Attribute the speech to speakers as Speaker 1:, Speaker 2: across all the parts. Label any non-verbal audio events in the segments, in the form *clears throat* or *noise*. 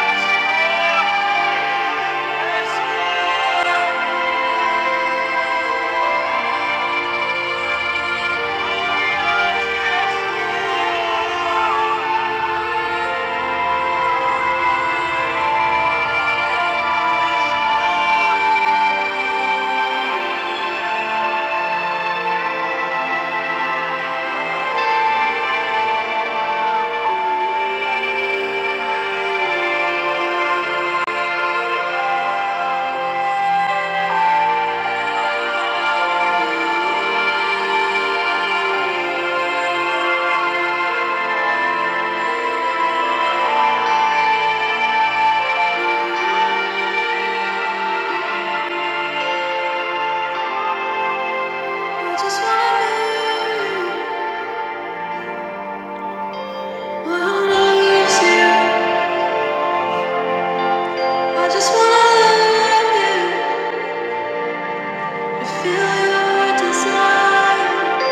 Speaker 1: I just wanna want you. I just wanna love you and feel your desire.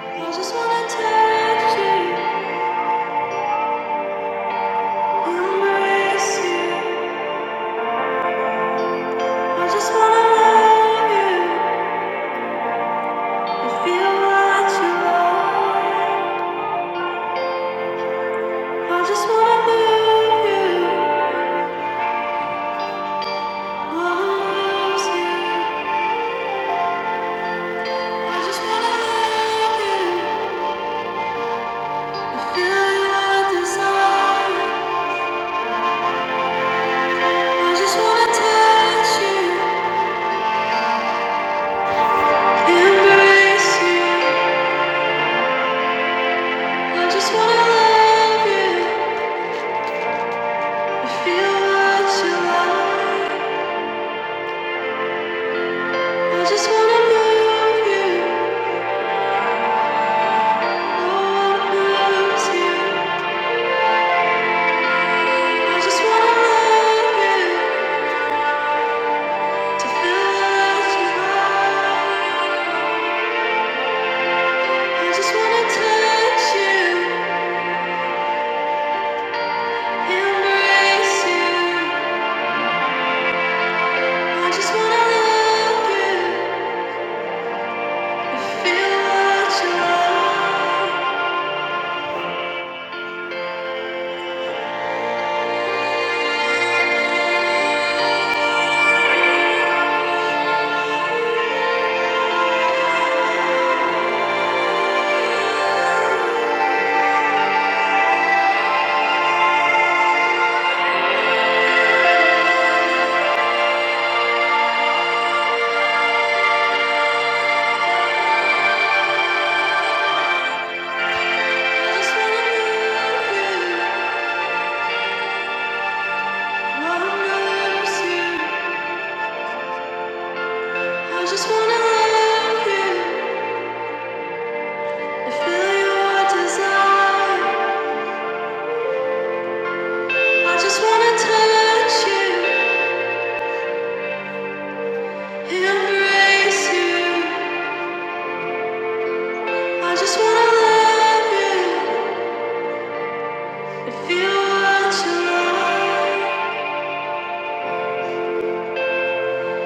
Speaker 1: I just wanna touch you, embrace you. I just wanna love you and feel what you are. I just wanna move you. I just wanna touch you I just wanna love you and feel what you are.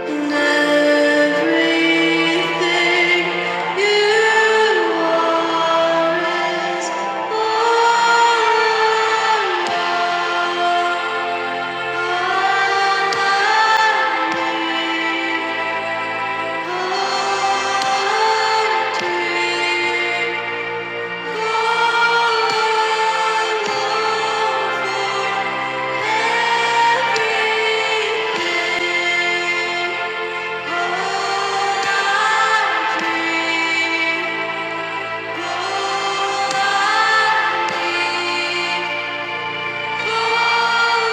Speaker 1: And everything you are is all I dream. I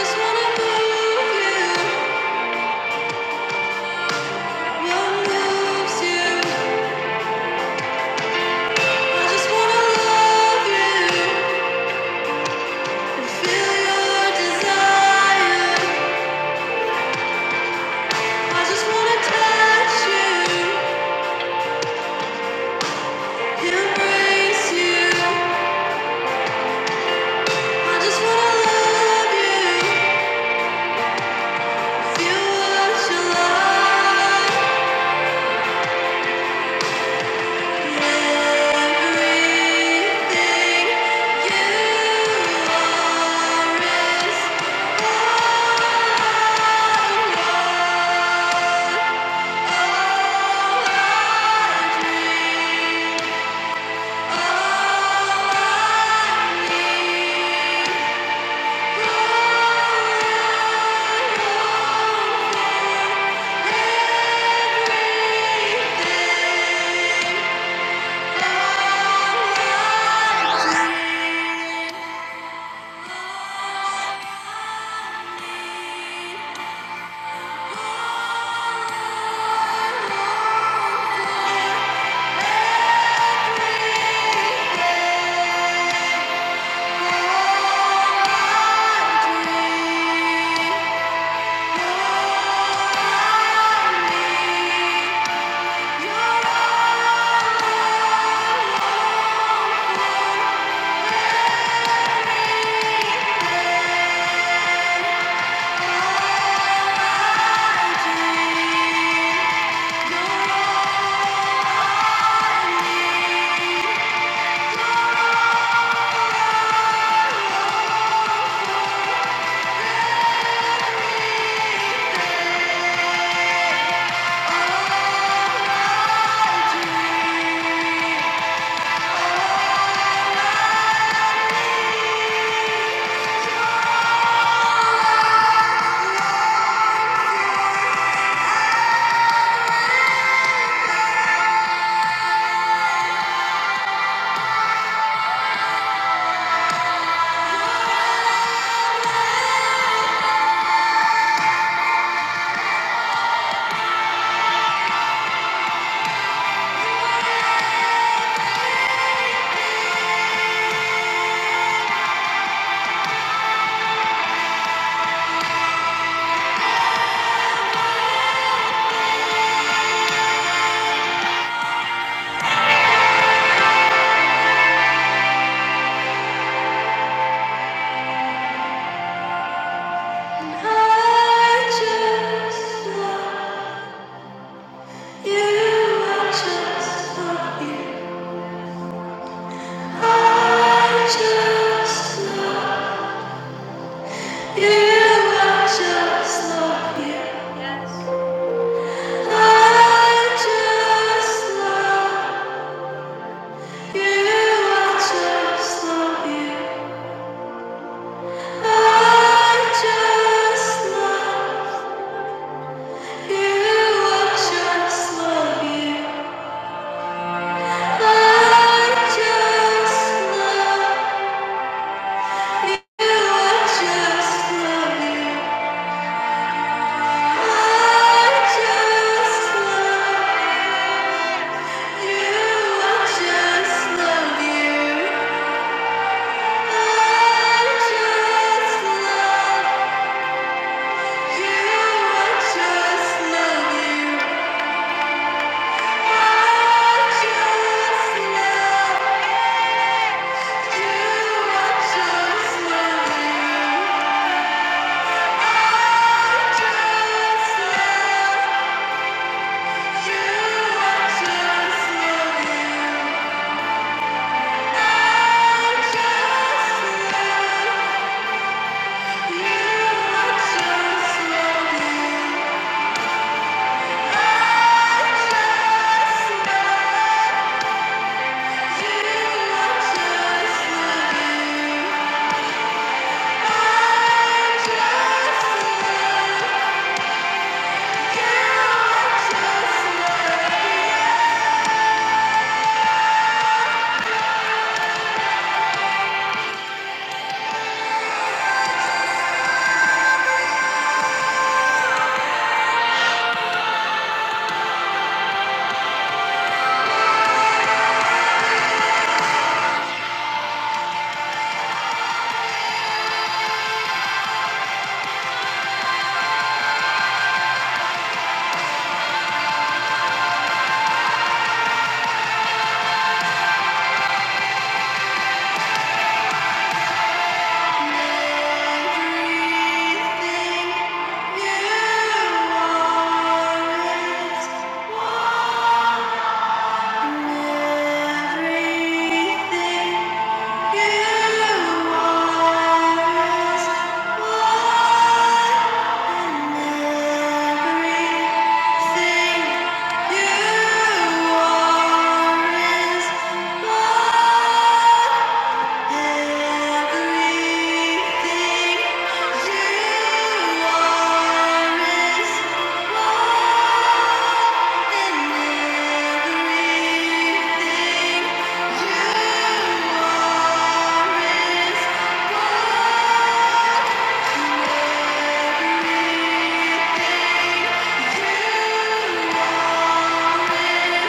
Speaker 1: just wanna love you, feel what you like. I just love. You just love you. I just love you. I just love you. I just love you. I just love you. I just love you. I just love you. I just love you. I just love you. you. Everything you are is Thank you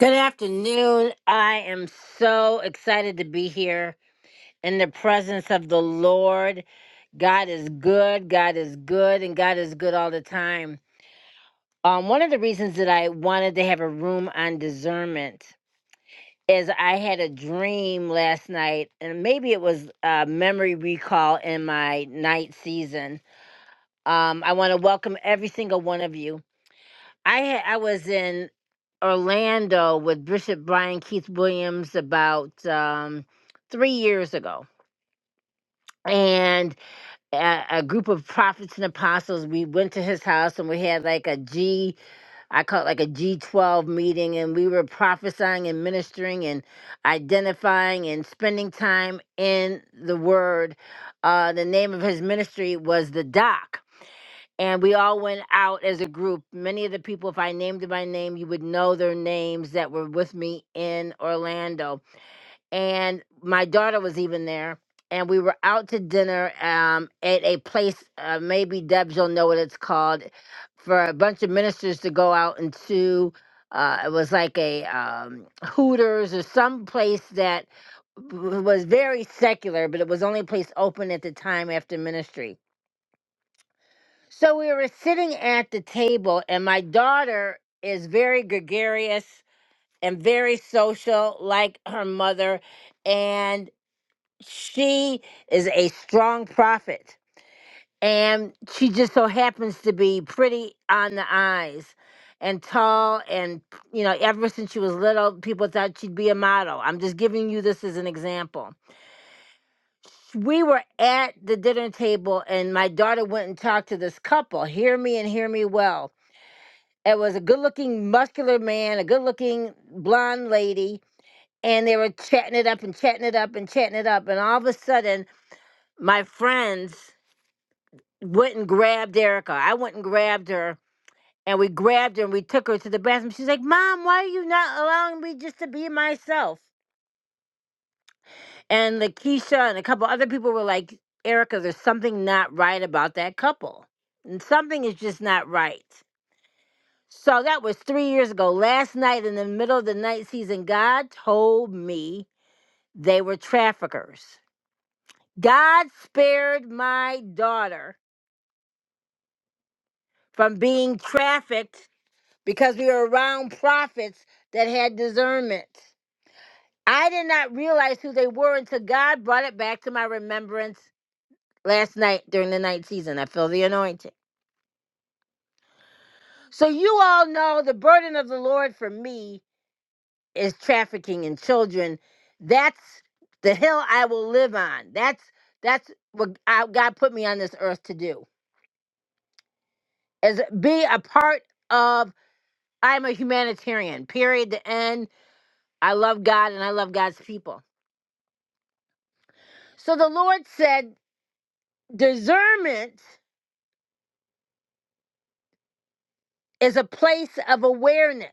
Speaker 1: Good afternoon. I am so excited to be here in the presence of the Lord. God is good, God is good, and God is good all the time. Um, one of the reasons that I wanted to have a room on discernment is I had a dream last night, and maybe it was a memory recall in my night season. Um, I want to welcome every single one of you. I had, I was in Orlando with Bishop Brian Keith Williams about um, three years ago, and a, a group of prophets and apostles. We went to his house and we had like a G, I call it like a G twelve meeting, and we were prophesying and ministering and identifying and spending time in the Word. Uh, the name of his ministry was the Doc and we all went out as a group. Many of the people, if I named them by name, you would know their names that were with me in Orlando. And my daughter was even there. And we were out to dinner um, at a place, uh, maybe Debs will know what it's called, for a bunch of ministers to go out into. Uh, it was like a um, Hooters or some place that w- was very secular, but it was only a place open at the time after ministry so we were sitting at the table, and my daughter is very gregarious and very social, like her mother, and she is a strong prophet. And she just so happens to be pretty on the eyes and tall. And, you know, ever since she was little, people thought she'd be a model. I'm just giving you this as an example. We were at the dinner table, and my daughter went and talked to this couple. Hear me and hear me well It was a good looking, muscular man, a good looking blonde lady, and they were chatting it up and chatting it up and chatting it up. And all of a sudden, my friends went and grabbed Erica. I went and grabbed her, and we grabbed her and we took her to the bathroom. She's like, Mom, why are you not allowing me just to be myself? And Lakeisha and a couple other people were like, Erica, there's something not right about that couple. And something is just not right. So that was three years ago. Last night, in the middle of the night season, God told me they were traffickers. God spared my daughter from being trafficked because we were around prophets that had discernment. I did not realize who they were until God brought it back to my remembrance last night during the night season. I feel the anointing. So, you all know the burden of the Lord for me is trafficking in children. That's the hill I will live on. That's that's what I, God put me on this earth to do. Is be a part of. I'm a humanitarian. Period. The end. I love God and I love God's people. So the Lord said, discernment is a place of awareness.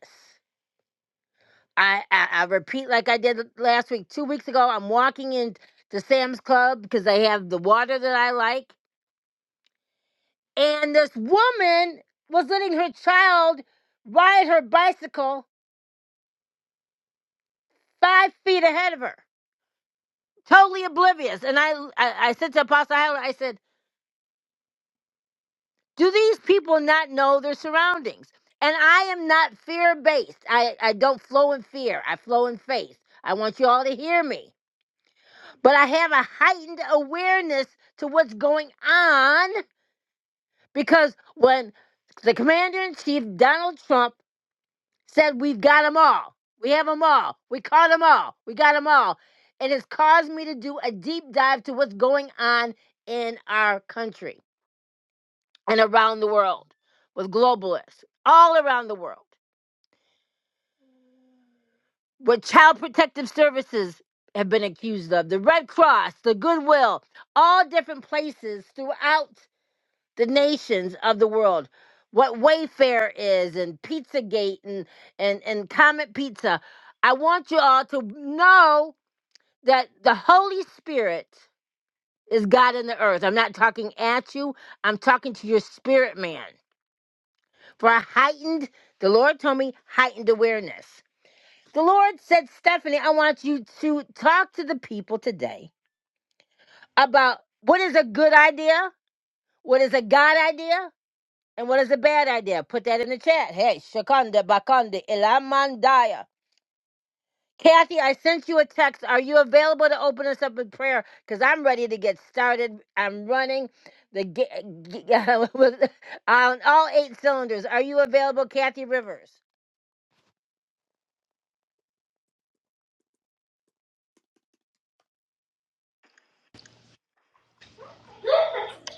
Speaker 1: I, I, I repeat like I did last week, two weeks ago. I'm walking into Sam's Club because they have the water that I like And this woman was letting her child ride her bicycle five feet ahead of her, totally oblivious. And I, I, I said to Apostle Hyler, I said, Do these people not know their surroundings? And I am not fear based. I, I don't flow in fear, I flow in faith. I want you all to hear me. But I have a heightened awareness to what's going on because when the commander in chief, Donald Trump, said we've got them all. We have them all. We caught them all. We got them all. It has caused me to do a deep dive to what's going on in our country and around the world with globalists all around the world. What child protective services have been accused of, the Red Cross, the Goodwill, all different places throughout the nations of the world. What Wayfair is and Pizzagate and and and Comet Pizza. I want you all to know that the Holy Spirit is God in the earth. I'm not talking at you, I'm talking to your spirit man. For a heightened, the Lord told me, heightened awareness. The Lord said, Stephanie, I want you to talk to the people today about what is a good idea, what is a God idea, and what is a bad idea. Put that in the chat. Hey, Shakanda Bakanda Ilamandaya. Kathy, I sent you a text. Are you available to open us up in prayer? Because I'm ready to get started. I'm running the ga- ga- *laughs* with- on all eight cylinders. Are you available, Kathy Rivers?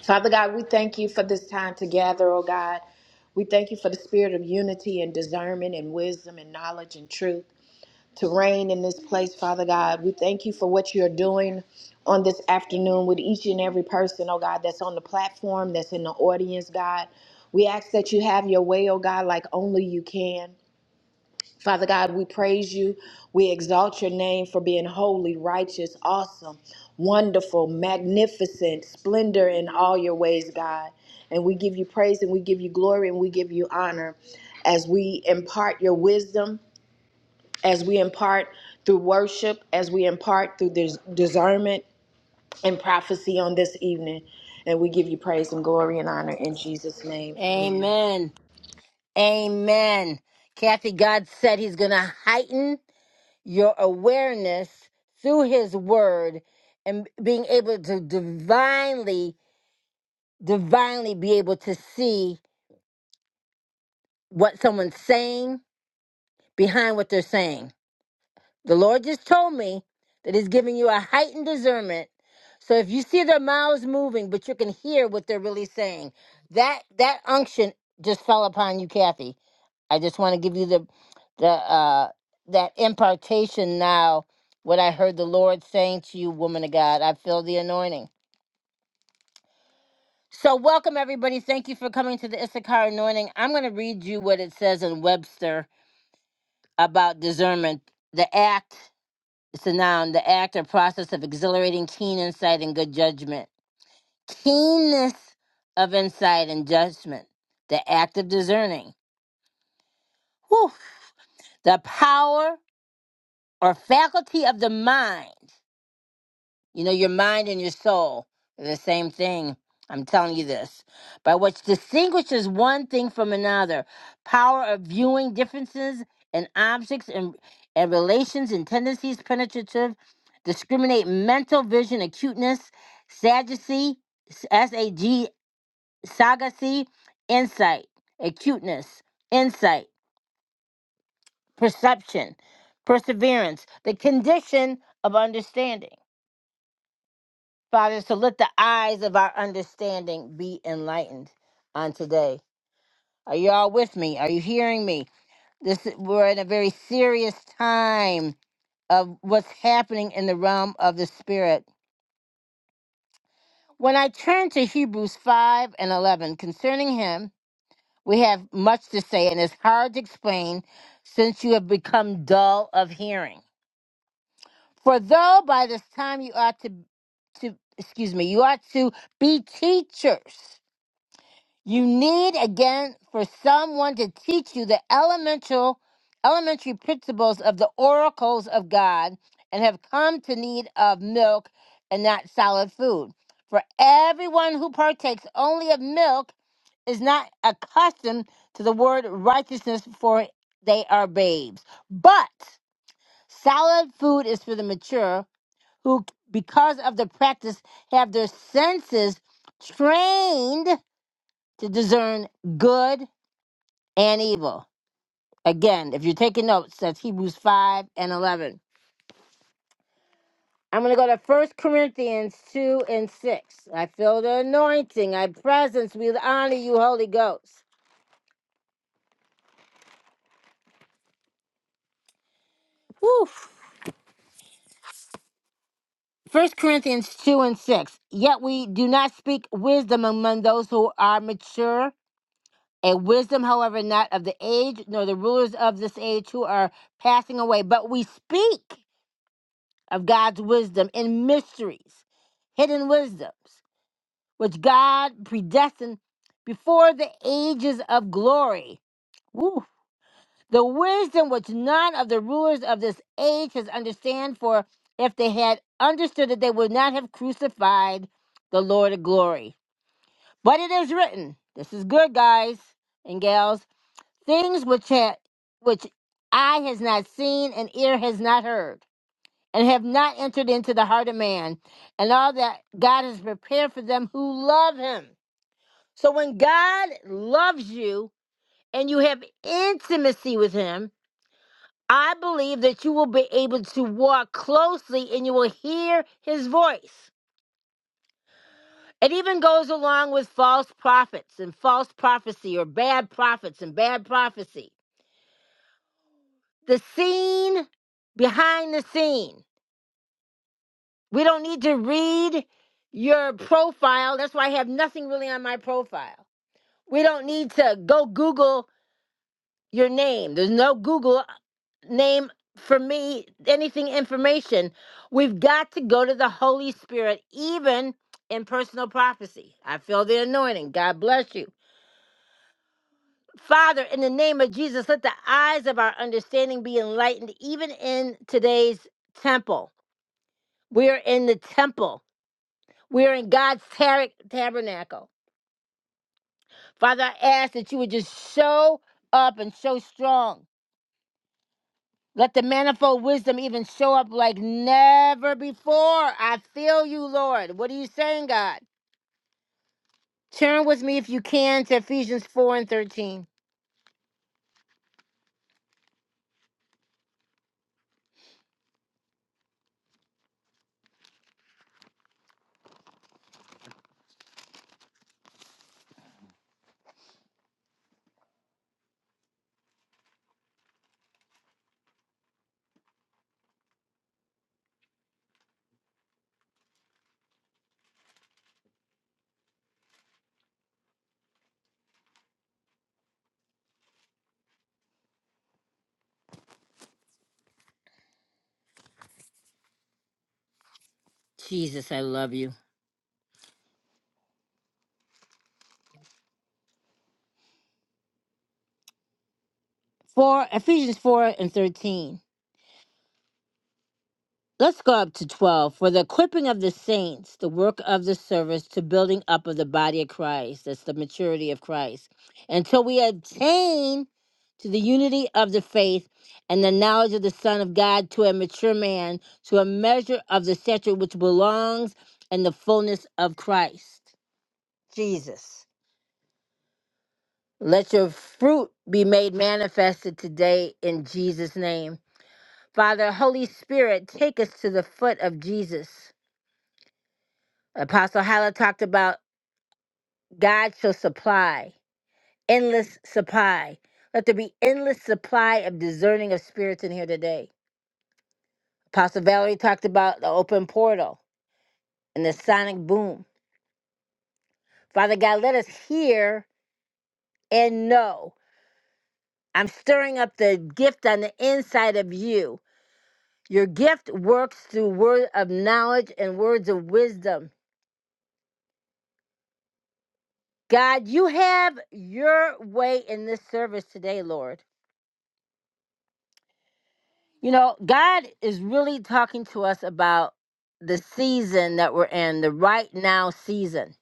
Speaker 2: Father God, we thank you for this time together, oh God. We thank you for the spirit of unity and discernment and wisdom and knowledge and truth to reign in this place, Father God. We thank you for what you're doing on this afternoon with each and every person, oh God, that's on the platform, that's in the audience, God. We ask that you have your way, oh God, like only you can. Father God, we praise you. We exalt your name for being holy, righteous, awesome, wonderful, magnificent, splendor in all your ways, God. And we give you praise and we give you glory and we give you honor as we impart your wisdom, as we impart through worship, as we impart through dis- discernment and prophecy on this evening. And we give you praise and glory and honor in Jesus' name. Amen.
Speaker 1: Amen. Amen. Kathy, God said He's going to heighten your awareness through His Word and being able to divinely, divinely be able to see what someone's saying behind what they're saying The Lord just told me that He's giving you a heightened discernment. So if you see their mouths moving, but you can hear what they're really saying, that that unction just fell upon you, Kathy. I just want to give you the the uh, that impartation now. What I heard the Lord saying to you, woman of God, I feel the anointing. So welcome everybody. Thank you for coming to the Issachar anointing. I'm going to read you what it says in Webster about discernment, the act. It's a noun, the act or process of exhilarating keen insight and good judgment. Keenness of insight and judgment. The act of discerning. Whew. The power or faculty of the mind. You know, your mind and your soul are the same thing. I'm telling you this. By which distinguishes one thing from another, power of viewing differences in objects and, and relations and tendencies, penetrative, discriminate mental vision, acuteness, sagacity, S A G, sagacy, insight, acuteness, insight, perception, perseverance, the condition of understanding. Father, so let the eyes of our understanding be enlightened on today. Are you all with me? Are you hearing me? This we're in a very serious time of what's happening in the realm of the spirit. When I turn to Hebrews 5 and 11 concerning him, we have much to say and it's hard to explain since you have become dull of hearing. For though by this time you ought to to excuse me, you ought to be teachers You need again for someone to teach you the elemental elementary principles of the oracles of God and have come to need of milk and not solid food. For everyone who partakes only of milk is not accustomed to the word righteousness for they are babes. But solid food is for the mature who because of the practice have their senses trained to discern good and evil. Again, if you're taking notes, that's Hebrews 5 and 11. I'm going to go to First Corinthians 2 and 6. I feel the anointing, I presence. We honor you, Holy Ghost. Woo. First Corinthians 2 and 6. Yet we do not speak wisdom among those who are mature, a wisdom, however, not of the age, nor the rulers of this age who are passing away, but we speak. of God's wisdom in mysteries, hidden wisdoms, which God predestined before the ages of glory. Woo. The wisdom which none of the rulers of this age has understand, for if they had understood it, they would not have crucified the Lord of glory. But it is written, this is good, guys and gals, things which ha- which eye has not seen and ear has not heard and have not entered into the heart of man, and all that God has prepared for them who love him. So when God loves you and you have intimacy with him, I believe that you will be able to walk closely and you will hear his voice. It even goes along with false prophets and false prophecy or bad prophets and bad prophecy. The scene behind the scene. We don't need to read your profile. That's why I have nothing really on my profile. We don't need to go Google your name. There's no Google name for me, anything information. We've got to go to the Holy Spirit, even in personal prophecy. I feel the anointing. God bless you. Father, in the name of Jesus, let the eyes of our understanding be enlightened, even in today's temple. We are in the temple. We're in God's tar- tabernacle. Father, I ask that you would just show up and show strong. Let the manifold wisdom even show up like never before. I feel you, Lord. What are you saying, God? Turn with me if you can to Ephesians 4 and 13. Jesus, I love you. 4 Ephesians 4 and 13. Let's go up to 12. For the equipping of the saints, the work of the service to building up of the body of Christ, that's the maturity of Christ, until we attain to the unity of the faith and the knowledge of the Son of God, to a mature man, to a measure of the stature which belongs and the fullness of Christ, Jesus. Let your fruit be made manifested today in Jesus' name. Father, Holy Spirit, take us to the foot of Jesus. Apostle Hala talked about God shall supply, endless supply. Let there be endless supply of discerning of spirits in here today. Apostle Valerie talked about the open portal and the sonic boom. Father God, let us hear and know. I'm stirring up the gift on the inside of you. Your gift works through word of knowledge and words of wisdom. God, you have your way in this service today, Lord. You know, God is really talking to us about the season that we're in, the right now season.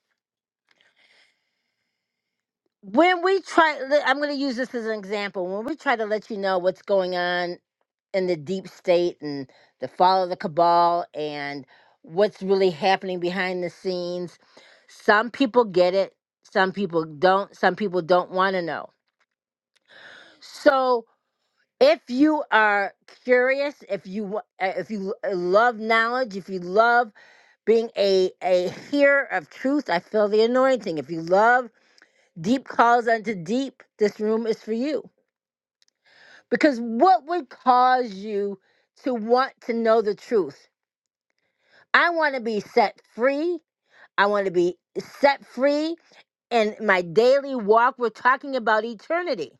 Speaker 1: When we try, le- I'm going to use this as an example. When we try to let you know what's going on in the deep state and the fall of the cabal and what's really happening behind the scenes, some people get it, some people don't, some people don't want to know. So, if you are curious, if you wa- uh, if you love knowledge, if you love being a a hearer of truth i feel the anointing if you love deep calls unto deep this room is for you because what would cause you to want to know the truth i want to be set free i want to be set free in my daily walk we're talking about eternity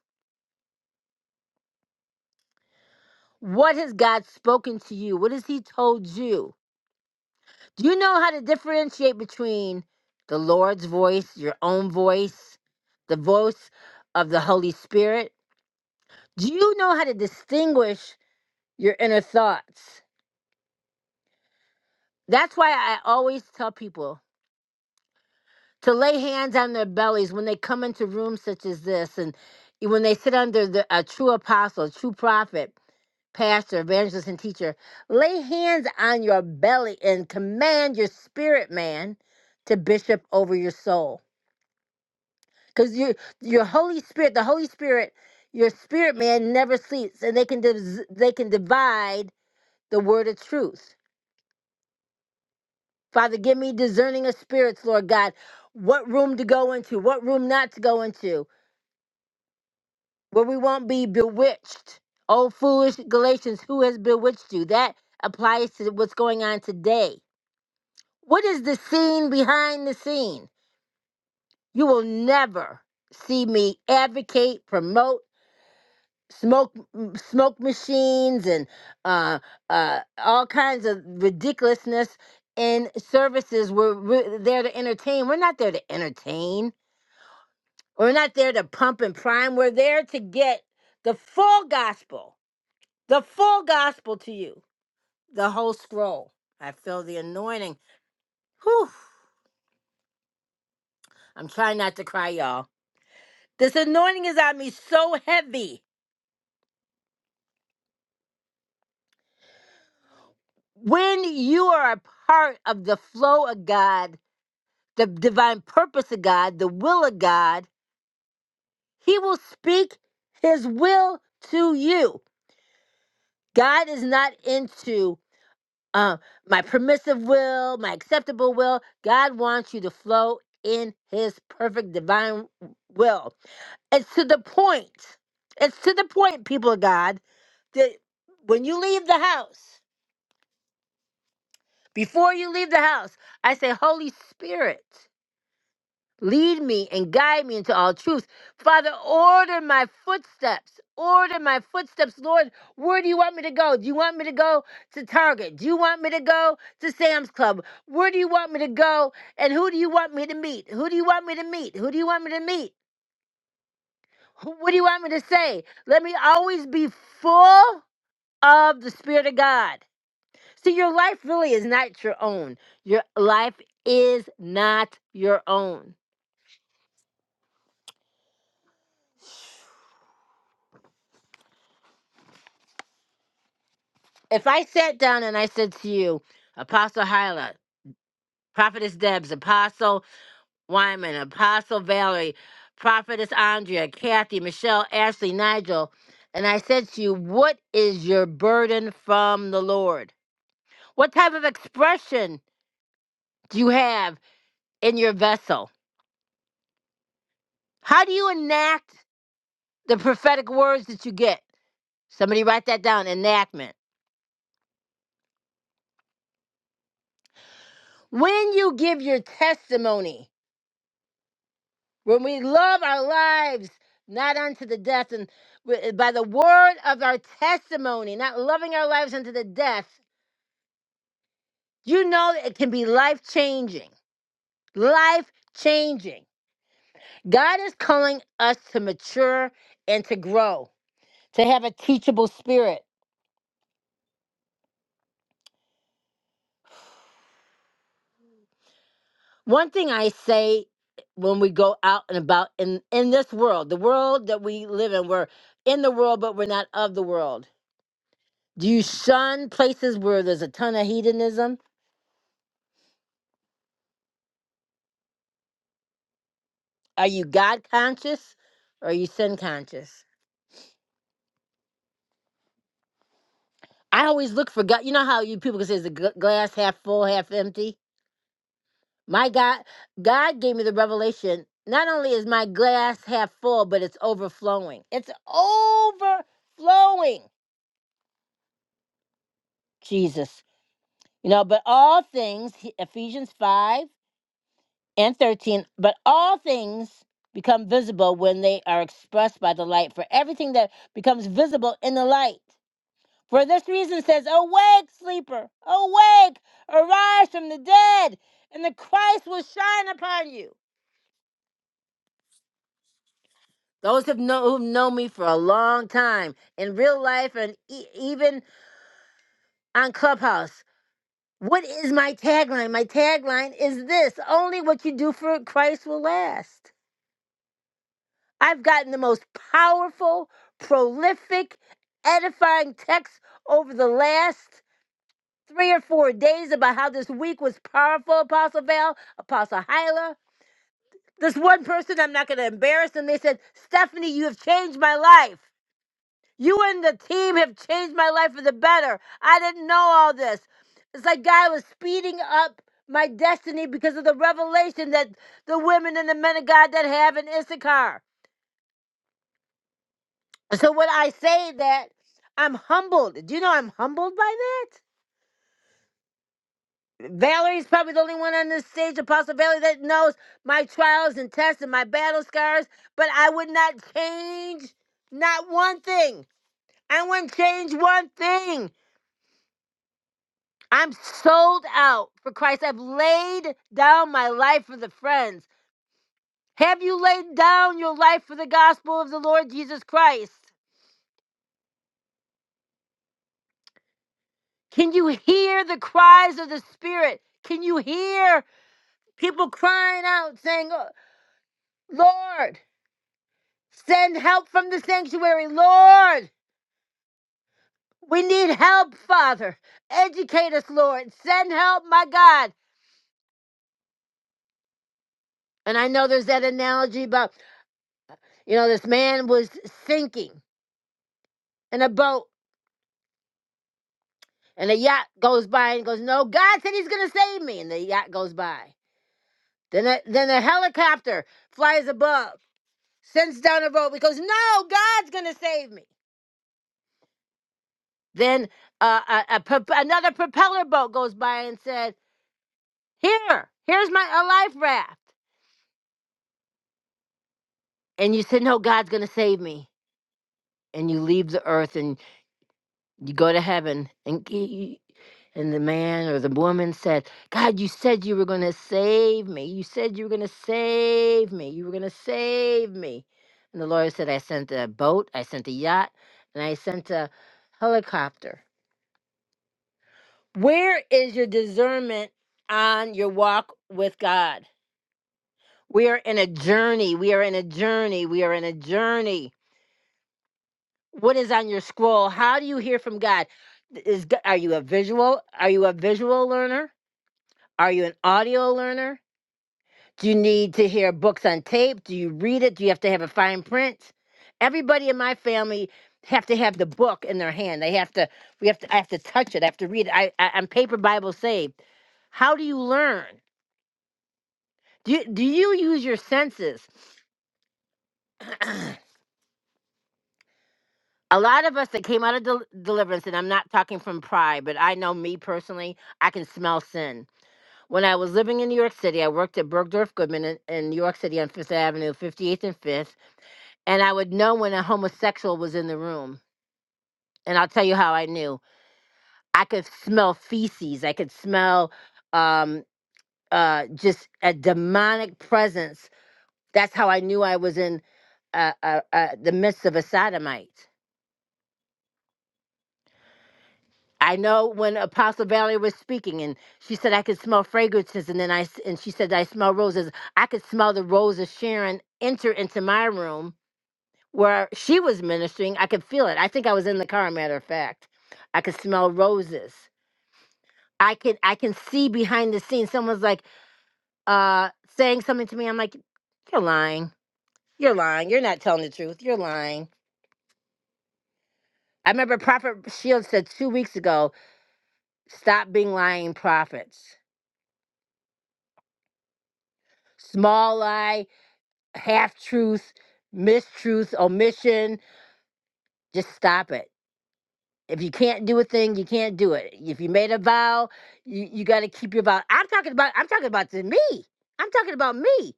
Speaker 1: what has god spoken to you what has he told you Do you know how to differentiate between the Lord's voice, your own voice, the voice of the Holy Spirit? Do you know how to distinguish your inner thoughts? That's why I always tell people to lay hands on their bellies when they come into rooms such as this and when they sit under the, a true apostle, a true prophet, pastor, evangelist, and teacher. Lay hands on your belly and command your spirit man to bishop over your soul because your your holy spirit the holy spirit your spirit man never sleeps and they can dis they can divide the word of truth father give me discerning of spirits lord god what room to go into what room not to go into where we won't be bewitched oh foolish galatians who has bewitched you that applies to what's going on today what is the scene behind the scene you will never see me advocate promote smoke m- smoke machines and uh, uh, all kinds of ridiculousness in services. We're, we're there to entertain. We're not there to entertain. We're not there to pump and prime. We're there to get the full gospel, the full gospel to you, the whole scroll. I feel the anointing. Whew. I'm trying not to cry, y'all. This anointing is on me so heavy. When you are a part of the flow of God, the divine purpose of God, the will of God, He will speak His will to you. God is not into uh, my permissive will, my acceptable will. God wants you to flow in His perfect divine will. It's to the point, it's to the point, people of God, that when you leave the house, before you leave the house, I say, Holy Spirit. Lead me and guide me into all truth. Father, order my footsteps. Order my footsteps, Lord. Where do you want me to go? Do you want me to go to Target? Do you want me to go to Sam's Club? Where do you want me to go? And who do you want me to meet? Who do you want me to meet? Who do you want me to meet? Who- What do you want me to say? Let me always be full of the Spirit of God. See, your life really is not your own. Your life is not your own. if I sat down and I said to you, Apostle Hyla, Prophetess Debs, Apostle Wyman, Apostle Valerie, Prophetess Andrea, Kathy, Michelle, Ashley, Nigel, and I said to you, what is your burden from the Lord? What type of expression do you have in your vessel? How do you enact the prophetic words that you get? Somebody write that down, enactment. When you give your testimony, when we love our lives not unto the death and wi- by the word of our testimony not loving our lives unto the death you know that it can be life changing life changing god is calling us to mature and to grow to have a teachable spirit one thing i say eh, when we go out and about in in this world the world that we live in we're in the world but we're not of the world do you shun places where there's a ton of hedonism Are you God conscious or are you sin conscious? I always look for God. You know how you people can say is the gl- glass half full, half empty? My God, God gave me the revelation. Not only is my glass half full, but it's overflowing. It's overflowing, Jesus. You know, but all things, he- Ephesians 5 and 13, but all things become visible when they are expressed by the light. For everything that becomes visible in the light. For this reason says, Awake, sleeper, awake, arise from the dead, and the Christ will shine upon you. Those have know, who've known me for a long time, in real life and e- even on Clubhouse. What is my tagline? My tagline is this only what you do for Christ will last. I've gotten the most powerful, prolific, edifying text over the last three or four days about how this week was powerful, Apostle Val, Apostle Hyla. This one person, I'm not going to embarrass them, they said, Stephanie, you have changed my life. You and the team have changed my life for the better. I didn't know all this. It's like God was speeding up my destiny because of the revelation that the women and the men of God that have in Issachar. So when I say that, I'm humbled. Do you know I'm humbled by that? Valerie's probably the only one on this stage, Apostle Valerie, that knows my trials and tests and my battle scars, but I would not change not one thing. I wouldn't change one thing. I'm sold out for Christ. I've laid down my life for the friends. Have you laid down your life for the gospel of the Lord Jesus Christ? Can you hear the cries of the Spirit? Can you hear people crying out saying, "Oh, Lord? Send help from the sanctuary, Lord. We need help, Father. Educate us, Lord. Send help, my God. And I know there's that analogy about, you know, this man was sinking in a boat and a yacht goes by and goes, No, God said he's going to save me. And the yacht goes by. Then a, then a helicopter flies above, sends down a boat. He goes, No, God's going to save me. Then uh, a, a, prop- another propeller boat goes by and said, Here, here's my a life raft. and you said, "No, God's going to save me," and you leave the earth and you go to heaven, and g- and the man or the woman said, "God, you said you were going to save me. You said you were going to save me. You were going to save me." And the lawyer said, "I sent a boat, I sent a yacht, and I sent a helicopter. Where is your discernment on your walk with God? We are in a journey. We are in a journey. We are in a journey." what is on your scroll how do you hear from god is G- are you a visual are you a visual learner are you an audio learner do you need to hear books on tape do you read it do you have to have a fine print everybody in my family have to have the book in their hand they have to we have to i have to touch it i have to read it I, I i'm paper bible saved how do you learn do you, do you use your senses *clears throat* a lot of us that came out of del- deliverance, and I'm not talking from pride, but I know me personally, I can smell sin. When I was living in New York City, I worked at Bergdorf Goodman in, in New York City on Fifth Avenue, 58th and 5th, and I would know when a homosexual was in the room. And I'll tell you how I knew. I could smell feces. I could smell um, uh, just a demonic presence. That's how I knew I was in uh, uh, uh, the midst of a sodomite I know when Apostle Valerie was speaking, and she said I could smell fragrances, and then I s- and she said I smell roses. I could smell the rose of Sharon enter into my room where she was ministering. I could feel it. I think I was in the car. Matter of fact, I could smell roses. I could I can see behind the scenes. Someone's like uh saying something to me. I'm like, you're lying. You're lying. You're not telling the truth. You're lying. I remember Prophet Shields said two weeks ago, stop being lying prophets. Small lie half truth, mistruth, omission, just stop it. If you can't do a thing, you can't do it. If you made a vow, you, you gotta keep your vow. I'm talking about I'm talking about to me. I'm talking about me.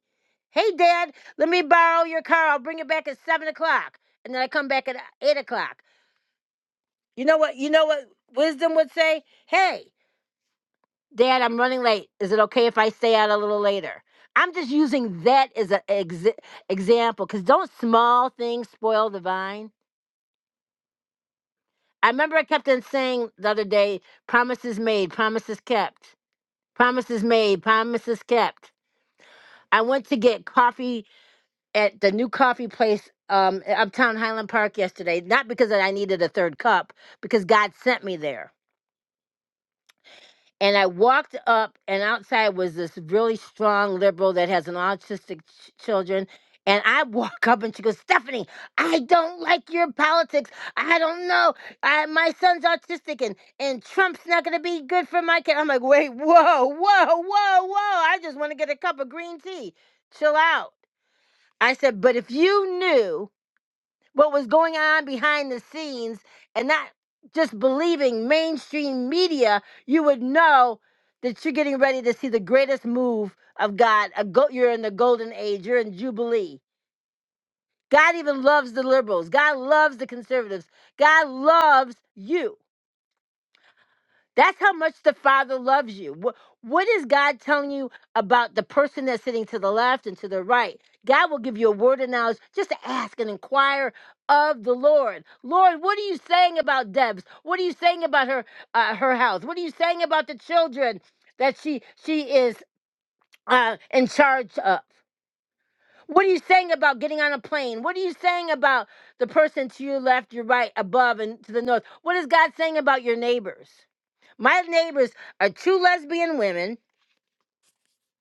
Speaker 1: Hey dad, let me borrow your car. I'll bring it back at seven o'clock. And then I come back at eight o'clock. You know what you know what wisdom would say? Hey, dad, I'm running late. Is it okay if I stay out a little later? I'm just using that as an ex- example because don't small things spoil the vine? I remember I kept on saying the other day, promises made, promises kept, promises made, promises kept. I went to get coffee at the new coffee place um, at uptown Highland Park yesterday, not because I needed a third cup, because God sent me there And I walked up, and outside was this really strong liberal that has an autistic ch- children. And I *laughs* walk up, and she goes, "Stephanie, I don't like your politics. I don't know. I, my son's autistic, and and Trump's not going to be good for my kid." I'm like, "Wait, whoa, whoa, whoa, whoa! I just want to get a cup of green tea. Chill out." I said, "But if you knew." what was going on behind the scenes and not just believing mainstream media, you would know that you're getting ready to see the greatest move of God. A go- you're in the golden age, you're in Jubilee. God even loves the liberals, God loves the conservatives, God loves you. That's how much the Father loves you. What, what is God telling you about the person that's sitting to the left and to the right? God will give you a word of knowledge. Just ask and inquire of the Lord. Lord, what are you saying about Debs? What are you saying about her uh, her house? What are you saying about the children that she she is uh, in charge of? What are you saying about getting on a plane? What are you saying about the person to your left, your right, above, and to the north? What is God saying about your neighbors? My neighbors are two lesbian women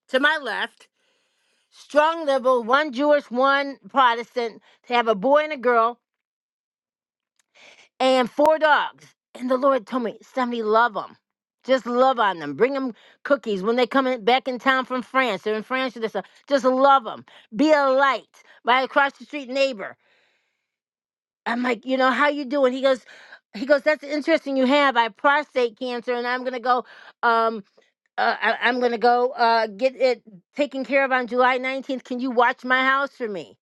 Speaker 1: to my left, strong liberal, one Jewish, one Protestant. They have a boy and a girl and four dogs. And the Lord told me, somebody love them. Just love on them. Bring them cookies when they come in, back in town from France. They're in France or this. uh, Just love them. Be a light. My across the street neighbor. I'm like, you know, how you doing? He goes, he goes, that's interesting. You have I have prostate cancer, and I'm gonna go. Um, uh, I, I'm gonna go uh, get it taken care of on July 19th. Can you watch my house for me?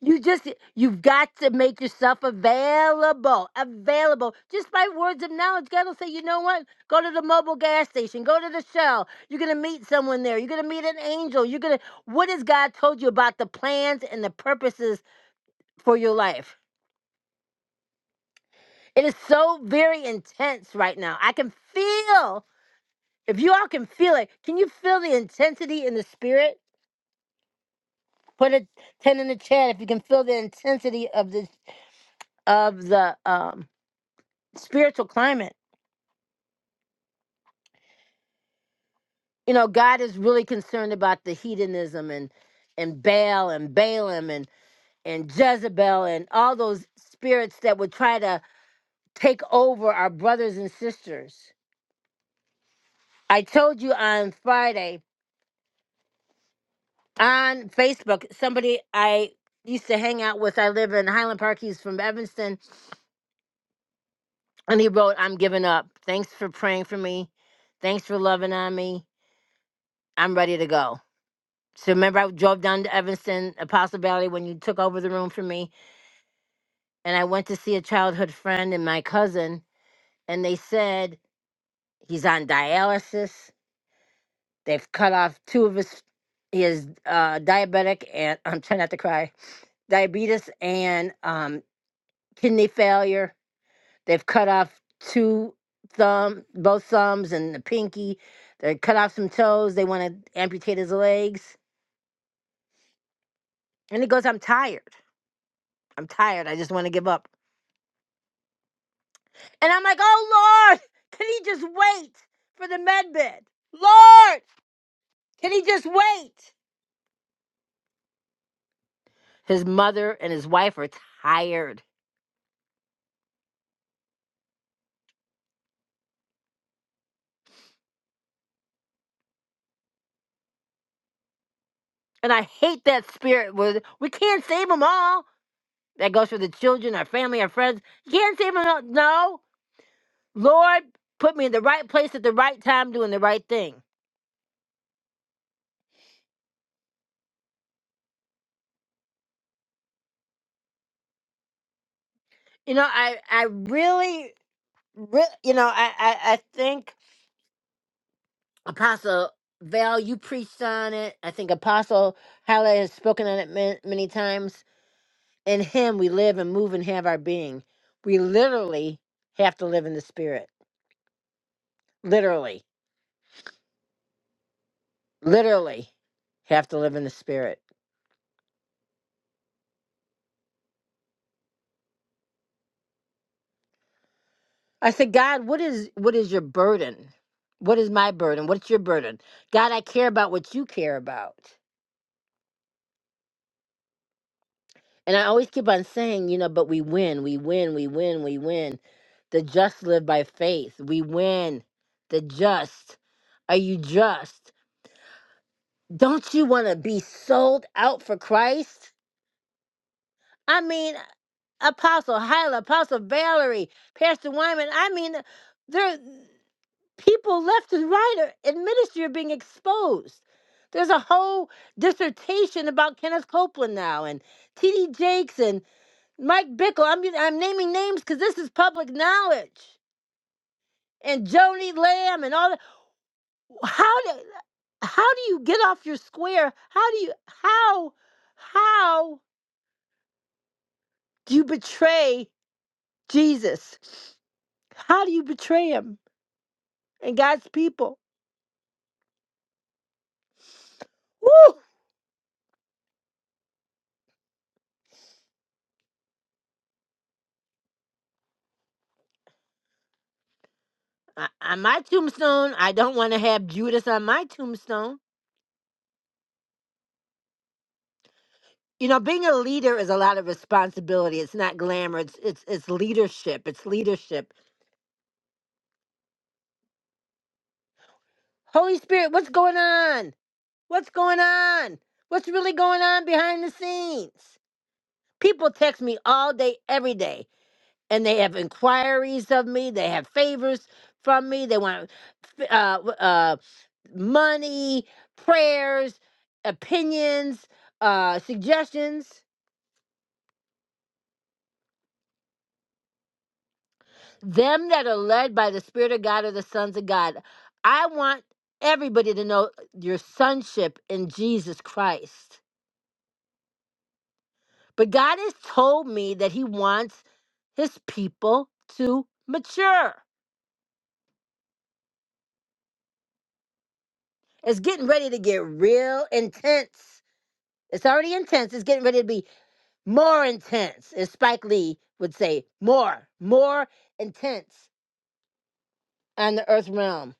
Speaker 1: You just you've got to make yourself available, available just by words of knowledge. God will say, you know what? Go to the mobile gas station. Go to the Shell. You're gonna meet someone there. You're gonna meet an angel. You're gonna. What has God told you about the plans and the purposes for your life? It is so very intense right now. I can feel. If you all can feel it, can you feel the intensity in the spirit? Put a 10 in the chat if you can feel the intensity of the of the um spiritual climate. You know, God is really concerned about the hedonism and and Baal and Balaam and and Jezebel and all those spirits that would try to take over our brothers and sisters. I told you on Friday on Facebook, somebody I used to hang out with, I live in Highland Park, he's from Evanston, and he wrote, I'm giving up. Thanks for praying for me. Thanks for loving on me. I'm ready to go. So remember, I drove down to Evanston, Apostle Valley, when you took over the room for me, and I went to see a childhood friend and my cousin, and they said he's on dialysis. They've cut off two of his. He is uh, diabetic, and *laughs* I'm trying not to cry. Diabetes and um, kidney failure. They've cut off two thumb, both thumbs, and the pinky. They cut off some toes. They want to amputate his legs, and he goes, "I'm tired." I'm tired. I just want to give up. And I'm like, oh Lord, can he just wait for the med bed? Lord, can he just wait? His mother and his wife are tired. And I hate that spirit where we can't save them all. That goes for the children, our family, our friends. You can't save them all. No. Lord, put me in the right place at the right time doing the right thing. You know, I I really, re- you know, I, I, I think Apostle Val, you preached on it. I think Apostle Halle has spoken on it many, many times. In Him, we live and move and have our being. We literally have to live in the Spirit. Literally, literally have to live in the Spirit. I said, God, what is what is your burden? What is my burden? What's your burden? God, I care about what you care about. And I always keep on saying, you know, but we win, we win, we win, we win. The just live by faith. We win. The just. Are you just? Don't you want to be sold out for Christ? I mean, Apostle Hyla, Apostle Valerie, Pastor Wyman. I mean, there people left and right are, in ministry are being exposed. There's a whole dissertation about Kenneth Copeland now and T.D. Jakes and Mike Bickle, I'm I'm naming names because this is public knowledge. And Joni Lamb and all that. How do how do you get off your square? How do you how how do you betray Jesus? How do you betray him and God's people? Woo! I- On my tombstone, I don't want to have Judas on my tombstone. You know, being a leader is a lot of responsibility. It's not glamour. It's it's it's leadership. It's leadership. Holy Spirit, what's going on? What's going on? What's really going on behind the scenes? People text me all day, every day, and they have inquiries of me. They have favors from me. They want uh, uh, money, prayers, opinions, uh, suggestions. Them that are led by the Spirit of God are the sons of God. I want everybody to know your sonship in Jesus Christ. But God has told me that He wants His people to mature. It's getting ready to get real intense. It's already intense. It's getting ready to be more intense, as Spike Lee would say, more, more intense on the earth realm.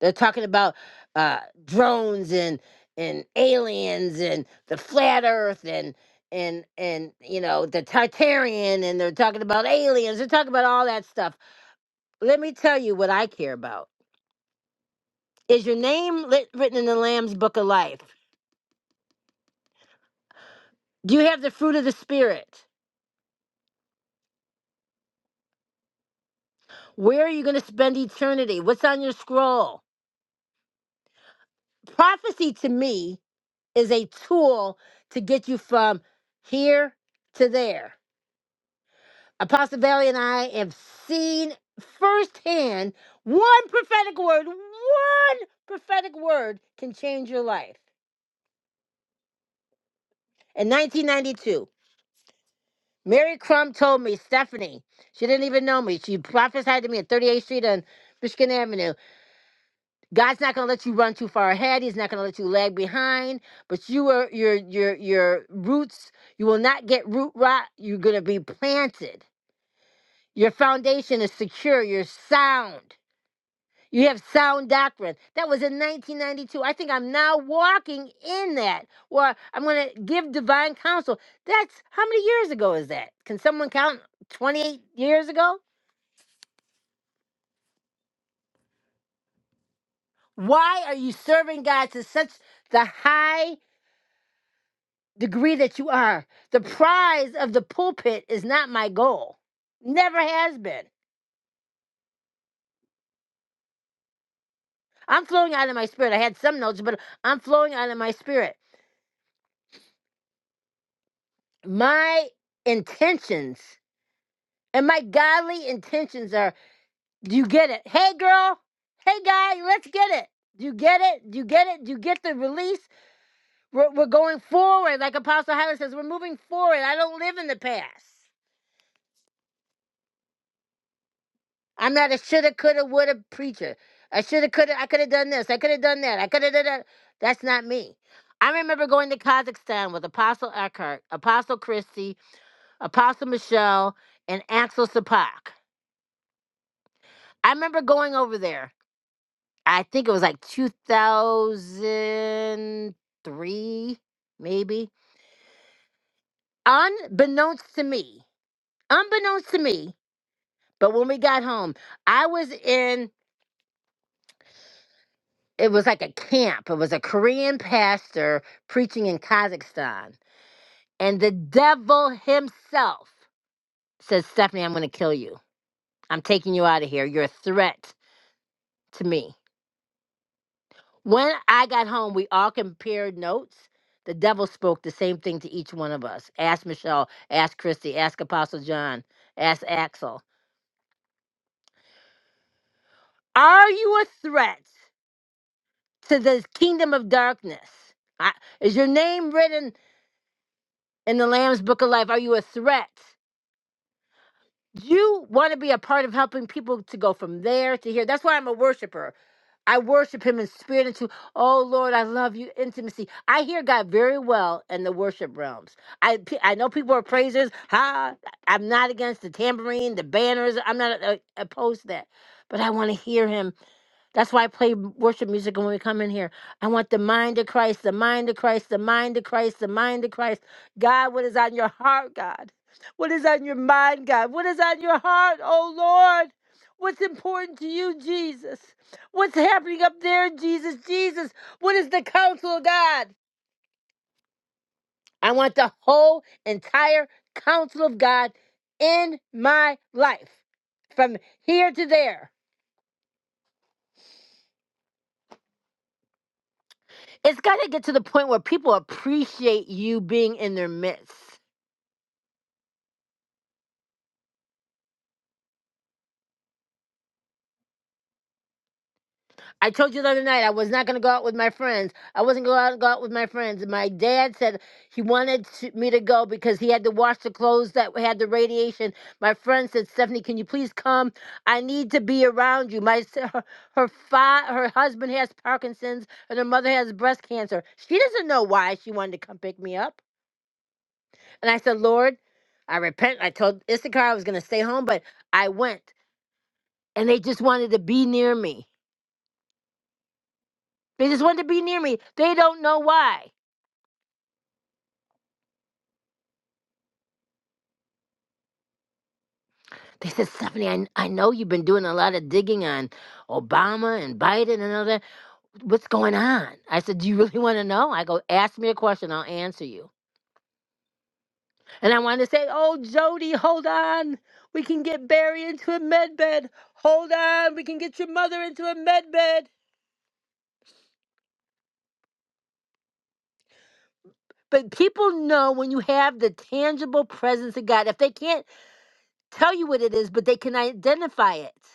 Speaker 1: They're talking about uh, drones and and aliens and the flat earth and and and you know the Tartarian and they're talking about aliens. They're talking about all that stuff Let me tell you what I care about. Is your name lit, written in the Lamb's Book of Life? Do you have the fruit of the Spirit? Where are you going to spend eternity? What's on your scroll? Prophecy to me is a tool to get you from here to there. Apostle Valley and I have seen firsthand one prophetic word, one prophetic word can change your life. In 1992, Mary Crum told me, Stephanie, she didn't even know me. She prophesied to me at 38th Street and Michigan Avenue. God's not going to let you run too far ahead. He's not going to let you lag behind. But you are your your your roots. You will not get root rot. You're going to be planted. Your foundation is secure. You're sound. You have sound doctrine. That was in 1992. I think I'm now walking in that, Well, I'm going to give divine counsel. That's how many years ago is that? Can someone count 28 years ago? Why are you serving God to such the high degree that you are? The prize of the pulpit is not my goal, never has been. I'm flowing out of my spirit. I had some notes, but I'm flowing out of my spirit. My intentions and my godly intentions are Do you get it? Hey, girl. Hey, guy. Let's get it. Do you get it? Do you get it? Do you get the release? We're, we're going forward. Like Apostle Hyla says, we're moving forward. I don't live in the past. I'm not a shoulda, coulda, woulda preacher. I shoulda, coulda, I coulda done this. I coulda done that. I coulda done that. That's not me. I remember going to Kazakhstan with Apostle Eckhart, Apostle Christie, Apostle Michelle, and Axel Sapak. I remember going over there I think it was like 2003, maybe. Unbeknownst to me, unbeknownst to me, but when we got home, I was in, it was like a camp. It was a Korean pastor preaching in Kazakhstan. And the devil himself says, Stephanie, I'm going to kill you. I'm taking you out of here. You're a threat to me. When I got home, we all compared notes. The devil spoke the same thing to each one of us. Ask Michelle, ask Christy, ask Apostle John, ask Axel. Are you a threat to the kingdom of darkness? I, is your name written in the Lamb's book of life? Are you a threat? You want to be a part of helping people to go from there to here. That's why I'm a worshiper. I worship him in spirit and truth. Oh Lord, I love you. Intimacy. I hear God very well in the worship realms. I pe- I know people are praisers. Ha! I'm not against the tambourine, the banners. I'm not uh, opposed to that, but I want to hear him that's why I play m- worship music when we come in here. I want the mind of Christ, the mind of Christ, the mind of Christ, the mind of Christ. God, what is on your heart, God? What is on your mind, God? What is on your heart, oh Lord? What's important to you, Jesus? What's happening up there, Jesus? Jesus, what is the counsel of God? I want the whole entire counsel of God in my life from here to there. it's got to get to the point where people appreciate you being in their midst. I told you the other night I was not going to go out with my friends. I wasn't going to go out with my friends. My dad said he wanted to, me to go because he had to wash the clothes that had the radiation. My friend said, "Stephanie, can you please come? I need to be around you." My s- her her, fa, her husband has Parkinson's and her mother has breast cancer. She doesn't know why she wanted to come pick me up. And I said, "Lord, I repent. I told Issachar I was going to stay home, but I went. and they just wanted to be near me. They just wanted to be near me. They don't know why. They said, Stephanie, I, I know you've been doing a lot of digging on Obama and Biden and all that. What's going on? I said, Do you really want to know? I go, Ask me a question, I'll answer you. And I wanted to say, Oh, Jody, hold on. We can get Barry into a med bed. Hold on. We can get your mother into a med bed. But people know when you have the tangible presence of God, if they can't tell you what it is, but they can identify it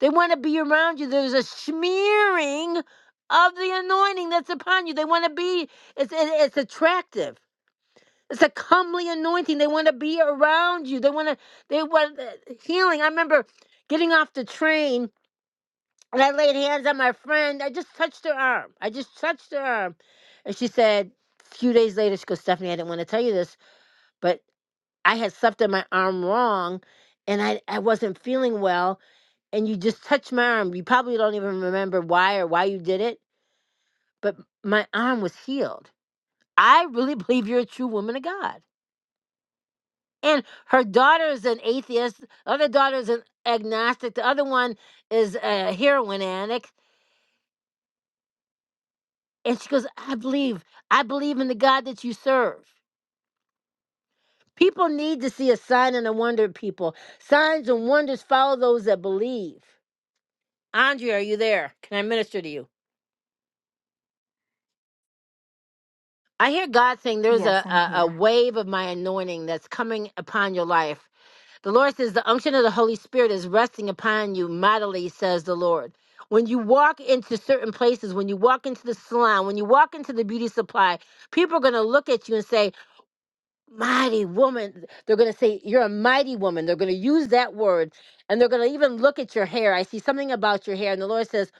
Speaker 1: They want to be around you. There's a smearing of the anointing that's upon you. They want to be, it's, it, it's attractive. It's a comely anointing. They want to be around you. They want to, they want uh, healing. I remember getting off the train and I laid hands on my friend. I just touched her arm. I just touched her arm. And she said, a few days later, she goes, Stephanie, I didn't want to tell you this, but I had slept on my arm wrong and I, I wasn't feeling well and you just touched my arm. You probably don't even remember why or why you did it, but my arm was healed. I really *laughs* believe you're a true woman of God. And her daughter is an atheist. Other daughter is an agnostic. The other one is a heroin addict. And she goes, I believe. I believe in the God that you serve. People need to see a sign and a wonder, people. Signs and wonders follow those that believe. Andrea, are you there? Can I minister to you? I hear God saying there's
Speaker 3: Yes,
Speaker 1: a,
Speaker 3: I'm
Speaker 1: a, a
Speaker 3: here.
Speaker 1: wave of my anointing that's coming upon your life. The Lord says the unction of the Holy Spirit is resting upon you mightily, says the Lord. When you walk into certain places, when you walk into the salon, when you walk into the beauty supply, people are going to look at you and say, mighty woman. They're going to say, You're a mighty woman. They're going to use that word. And they're going to even look at your hair. I see something about your hair. And the Lord says,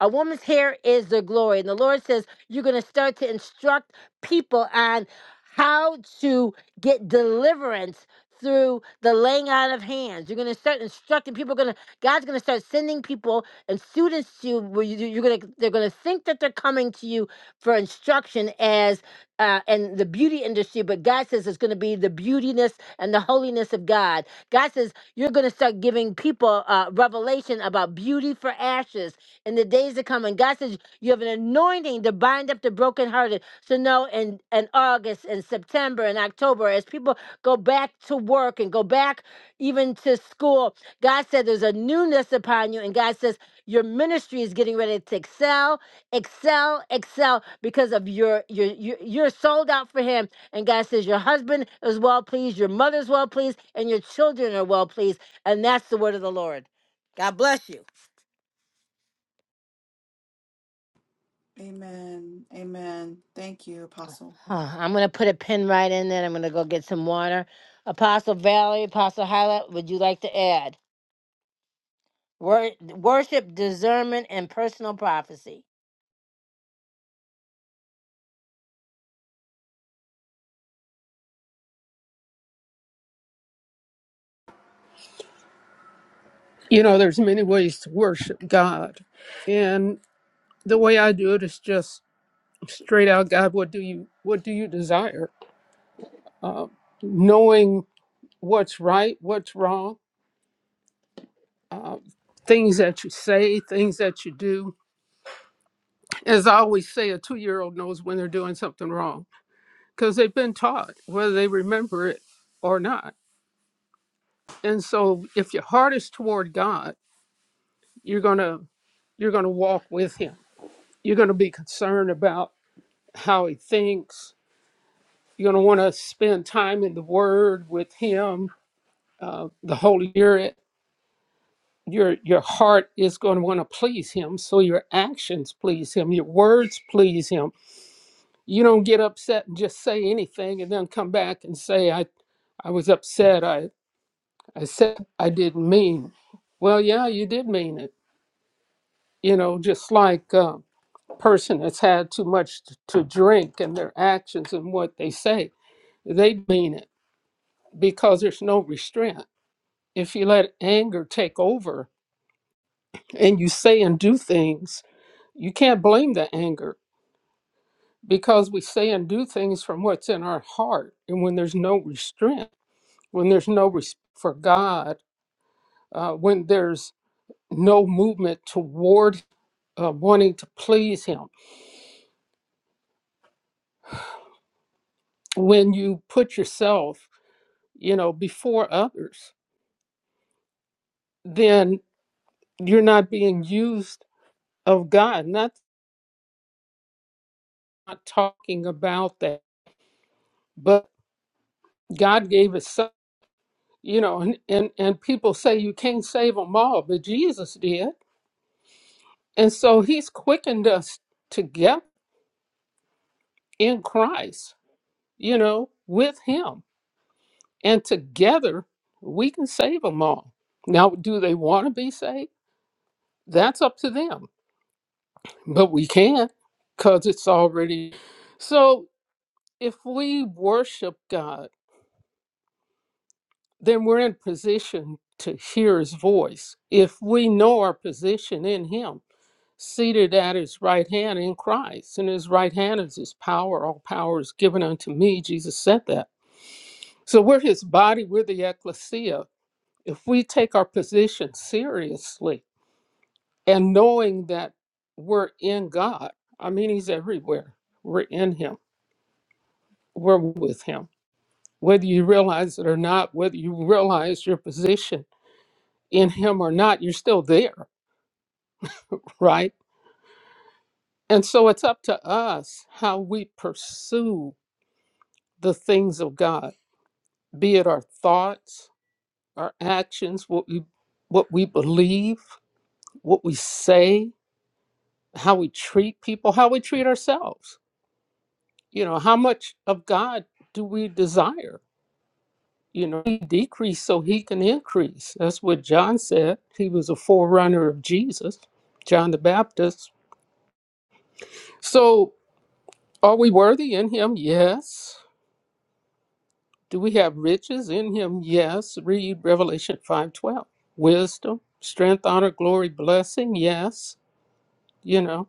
Speaker 1: A woman's hair is the glory. And the Lord says, You're going to start to instruct people on how to get deliverance through the laying out of hands. You're going to start instructing people. Going to God's going to start sending people and students to you. Where you you're going to they're going to think that they're coming to you for instruction as uh, and the beauty industry, but God says it's going to be the beautiness and the holiness of God. God says you're going to start giving people uh, revelation about beauty for ashes in the days to come. And God says you have an anointing to bind up the brokenhearted. So no, in, in August and September and October, as people go back to work and go back even to school, God said there's a newness upon you. And God says your ministry is getting ready to excel excel excel because of your your your- you're sold out for him and god says your husband is well pleased your mother's well pleased and your children are well pleased and that's the word of the lord god bless you
Speaker 3: Amen. Amen. Thank you, Apostle.
Speaker 1: Huh, i'm gonna put a pin right in there i'm gonna go get some water apostle valerie apostle hyla would you like to add Wor- worship discernment and personal prophecy
Speaker 4: you know there's many ways to worship god and the way i do it is just straight out god what do you what do you desire knowing what's right what's wrong uh, things that you say things that you do as i always say a two-year-old knows when they're doing something wrong because they've been taught whether they remember it or not and so if your heart is toward god you're going to you're going to walk with him you're going to be concerned about how he thinks You're going to want to spend time in the Word with Him, uh, the Holy Spirit. Your, your heart is going to want to please Him, so your actions please Him, your words please Him. You don't get upset and just say anything and then come back and say, I, I was upset. I, I said I didn't mean. Well, yeah, you did mean it. You know, just like a person that's had too much t- to drink and their actions and what they say, they mean it because there's no restraint if you let anger take over and you say and do things, you can't blame the anger because we say and do things from what's in our heart. And when there's no restraint, when there's no respect for God, uh, when there's no movement toward uh, wanting to please Him, when you put yourself, you know, before others, then you're not being used of God. Not, not talking about that, but God gave His Son you know and, and and people say you can't save them all but jesus did and so he's quickened us together in christ you know with him and together we can save them all now do they want to be saved that's up to them but we can because it's already so if we worship god then we're in position to hear his voice if we know our position in him seated at his right hand in Christ. And his right hand is his power. All power is given unto me. Jesus said that. So we're his body, we're the ecclesia. If we take our position seriously and knowing that we're in God, I mean, he's everywhere. We're in him, we're with him. Whether you realize it or not, whether you realize your position in him or not, you're still there, right? And so it's up to us how we pursue the things of God be it our thoughts, our actions, what we what we believe, what we say, how we treat people, how we treat ourselves. You know, how much of God do we desire? You know, we decrease so he can increase. That's what John said. He was a forerunner of Jesus, John the Baptist. So are we worthy in him? Yes. Do we have riches in him? Yes. Read Revelation 5:12. Wisdom, strength, honor, glory, blessing? Yes. You know,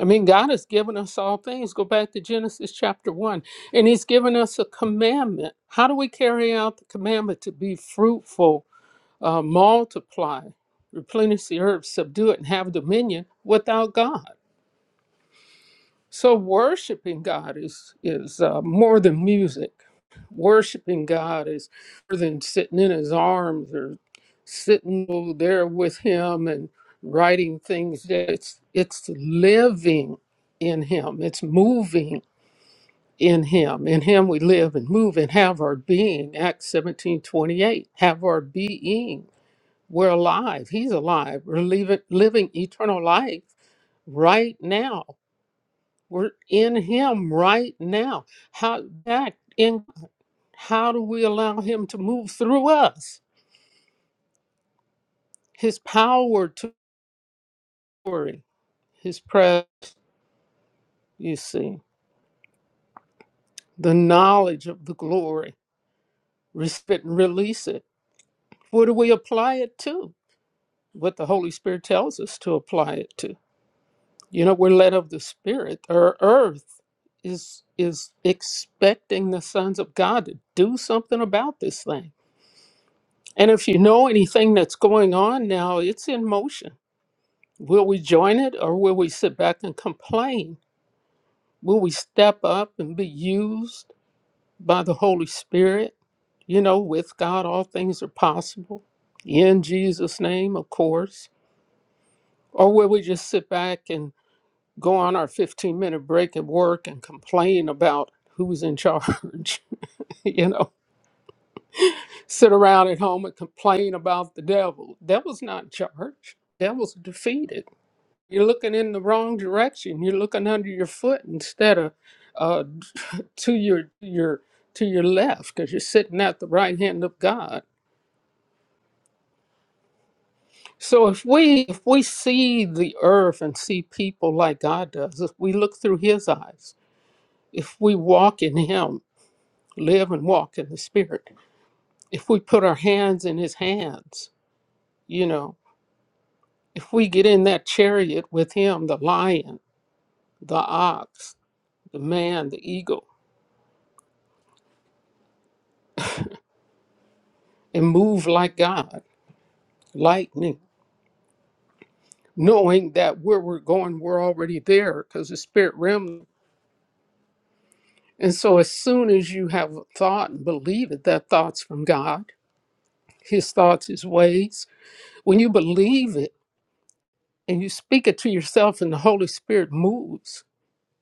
Speaker 4: I mean, God has given us all things. Go back to Genesis chapter one, and He's given us a commandment. How do we carry out the commandment to be fruitful, uh, multiply, replenish the earth, subdue it, and have dominion without God? So worshiping God is is uh, more than music. Worshiping God is more than sitting in His arms or sitting there with him and writing things that it's it's living in him it's moving in him in him we live and move and have our being acts 17 28. have our being we're alive he's alive we're living, living eternal life right now we're in him right now how that in how do we allow him to move through us his power to glory his presence you see, the knowledge of the glory. Respect and release it. Where do we apply it to? What the Holy Spirit tells us to apply it to. You know, we're led of the Spirit. Our earth is is expecting the sons of God to do something about this thing. And if you know anything that's going on now, it's in motion. Will we join it or will we sit back and complain? Will we step up and be used? by the Holy Spirit. You know, with God, all things are possible. In Jesus' name, of course. Or will we just sit back and go on our 15 minute break at work and complain about who's in charge? *laughs* you know, sit around at home and complain about the devil. Devil's not in charge, devil's defeated. You're looking in the wrong direction. You're looking under your foot instead of uh, to your your to your left because you're sitting at the right hand of God So if we if we see the earth and see people like God does, if we look through his eyes, if we walk in him, live and walk in the spirit, if we put our hands in his hands, you know, if we get in that chariot with him, the lion, the ox, the man, the eagle, and move like God, lightning, knowing that where we're going, we're already there because the spirit realm. And so as soon as you have a thought and believe it, that thought's from God his thoughts, his ways. When you believe it and you speak it to yourself and the Holy Spirit moves,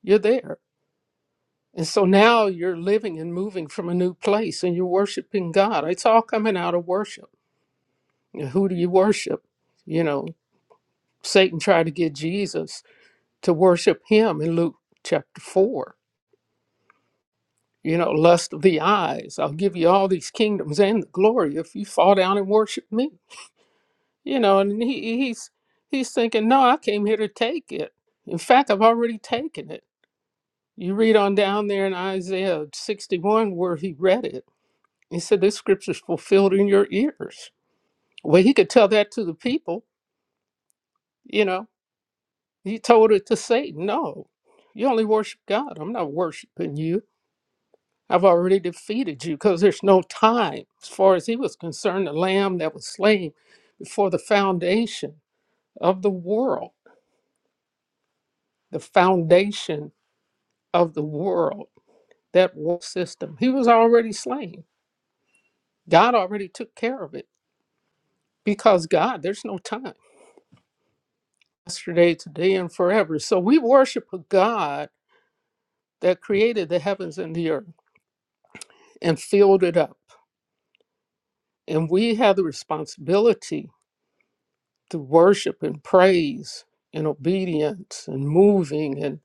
Speaker 4: you're there. And so now you're living and moving from a new place and you're worshiping God. It's all coming out of worship. And who do you worship? You know, Satan tried to get Jesus to worship him in Luke chapter 4. You know, lust of the eyes. I'll give you all these kingdoms and the glory if you fall down and worship me you know and he he's he's thinking no i came here to take it in fact i've already taken it you read on down there in isaiah 61 where he read it he said this scripture's fulfilled in your ears well he could tell that to the people you know he told it to satan no you only worship god i'm not worshiping you i've already defeated you because there's no time as far as he was concerned the lamb that was slain before the foundation of the world the foundation of the world, that world system. He was already slain. God already took care of it because God, there's no time, yesterday, today, and forever. So we worship a God that created the heavens and the earth and filled it up. And we have the responsibility to worship and praise and obedience and moving and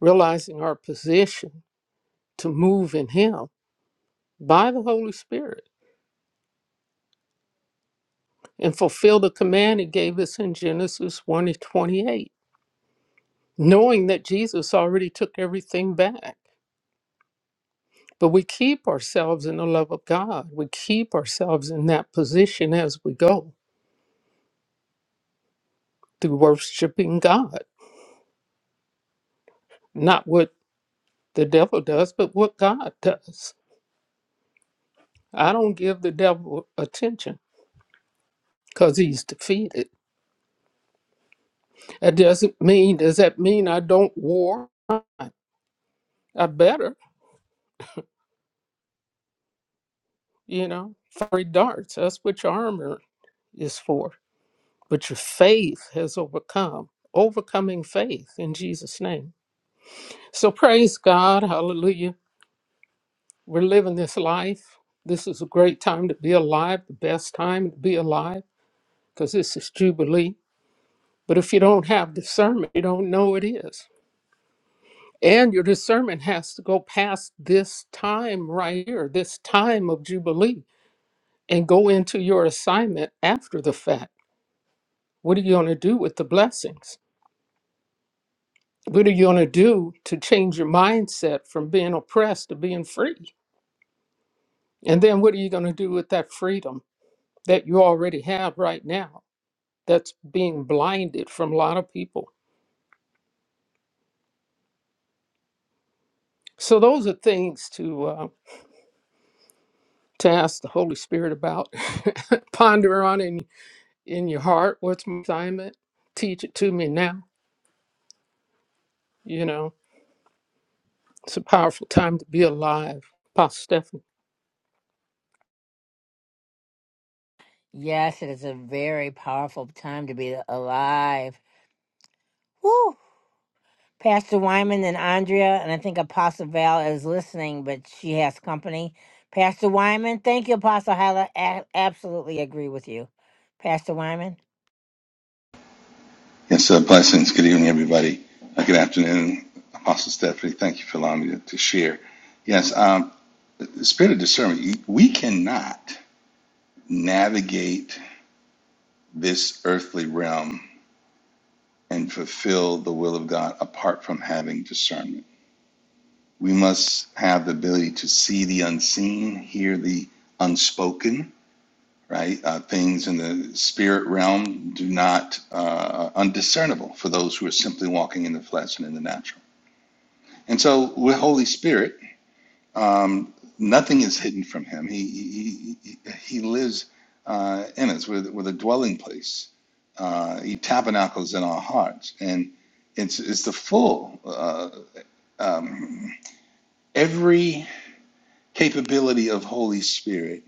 Speaker 4: realizing our position to move in Him by the Holy Spirit and fulfill the command He gave us in Genesis 1 and 28 knowing that Jesus already took everything back. But we keep ourselves in the love of God. We keep ourselves in that position as we go through worshiping God, not what the devil does, but what God does. I don't give the devil attention because he's defeated. That doesn't mean, does that mean I don't war? I better, you know, fiery darts. That's what your armor is for. But your faith has overcome, overcoming faith in Jesus' name. So praise God. Hallelujah. We're living this life. This is a great time to be alive, the best time to be alive, because this is Jubilee. But if you don't have discernment, you don't know it is. And your discernment has to go past this time right here, this time of Jubilee, and go into your assignment after the fact. What are you going to do with the blessings? What are you going to do to change your mindset from being oppressed to being free? And then what are you going to do with that freedom? that you already have right now that's being blinded from a lot of people. So those are things to uh, to ask the Holy Spirit about, *laughs* ponder on in in your heart. What's my assignment? Teach it to me now. You know, it's a powerful time to be alive, Apostle Stephanie.
Speaker 1: yes it is a very powerful time to be alive Woo! Pastor Wyman and Andrea, and I think Apostle Val is listening, but she has company. Pastor Wyman, thank you, Apostle Hyla. A- absolutely agree with you. Pastor Wyman?
Speaker 5: Yes, uh, blessings. Good evening, everybody. Uh, good afternoon, Apostle Stephanie. Thank you for allowing me to, to share. Yes, um, the spirit of discernment. We cannot navigate this earthly realm and fulfill the will of God apart from having discernment. We must have the ability to see the unseen, hear the unspoken. Right, uh, things in the spirit realm do not uh, are undiscernible for those who are simply walking in the flesh and in the natural. And so with Holy Spirit, um, nothing is hidden from Him. He He, he, lives uh, in us. We're, the- we're the dwelling place. Uh, he tabernacles in our hearts, and it's it's the full uh, um, every capability of Holy Spirit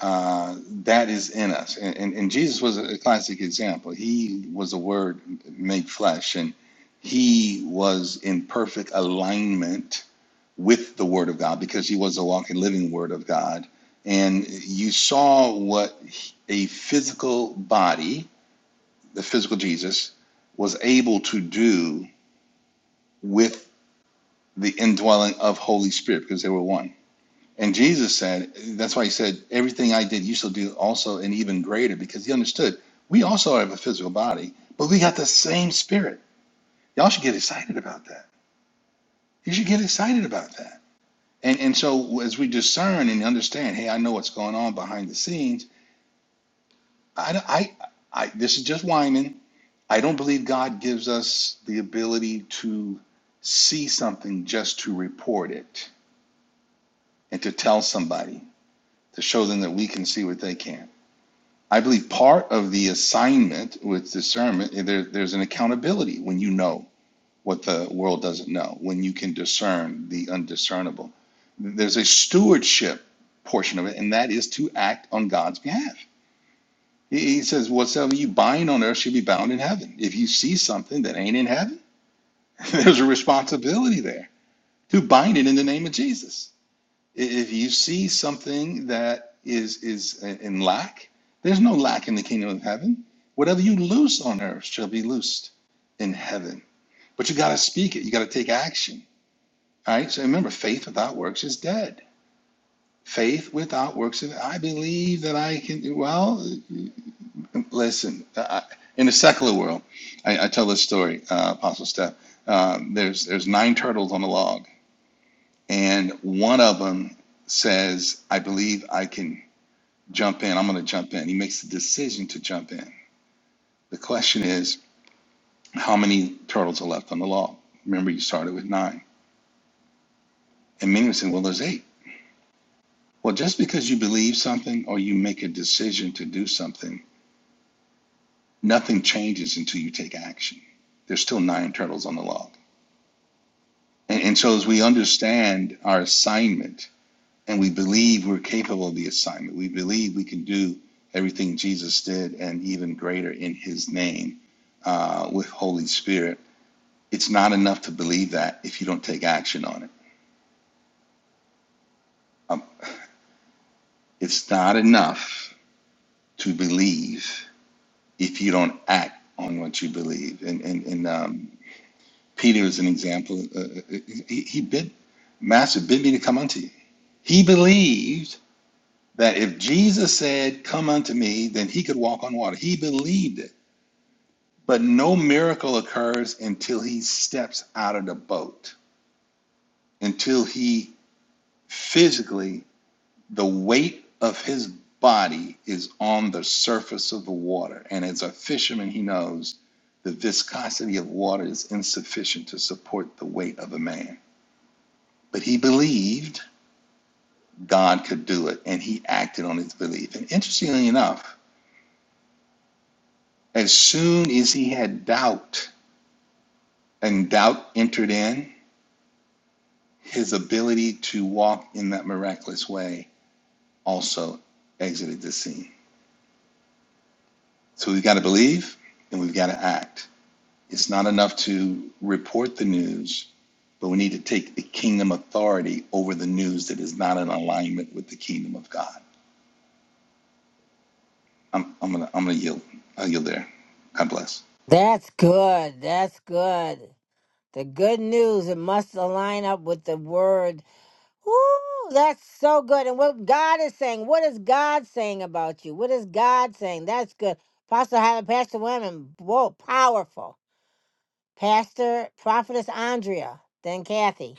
Speaker 5: uh, that is in us. And, and and Jesus was a classic example. He was the Word made flesh, and He was in perfect alignment with the Word of God because he was the walking, living Word of God. And you saw what a physical body, the physical Jesus, was able to do with the indwelling of Holy Spirit because they were one. And Jesus said, that's why he said, everything I did, you shall do also and even greater because he understood we also have a physical body, but we got the same spirit. Y'all should get excited about that. You should get excited about that And and so as we discern and understand, hey, I know what's going on behind the scenes. I don't- I I this is just whining. I don't believe God gives us the ability to see something just to report it and to tell somebody to show them that we can see what they can. not I believe part of the assignment with discernment there, there's an accountability when you know. what the world doesn't know, when you can discern the undiscernible. There's a stewardship portion of it, and that is to act on God's behalf. He he says, Whatsoever you bind on earth should be bound in heaven. If you see something that ain't in heaven, *laughs* there's a responsibility there to bind it in the name of Jesus. I- If you see something that is, is uh, in lack, there's no lack in the kingdom of heaven. Whatever you loose on earth shall be loosed in heaven. But you got to speak it, you got to take action All right. So remember, faith without works is dead. Faith without works is, I believe that I can, well, listen, I, in the secular world, I, I tell this story, uh, Apostle Steph. Um, there's, there's nine turtles on a log, and one of them says, I believe I can jump in. I'm going to jump in. He makes the decision to jump in. The question is, how many turtles are left on the log? Remember, you started with nine. And many would say, well, there's eight. Well, just because you believe something or you make a decision to do something, nothing changes until you take action. There's still nine turtles on the log. And, and so, as we understand our assignment and we believe we're capable of the assignment, we believe we can do everything Jesus did and even greater in his name uh, with Holy Spirit, it's not enough to believe that if you don't take action on it. Um, it's not enough to believe if you don't act on what you believe. And and, and um, Peter is an example. Uh, uh, he, he bid, Master bid me to come unto you. He believed that if Jesus said, "Come unto me," then he could walk on water. He believed it. But no miracle occurs until he steps out of the boat, until he physically the weight of his body is on the surface of the water. And as a fisherman, he knows the viscosity of water is insufficient to support the weight of a man. But he believed God could do it, and he acted on his belief. And interestingly enough, as soon as he had doubt, and doubt entered in, his ability to walk in that miraculous way also exited the scene. So we've got to believe and we've got to act. It's not enough to report the news, but we need to take the kingdom authority over the news that is not in alignment with the kingdom of God. I'm, I'm gonna I'm gonna yield. I'll yield there. God bless.
Speaker 1: That's good. That's good. The good news, it must align up with the word. Ooh, that's so good. And what God is saying, what is God saying about you? What is God saying? That's good. Apostle Hyla, Pastor Wyman, whoa, powerful. Pastor, Prophetess Andrea, then Kathy.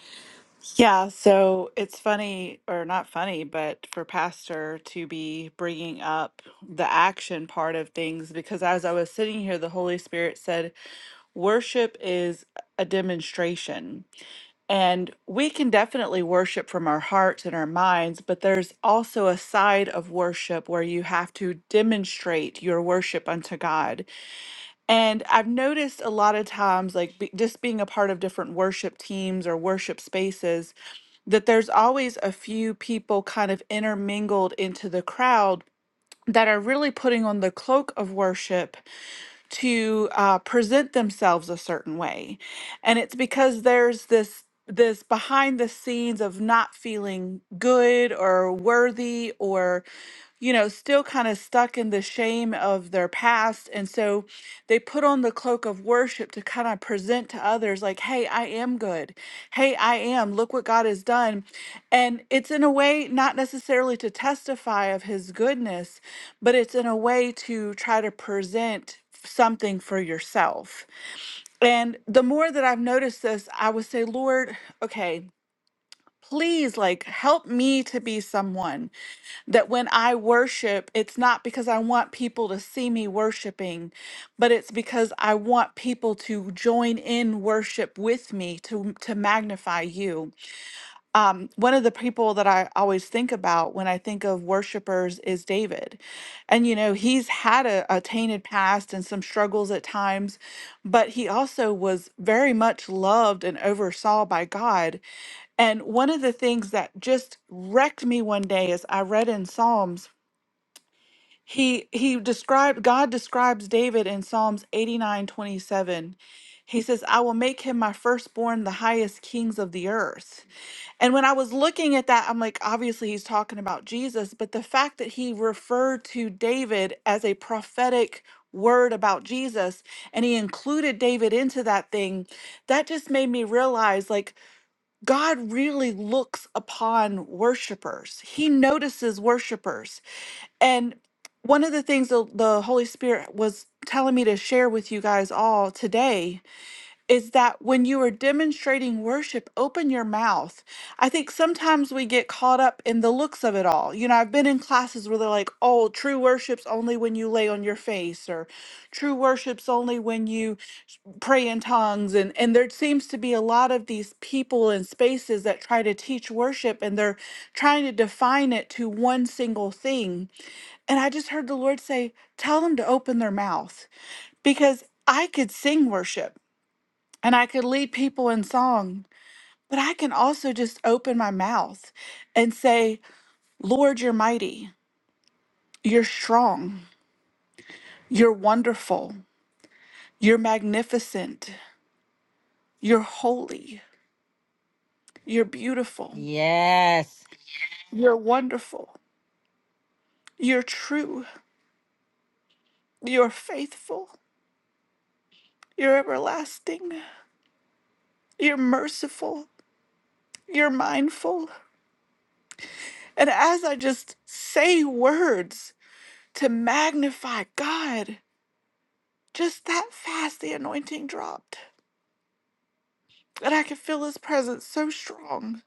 Speaker 3: Yeah, so it's funny, or not funny, but for Pastor to be bringing up the action part of things, because as I was sitting here, the Holy Spirit said, worship is a demonstration. And we can definitely worship from our hearts and our minds, but there's also a side of worship where you have to demonstrate your worship unto God. And I've noticed a lot of times, like be, just being a part of different worship teams or worship spaces, that there's always a few people kind of intermingled into the crowd that are really putting on the cloak of worship to uh, present themselves a certain way and it's because there's this this behind the scenes of not feeling good or worthy or you know still kind of stuck in the shame of their past and so they put on the cloak of worship to kind of present to others like hey i am good hey i am look what god has done and it's in a way not necessarily to testify of his goodness but it's in a way to try to present something for yourself. And the more that I've noticed this, I would say, Lord, okay, please like help me to be someone that when I worship, it's not because I want people to see me worshiping, but it's because I want people to join in worship with me to to magnify you um, one of the people that I always think about when I think of worshipers is David. And, you know, he's had a, a tainted past and some struggles at times, but he also was very much loved and oversaw by God. And one of the things that just wrecked me one day is I read in Psalms, he he described God describes David in Psalms 89:27. He says, I will make him my firstborn, the highest kings of the earth. And when I was looking at that, I'm like, obviously he's talking about Jesus, but the fact that he referred to David as a prophetic word about Jesus and he included David into that thing, that just made me realize like God really looks upon worshipers, he notices worshipers. And one of the things the, the Holy Spirit was telling me to share with you guys all today is that when you are demonstrating worship, open your mouth. I think sometimes we get caught up in the looks of it all. You know, I've been in classes where they're like, oh, true worship's only when you lay on your face, or true worship's only when you s- pray in tongues. And, and there seems to be a lot of these people and spaces that try to teach worship and they're trying to define it to one single thing. And I just heard the Lord say, Tell them to open their mouth because I could sing worship and I could lead people in song, but I can also just open my mouth and say, Lord, you're mighty, you're strong, you're wonderful, you're magnificent, you're holy, you're beautiful,
Speaker 1: Yes.
Speaker 3: you're wonderful, you're true, you're faithful, you're everlasting, you're merciful, you're mindful. And as I just say words to magnify God, just that fast the anointing dropped and I can feel his presence so strong.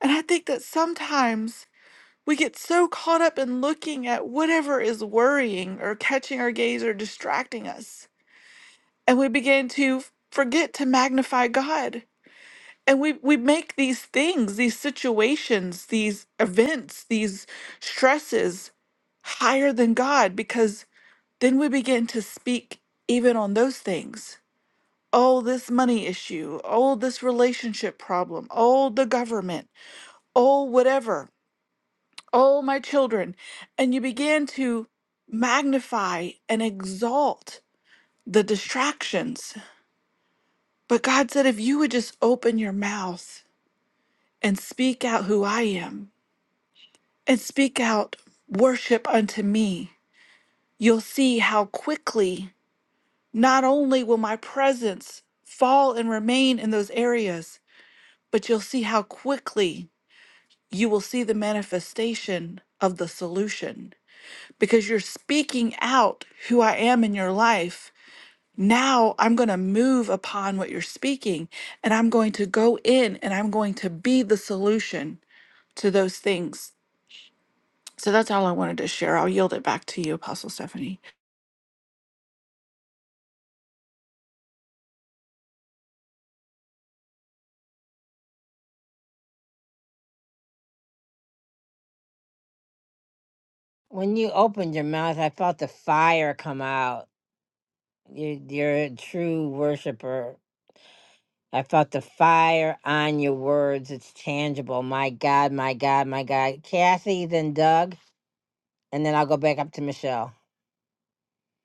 Speaker 3: And I think that sometimes we get so caught up in looking at whatever is worrying or catching our gaze or distracting us, and we begin to f- forget to magnify God. And we, we make these things, these situations, these events, these stresses higher than God because then we begin to speak even on those things oh, this money issue, oh, this relationship problem, oh, the government. oh, whatever, oh, my children. And you began to magnify and exalt the distractions. But God said, if you would just open your mouth and speak out who I am and speak out worship unto me, you'll see how quickly not only will my presence fall and remain in those areas, but you'll see how quickly you will see the manifestation of the solution. because you're speaking out who I am in your life. Now I'm going to move upon what you're speaking and I'm going to go in and I'm going to be the solution to those things. So that's all I wanted to share. I'll yield it back to you, Apostle Stephanie.
Speaker 1: When you opened your mouth, I felt the fire come out. You, you're a true worshiper. I felt the fire on your words. It's tangible. My God, my God, my God. Kathy, then Doug, and then I'll go back up to Michelle.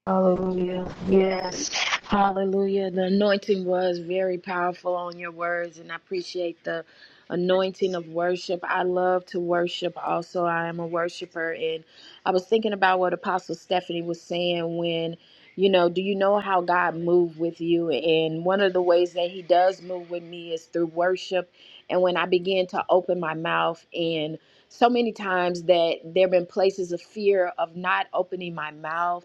Speaker 2: Hallelujah. Yes. Hallelujah. The anointing was very powerful on your words, and I appreciate the anointing of worship. I love to worship also. I am a worshiper, and I was thinking about what Apostle Stephanie was saying when, you know, do you know how God moved with you? And one of the ways that He does move with me is through worship. And when I begin to open my mouth and so many times that there have been places of fear of not opening my mouth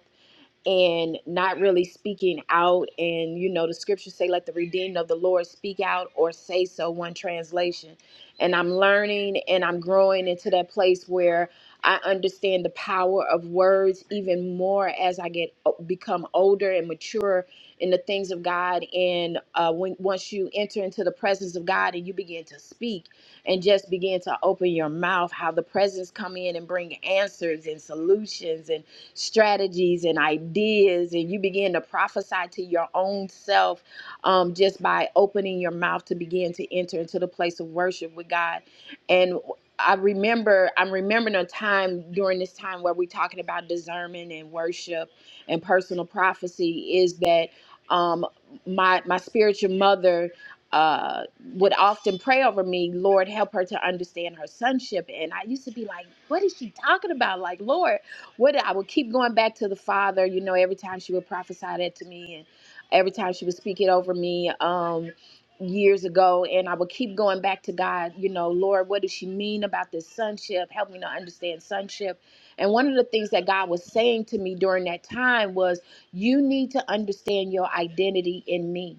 Speaker 2: and not really speaking out and you know the scriptures say let the redeemed of the lord speak out or say so one translation and i'm learning and i'm growing into that place where i understand the power of words even more as i get become older and mature in the things of god and uh, when once you enter into the presence of god and you begin to speak and just begin to open your mouth how the presence come in and bring answers and solutions and strategies and ideas, and you begin to prophesy to your own self um, just by opening your mouth to begin to enter into the place of worship with God. And I remember, I'm remembering a time during this time where we're talking about discernment and worship and personal prophecy is that um, my my spiritual mother uh, would often pray over me, Lord, help her to understand her sonship. And I used to be like, what is she talking about? Like, Lord what I would keep going back to the Father. You know, every time she would prophesy that to me, and every time she would speak it over me. Um, years ago and I would keep going back to God, you know, Lord, what does she mean about this sonship? Help me to understand sonship. And one of the things that God was saying to me during that time was, you need to understand your identity in me.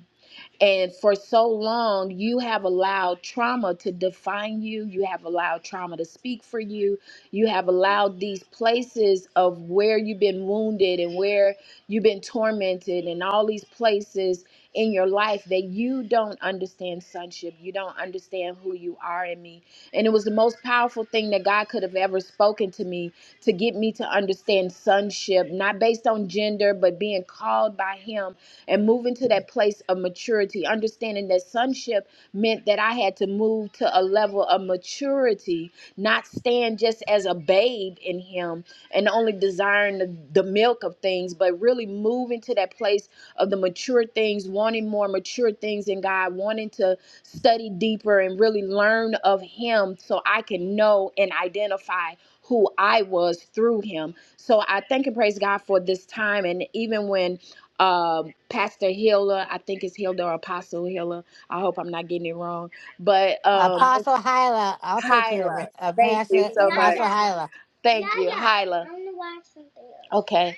Speaker 2: And for so long, you have allowed trauma to define you. You have allowed trauma to speak for you. You have allowed these places of where you've been wounded and where you've been tormented, and all these places in your life that you don't understand sonship. You don't understand who you are in me. And it was the most powerful thing that God could have ever spoken to me to get me to understand sonship, not based on gender, but being called by Him and move into that place of maturity, understanding that sonship meant that I had to move to a level of maturity, not stand just as a babe in Him and only desiring the, the milk of things, but really move into that place of the mature things, wanting more mature things in God, wanting to study deeper and really learn of Him so I can know and identify who I was through Him. So I thank and praise God for this time. And even when uh, Pastor Hiller. I think it's Hilda or Apostle Hiller. I hope I'm not getting it wrong. But um
Speaker 1: Apostle Hyla, I'll take care of
Speaker 2: Hyla.
Speaker 1: it.
Speaker 2: Thank you
Speaker 1: Apostle,
Speaker 2: so much.
Speaker 1: Apostle Hyla.
Speaker 2: Thank yeah, you, yeah. Hyla. I'm gonna watch something else. Okay.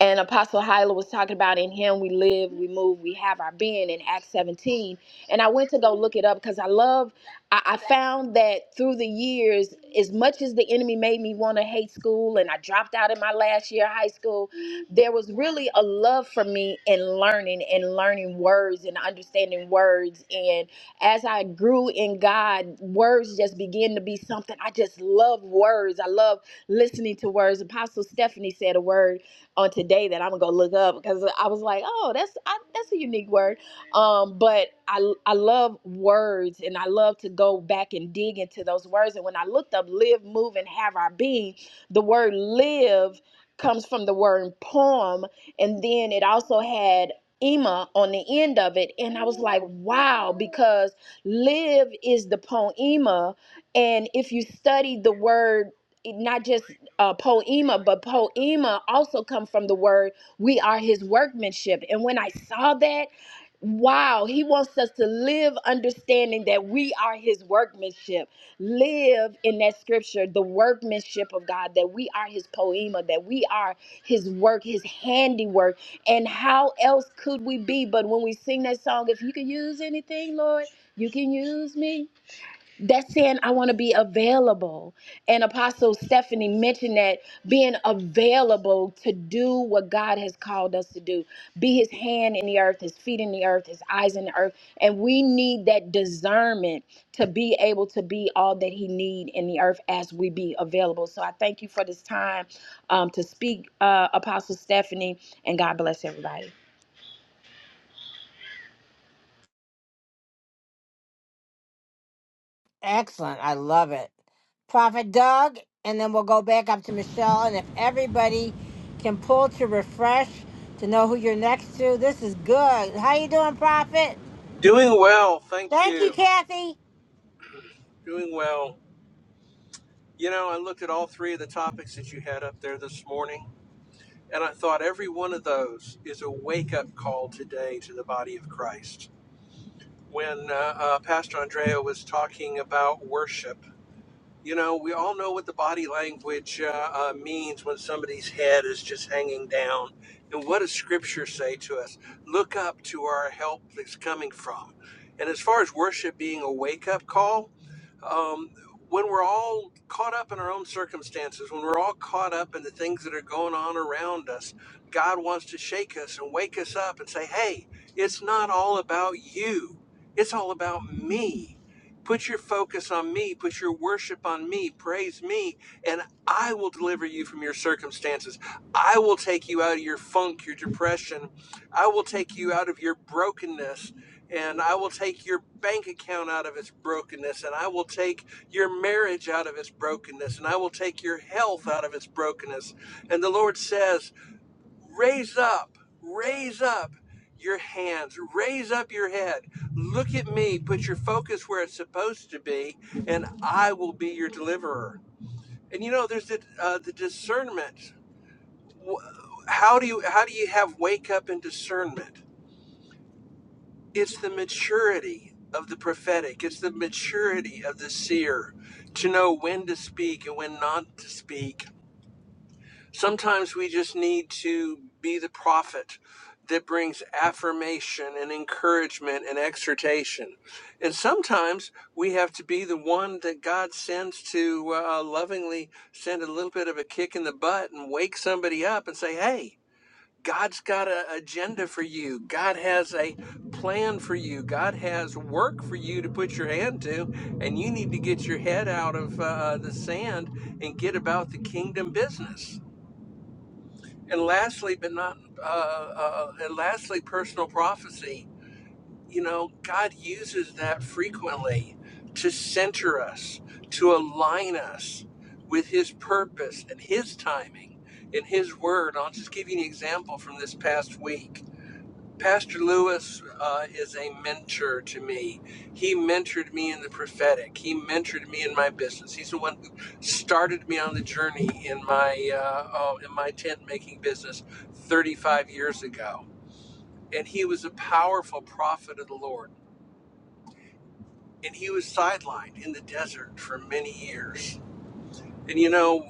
Speaker 2: And Apostle Hyla was talking about in him we live, we move, we have our being in Acts 17. And I went to go look it up because I love, I, I found that through the years, as much as the enemy made me want to hate school and I dropped out in my last year of high school, there was really a love for me in learning and learning words and understanding words. And as I grew in God, words just began to be something. I just love words. I love listening to words. Apostle Stephanie said a word on today that I'm gonna go look up because I was like, oh, that's I, that's a unique word. Um, but I I love words and I love to go back and dig into those words. And when I looked up live, move, and have our being, the word live comes from the word poem, and then it also had Ema on the end of it, and I was like, wow, because live is the poema, and if you study the word not just uh, poema, but poema also comes from the word we are his workmanship. And when I saw that, wow, he wants us to live understanding that we are his workmanship. Live in that scripture, the workmanship of God, that we are his poema, that we are his work, his handiwork. And how else could we be? But when we sing that song, if you can use anything, Lord, you can use me that's saying I want to be available. And Apostle Stephanie mentioned that being available to do what God has called us to do be his hand in the earth, his feet in the earth, his eyes in the earth. And we need that discernment to be able to be all that he need in the earth as we be available. So I thank you for this time um, to speak, uh, Apostle Stephanie, and God bless everybody.
Speaker 1: Excellent. I love it. Prophet Doug, and then we'll go back up to Michelle. And if everybody can pull to refresh to know who you're next to, this is good. How you doing, Prophet?
Speaker 6: Doing well, thank
Speaker 1: Thank you,
Speaker 6: you.
Speaker 1: Kathy.
Speaker 6: Doing well. You know, I looked at all three of the topics that you had up there this morning, and I thought every one of those is a wake up call today to the body of Christ. When uh, uh, Pastor Andrea was talking about worship, you know, we all know what the body language uh, uh, means when somebody's head is just hanging down. And what does Scripture say to us? Look up to our help that's coming from. And as far as worship being a wake up call, um, when we're all caught up in our own circumstances, when we're all caught up in the things that are going on around us, God wants to shake us and wake us up and say, hey, it's not all about you, it's all about me. Put your focus on me, put your worship on me, praise me, and I will deliver you from your circumstances. I will take you out of your funk, your depression. I will take you out of your brokenness and I will take your bank account out of its brokenness, and I will take your marriage out of its brokenness, and I will take your health out of its brokenness. And the Lord says, Raise up, raise up your hands, raise up your head, look at me, put your focus where it's supposed to be, and I will be your deliverer. And you know, there's the, uh, the discernment. How do you how do you have wake up and discernment? it's the maturity of the prophetic it's the maturity of the seer to know when to speak and when not to speak sometimes we just need to be the prophet that brings affirmation and encouragement and exhortation and sometimes we have to be the one that god sends to uh, lovingly send a little bit of a kick in the butt and wake somebody up and say hey God's got an agenda for you. God has a plan for you. God has work for you to put your hand to, and you need to get your head out of uh, uh, the sand and get about the kingdom business. And lastly, but not uh, uh, uh, and lastly, personal prophecy. You know, God uses that frequently to center us, to align us with His purpose and His timing and His word. I'll just give you an example from this past week Pastor Lewis uh, is a mentor to me. He mentored me in the prophetic. He mentored me in my business. He's the one who started me on the journey in my uh, oh, in my tent making business 35 years ago. And he was a powerful prophet of the Lord. And he was sidelined in the desert for many years And you know,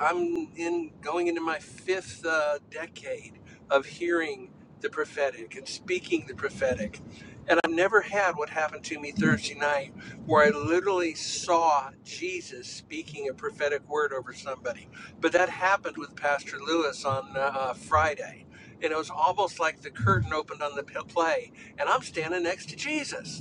Speaker 6: I'm in going into my fifth uh, decade of hearing the prophetic and speaking the prophetic. And I've never had what happened to me Thursday night where I literally saw Jesus speaking a prophetic word over somebody. But that happened with Pastor Lewis on uh, Friday. And it was almost like the curtain opened on the p- play, and I'm standing next to Jesus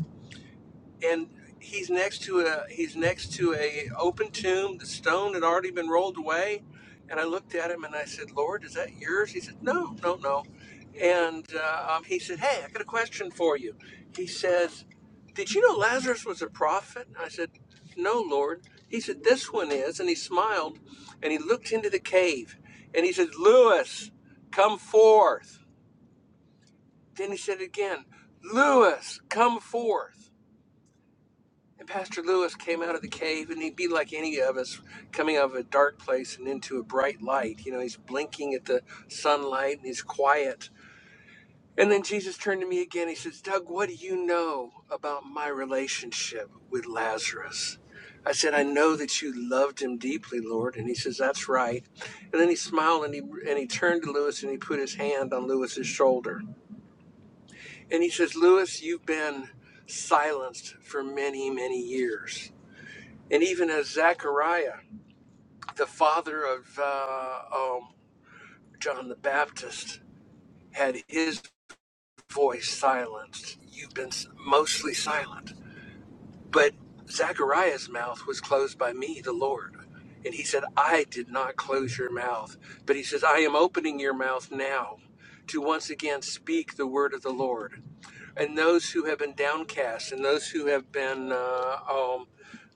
Speaker 6: and he's next to a he's next to a open tomb the stone had already been rolled away and i looked at him and i said lord is that yours he said no no no and uh, um, he said hey i got a question for you he says did you know lazarus was a prophet i said no lord he said this one is and he smiled and he looked into the cave and he said "Louis, come forth then he said again "Louis, come forth and Pastor Lewis came out of the cave, and he'd be like any of us, coming out of a dark place and into a bright light. You know, he's blinking at the sunlight and he's quiet. And then Jesus turned to me again. He says, Doug, what do you know about my relationship with Lazarus? I said, I know that you loved him deeply, Lord. And he says, That's right. And then he smiled and he, and he turned to Lewis and he put his hand on Lewis's shoulder. And he says, Lewis, you've been silenced for many, many years and even as Zechariah, the father of uh, um, John the Baptist, had his voice silenced. You've been s- mostly silent, but Zechariah's mouth was closed by me, the Lord. And he said, I did not close your mouth. But he says, I am opening your mouth now to once again speak the word of the Lord. and those who have been downcast, and those who have been uh, um,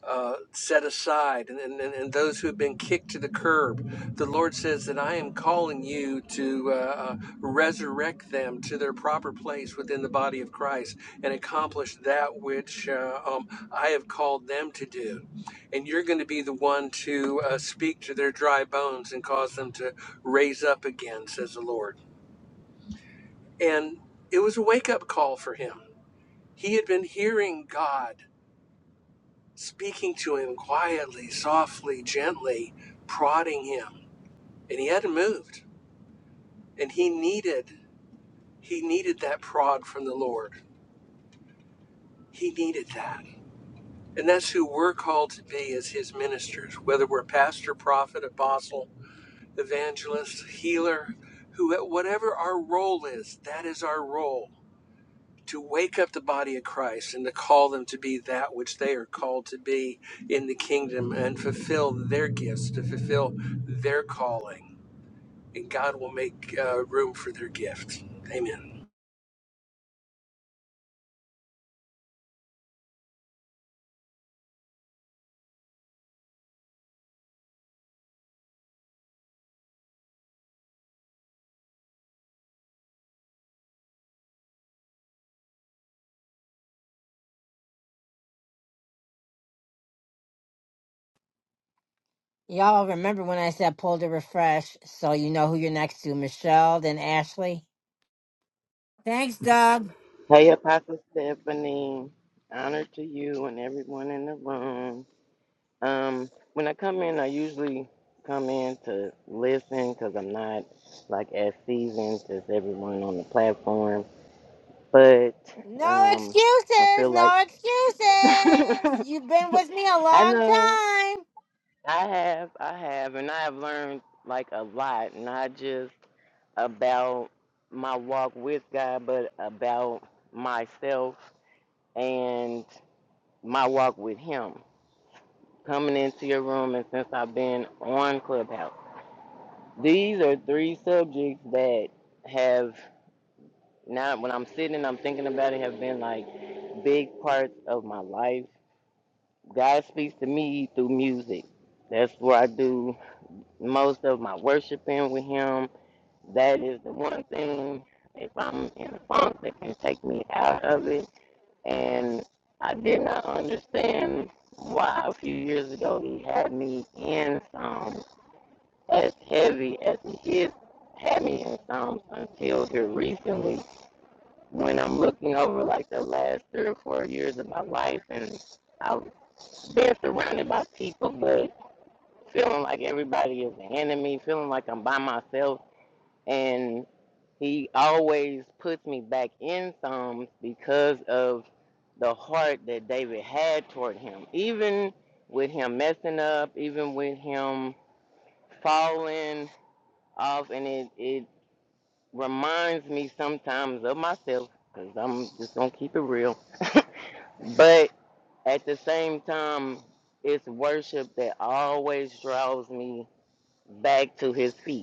Speaker 6: uh, set aside, and, and, and those who have been kicked to the curb. The Lord says that I am calling you to uh, uh, resurrect them to their proper place within the body of Christ and accomplish that which uh, um, I have called them to do. And you're going to be the one to uh, speak to their dry bones and cause them to raise up again, says the Lord. And it was a wake up call for him he had been hearing God speaking to him quietly, softly, gently, prodding him, and he hadn't moved. And he needed he needed that prod from the Lord. He needed that. And that's who we're called to be as his ministers, whether we're pastor, prophet, apostle, evangelist, healer, who whatever our role is, that is our role. to wake up the body of Christ and to call them to be that which they are called to be in the kingdom and fulfill their gifts, to fulfill their calling. And God will make uh, room for their gift. Amen.
Speaker 1: Y'all remember when I said pull to refresh, so you know who you're next to, Michelle, then Ashley. Thanks, Doug.
Speaker 7: Hey, Apostle Stephanie. Honor to you and everyone in the room. Um, when I come in, I usually come in to listen because I'm not like as seasoned as everyone on the platform. But
Speaker 1: No
Speaker 7: um, I
Speaker 1: excuses,
Speaker 7: feel like
Speaker 1: no
Speaker 7: *laughs* I
Speaker 1: excuses. You've been with me a long
Speaker 7: know
Speaker 1: time.
Speaker 7: I have, I have, and I have learned like a lot, not just about my walk with God, but about myself and. my walk with him coming into your room and since I've been on Clubhouse. These are three subjects that have not when I'm sitting and I'm thinking about it have been like big parts of my life. God speaks to me through music. That's where I do most of my worshiping with him. That is the one thing if I'm in a funk that can take me out of it And I did not understand why a few years ago he had me in Psalms as heavy as he is had me in Psalms until here recently when I'm looking over like the last three or four years of my life and I've been surrounded by people but feeling like everybody is the enemy, feeling like I'm by myself and. He always puts me back in Psalms because of the heart that David had toward him. Even with him messing up, even with him falling off, and it, it reminds me sometimes of myself because I'm just going to keep it real. *laughs* but at the same time, it's worship that always draws me back to his feet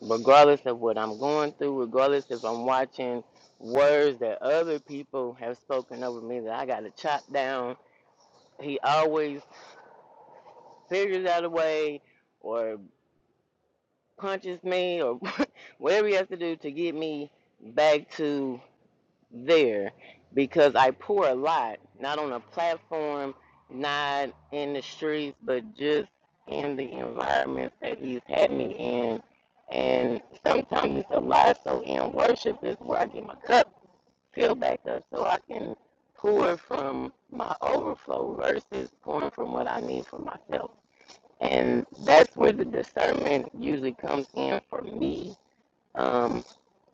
Speaker 7: regardless of what I'm going through, regardless if I'm watching words that other people have spoken over me that I got to chop down, he always figures out a way or punches me or *laughs* whatever he has to do to get me back to there because I pour a lot, not on a platform, not in the streets, but just in the environments that he's had me in. And sometimes it's a lot. So in worship is where I get my cup filled back up so I can pour from my overflow versus pouring from what I need for myself. And that's where the discernment usually comes in for me um,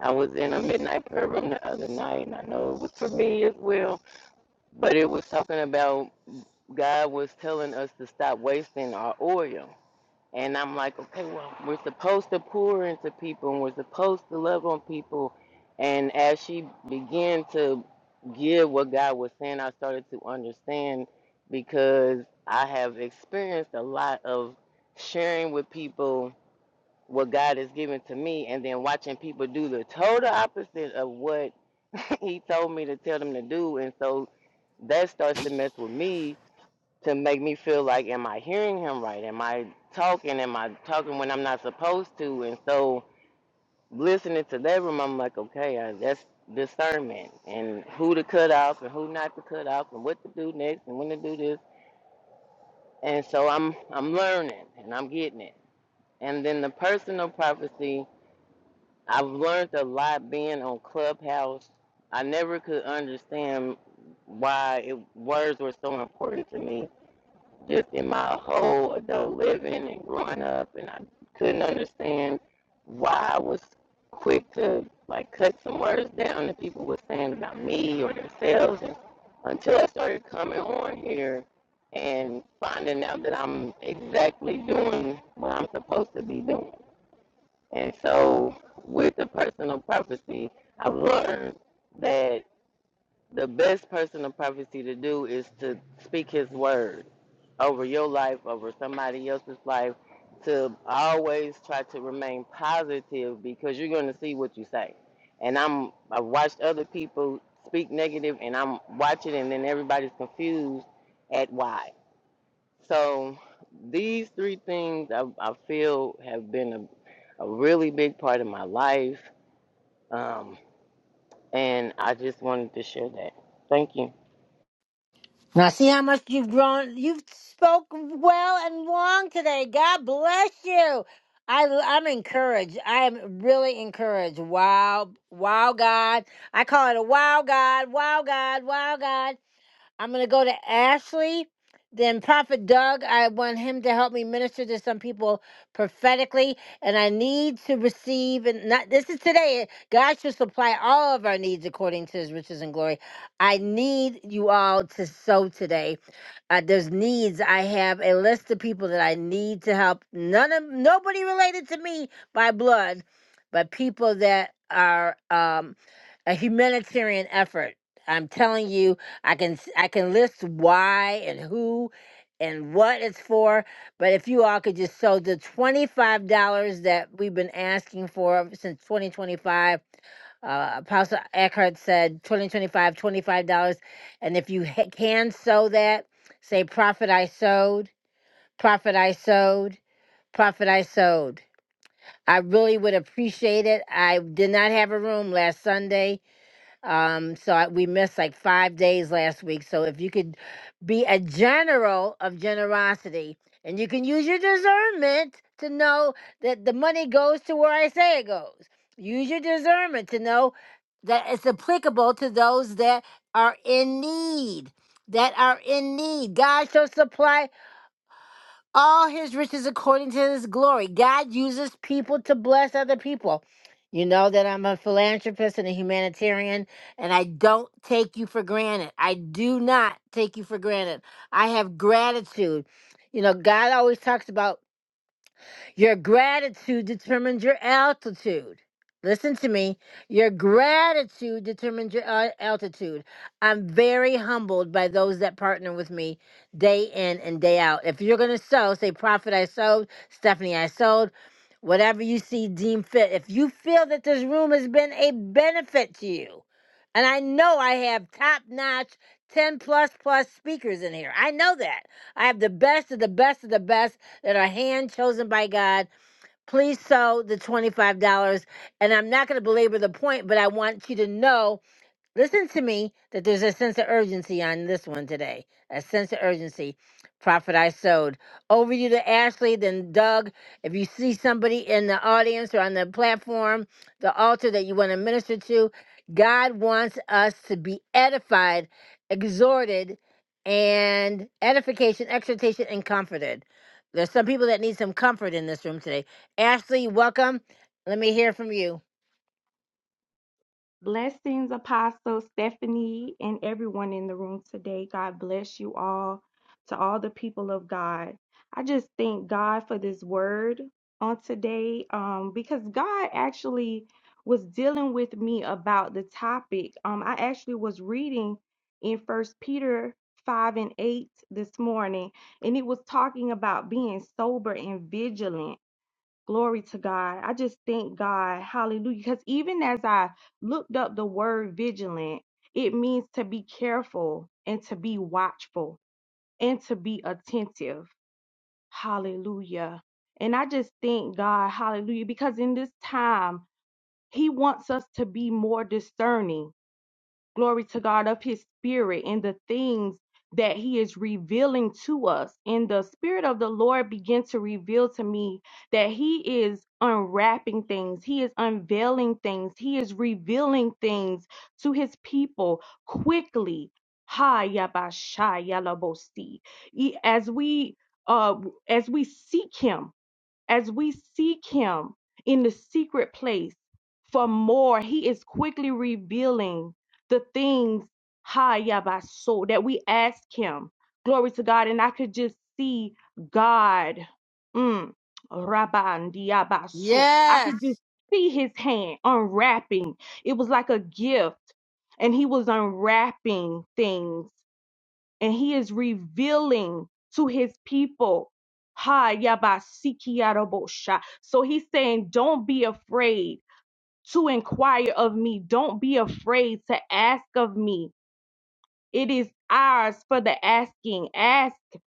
Speaker 7: I was in a midnight prayer room the other night, and I know it was for me as well. But it was talking about God was telling us to stop wasting our oil. And I'm like, okay, well, we're supposed to pour into people, and we're supposed to love on people. And as she began to give what God was saying, I started to understand because I have experienced a lot of sharing with people what God has given to me and then watching people do the total opposite of what *laughs* he told me to tell them to do and so that starts to mess with me to make me feel like am I hearing him right? Am I talking? Am I talking when I'm not supposed to? And so listening to that room I'm like, okay, uh, that's discernment and who to cut off and who not to cut off and what to do next and when to do this. And so I'm I'm learning and I'm getting it. And then the personal prophecy I've learned a lot being on Clubhouse. I never could understand why it, words were so important to me just in my whole adult living and growing up. And I couldn't understand why I was quick to like cut some words down that people were saying about me or themselves and until I started coming on here and finding out that I'm exactly doing what I'm supposed to be doing. And so, with the personal prophecy, I've learned that the best personal prophecy to do is to speak His word over your life, over somebody else's life, to always try to remain positive because you're going to see what you say. And I'm I've watched other people speak negative, and I'm watching, and then everybody's confused at why. So these three things I, I feel have been a, a really big part of my life. Um, and I just wanted to share that. Thank you.
Speaker 1: Now, see how much you've grown. You've spoken well and long today. God bless you. I, I'm encouraged. I am really encouraged. Wow. Wow, God. I call it a wow, God. Wow, God. Wow, God. I'm going to go to Ashley. Then Prophet Doug, I want him to help me minister to some people prophetically, and I need to receive. And not this is today. God should supply all of our needs according to His riches and glory. I need you all to sow today uh, there's needs. I have a list of people that I need to help. None of nobody related to me by blood, but people that are um, a humanitarian effort. I'm telling you, I can s- I can list why and who and what it's for, but if you all could just sow the $25 that we've been asking for since 2025 uh, Apostle Eckhart said 2025, $25. And if you ha- can sow that, say, Prophet, I sowed, Prophet, I sowed, Prophet, I sowed. I really would appreciate it. I did not have a room last Sunday um, so I, we missed like five days last week. So if you could be a general of generosity and you can use your discernment to know that the money goes to where I say it goes. Use your discernment to know that it's applicable to those that are in need. That are in need. God shall supply all his riches according to his glory. God uses people to bless other people. You know that I'm a philanthropist and a humanitarian, and I don't take you for granted. I do not take you for granted. I have gratitude. You know, God always talks about your gratitude determines your altitude. Listen to me. Your gratitude determines your al- altitude. I'm very humbled by those that partner with me day in and day out. If you're going to sow, say, Prophet, I sowed, Stephanie, I sowed, whatever you see deem fit. If you feel that this room has been a benefit to you, and I know I have top notch 10 plus plus speakers in here, I know that. I have the best of the best of the best that are hand chosen by God. Please sow the $25. And I'm not going to belabor the point, but I want you to know Listen to me that there's a sense of urgency on this one today. A sense of urgency. Prophet I sowed. Over you to Ashley, then Doug. If you see somebody in the audience or on the platform, the altar that you want to minister to, God wants us to be edified, exhorted, and edification, exhortation, and comforted. There's some people that need some comfort in this room today. Ashley, welcome. Let me hear from you.
Speaker 8: Blessings, Apostle Stephanie, and everyone in the room today. God bless you all, to all the people of God. I just thank God for this word on today um, because God actually was dealing with me about the topic. Um, I actually was reading in First Peter 5 and 8 this morning, and it was talking about being sober and vigilant. Glory to God. I just thank God. Hallelujah. Because even as I looked up the word vigilant, it means to be careful and to be watchful and to be attentive. Hallelujah. And I just thank God. Hallelujah. Because in this time, He wants us to be more discerning glory to God, of his spirit and the things that he is revealing to us. And the spirit of the Lord began to reveal to me that he is unwrapping things, he is unveiling things, he is revealing things to his people quickly. Ha yabashaya labosi. E- As we uh as we seek him, as we seek him in the secret place for more, he is quickly revealing the things ha yabaso that we ask him. Glory to God. And I could just see God. Mm, rabandiabaso. I could just
Speaker 1: Yes.
Speaker 8: see his hand unwrapping. It was like a gift. And he was unwrapping things and he is revealing to his people. Ha yabasikiarabosha. So he's saying, Don't be afraid to inquire of me. Don't be afraid to ask of me. It is ours for the asking. Ask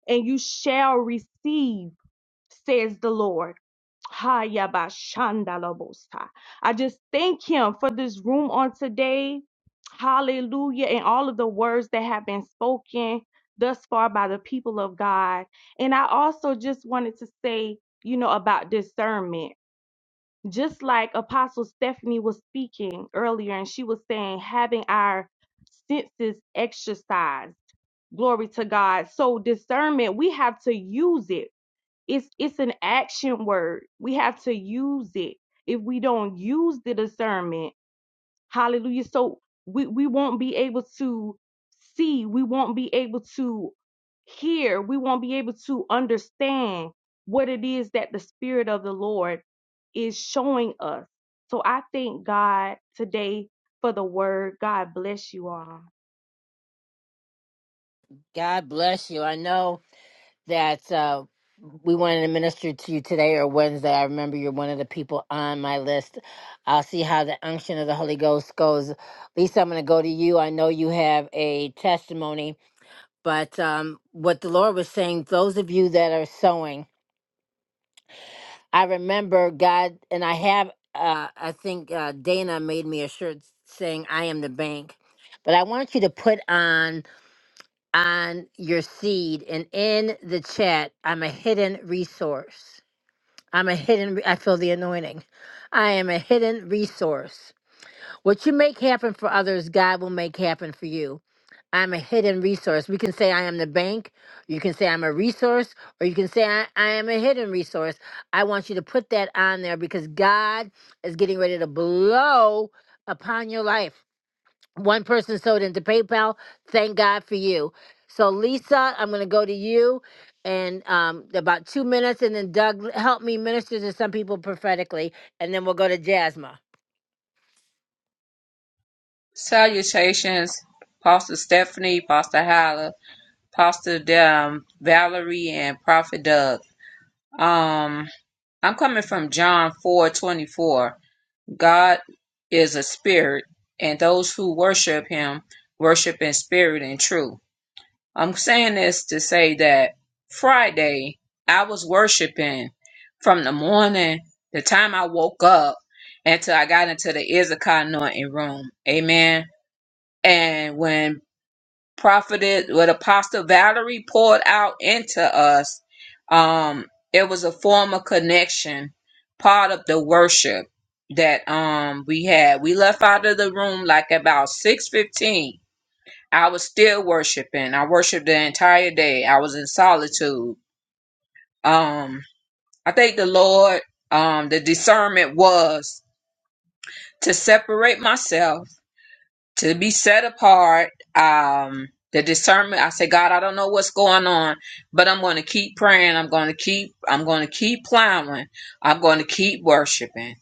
Speaker 8: and you shall receive says the Lord. Hayabashandalabosa. I just thank him for this room on today. Hallelujah. And all of the words that have been spoken thus far by the people of God. And I also just wanted to say, you know, about discernment. Just like Apostle Stephanie was speaking earlier, and she was saying, having our senses exercised. Glory to God. So, discernment, we have to use it it's it's an action word. We have to use it. If we don't use the discernment, hallelujah. So we, we won't be able to see, we won't be able to hear, we won't be able to understand what it is that the Spirit of the Lord is showing us. So I thank God today for the word. God bless you all.
Speaker 1: God bless you. I know that uh, we wanted to minister to you today or Wednesday. I remember you're one of the people on my list. I'll see how the unction of the Holy Ghost goes. Lisa, I'm going to go to you. I know you have a testimony, but um, what the Lord was saying, those of you that are sowing, I remember God, and I have, uh, I think uh, Dana made me a shirt saying, I am the bank. But I want you to put on on your seed and in the chat, I'm a hidden resource. I'm a hidden, I feel the anointing. I am a hidden resource. What you make happen for others, God will make happen for you. I'm a hidden resource. We can say I am the bank, you can say I'm a resource, or you can say I, I am a hidden resource. I want you to put that on there because God is getting ready to blow upon your life. One person sold into PayPal. Thank God for you. So Lisa, I'm going to go to you in um, about two minutes, and then Doug, help me minister to some people prophetically, and then we'll go to Jasma.
Speaker 9: Salutations, Pastor Stephanie, Pastor Hyla, Pastor um, Valerie, and Prophet Doug. Um, I'm coming from John 4 24. God is a spirit, and those who worship him worship in spirit and truth. I'm saying this to say that Friday I was worshiping from the morning, the time I woke up, until I got into the Issachar anointing room. Amen. And when prophetess, what Apostle Valerie poured out into us, um, it was a form of connection, part of the worship that um we had. We left out of the room like about six fifteen. I was still worshiping. I worshiped the entire day. I was in solitude. Um, I thank the Lord. Um, the discernment was to separate myself to be set apart um the discernment i say god i don't know what's going on but i'm going to keep praying i'm going to keep i'm going to keep plowing i'm going to keep worshiping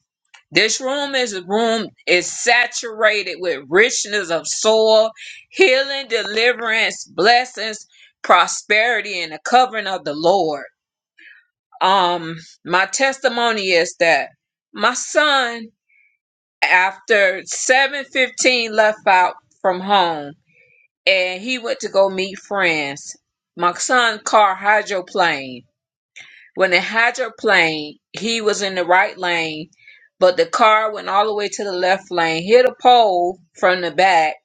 Speaker 9: this room is a room is saturated with richness of soil healing deliverance blessings prosperity and the covering of the lord um my testimony is that my son after 715 left out from home and he went to go meet friends. My son car hydroplaned. When it hydroplaned, he was in the right lane, but the car went all the way to the left lane, hit a pole from the back,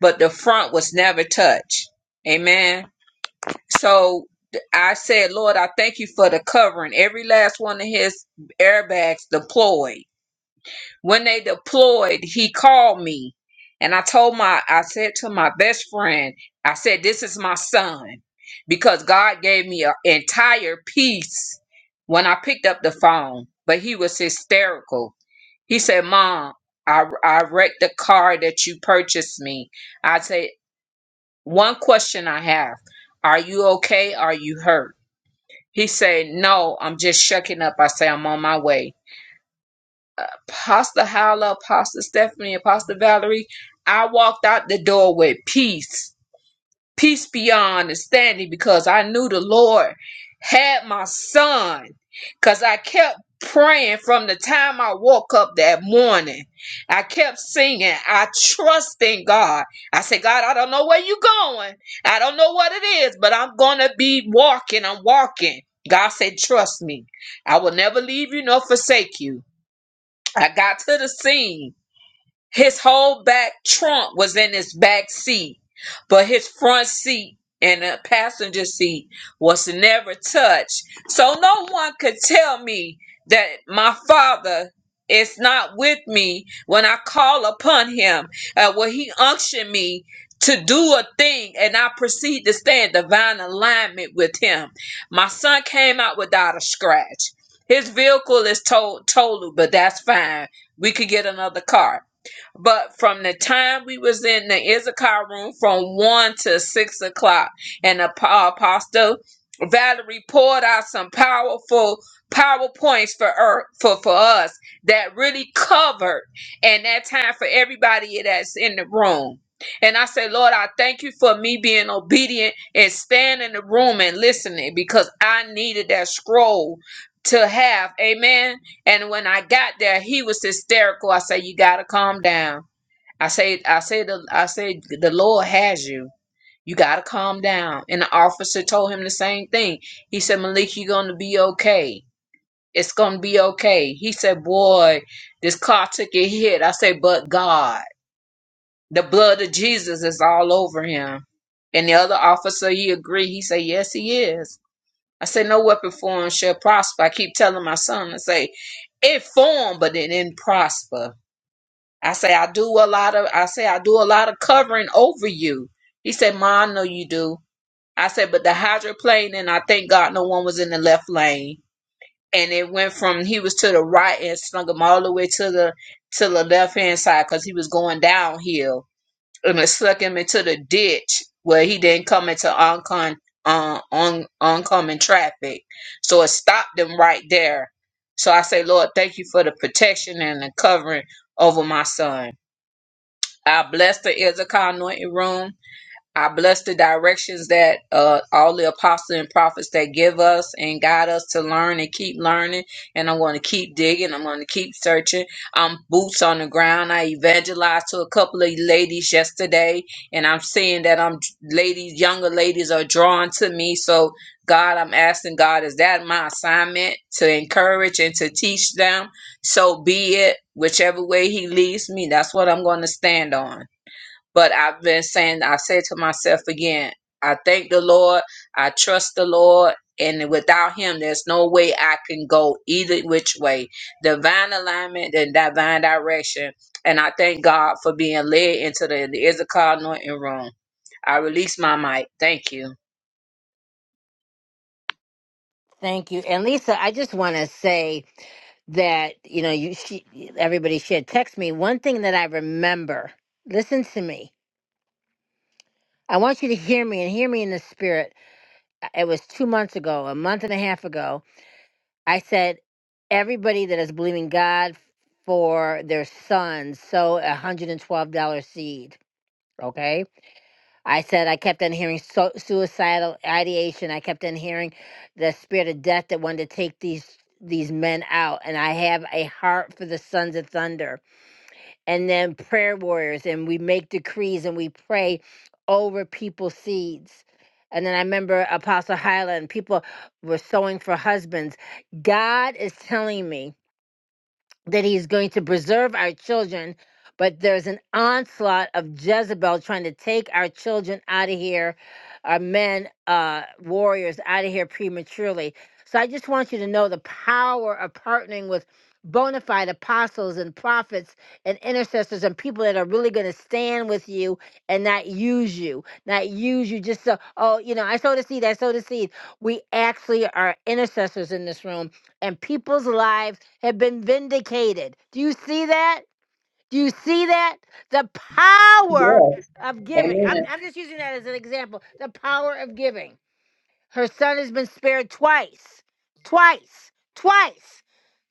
Speaker 9: but the front was never touched. Amen. So I said, Lord, I thank you for the covering. Every last one of his airbags deployed When they deployed, he called me. And I told my, I said to my best friend, I said, this is my son. Because God gave me an entire piece when I picked up the phone. But he was hysterical. He said, Mom, I, I wrecked the car that you purchased me. I said, one question I have. Are you okay? Are you hurt? He said, No, I'm just shucking up. I said, I'm on my way. Pastor Howla, Pastor Stephanie, and Pastor Valerie, I walked out the door with peace, peace beyond understanding, because I knew the Lord had my son. Because I kept praying from the time I woke up that morning. I kept singing, I trust in God. I said, God, I don't know where you're going. I don't know what it is, but I'm going to be walking. I'm walking. God said, trust me. I will never leave you nor forsake you. I got to the scene his whole back trunk was in his back seat, but his front seat and the passenger seat was never touched. So no one could tell me that my father is not with me when I call upon him, uh, when he unction me to do a thing and I proceed to stay in divine alignment with him. My son came out without a scratch. His vehicle is told totaled, but that's fine. We could get another car but from the time we was in the Issachar room from one to six o'clock, and the pa- apostle Valerie poured out some powerful PowerPoints for her, for for us that really covered and that time for everybody that's in the room. And I say, Lord, I thank you for me being obedient and standing in the room and listening because I needed that scroll to have. Amen and when I got there, he was hysterical. I say, "You gotta calm down." I say, "I say the I say the Lord has you. You gotta calm down." And the officer told him the same thing. He said, "Malik, you're gonna be okay. It's gonna be okay." He said, "Boy, this car took a hit." I say, "But God, the blood of Jesus is all over him." And the other officer, he agreed. He said, "Yes, he is." I say, no weapon formed shall prosper. I keep telling my son, I say, it formed, but it didn't prosper. I say, I do a lot of, I say, I do a lot of covering over you. He said, Ma, I know you do. I said, but the hydroplane, and I thank God no one was in the left lane. And it went from, he was to the right and slung him all the way to the, to the left hand side because he was going downhill and it suck him into the ditch where he didn't come into oncon uh, on oncoming traffic. So it stopped him right there. So I say, Lord, thank you for the protection and the covering over my son. I bless the Izakar anointing room. I bless the directions that uh, all the apostles and prophets that give us and guide us to learn and keep learning. And I'm going to keep digging. I'm going to keep searching. I'm boots on the ground. I evangelized to a couple of ladies yesterday, and I'm seeing that I'm ladies, younger ladies are drawn to me. So God, I'm asking God, is that my assignment to encourage and to teach them? So be it. Whichever way He leads me, that's what I'm going to stand on. But I've been saying, I said to myself again, I thank the Lord, I trust the Lord, and without Him, there's no way I can go either which way. Divine alignment and divine direction. And I thank God for being led into the, the Issachar anointing room. I release my mic. Thank you.
Speaker 1: Thank you. And Lisa, I just want to say that you know you she, everybody should text me one thing that I remember. Listen to me. I want you to hear me and hear me in the spirit. Uh, It was two months ago, a month and a half ago I said, everybody that is believing God for their sons sow a hundred and twelve dollar seed. Okay. I said I kept on hearing so- suicidal ideation. I kept on hearing the spirit of death that wanted to take these these men out. And I have a heart for the sons of thunder and then prayer warriors and we make decrees and we pray over people's seeds and then i remember apostle Hyla, and people were sowing for husbands god is telling me that he's going to preserve our children, but there's an onslaught of Jezebel trying to take our children out of here, our men, uh, warriors out of here prematurely. So I just want you to know the power of partnering with bona fide apostles and prophets and intercessors and people that are really going to stand with you and not use you, not use you just so, oh, you know, I sowed a seed, I sowed a seed. We actually are intercessors in this room and people's lives have been vindicated. Do you see that? Do you see that? The power
Speaker 9: Yes.
Speaker 1: of giving. I'm,
Speaker 9: Amen.
Speaker 1: I'm just using that as an example. The power of giving. Her son has been spared twice, twice, twice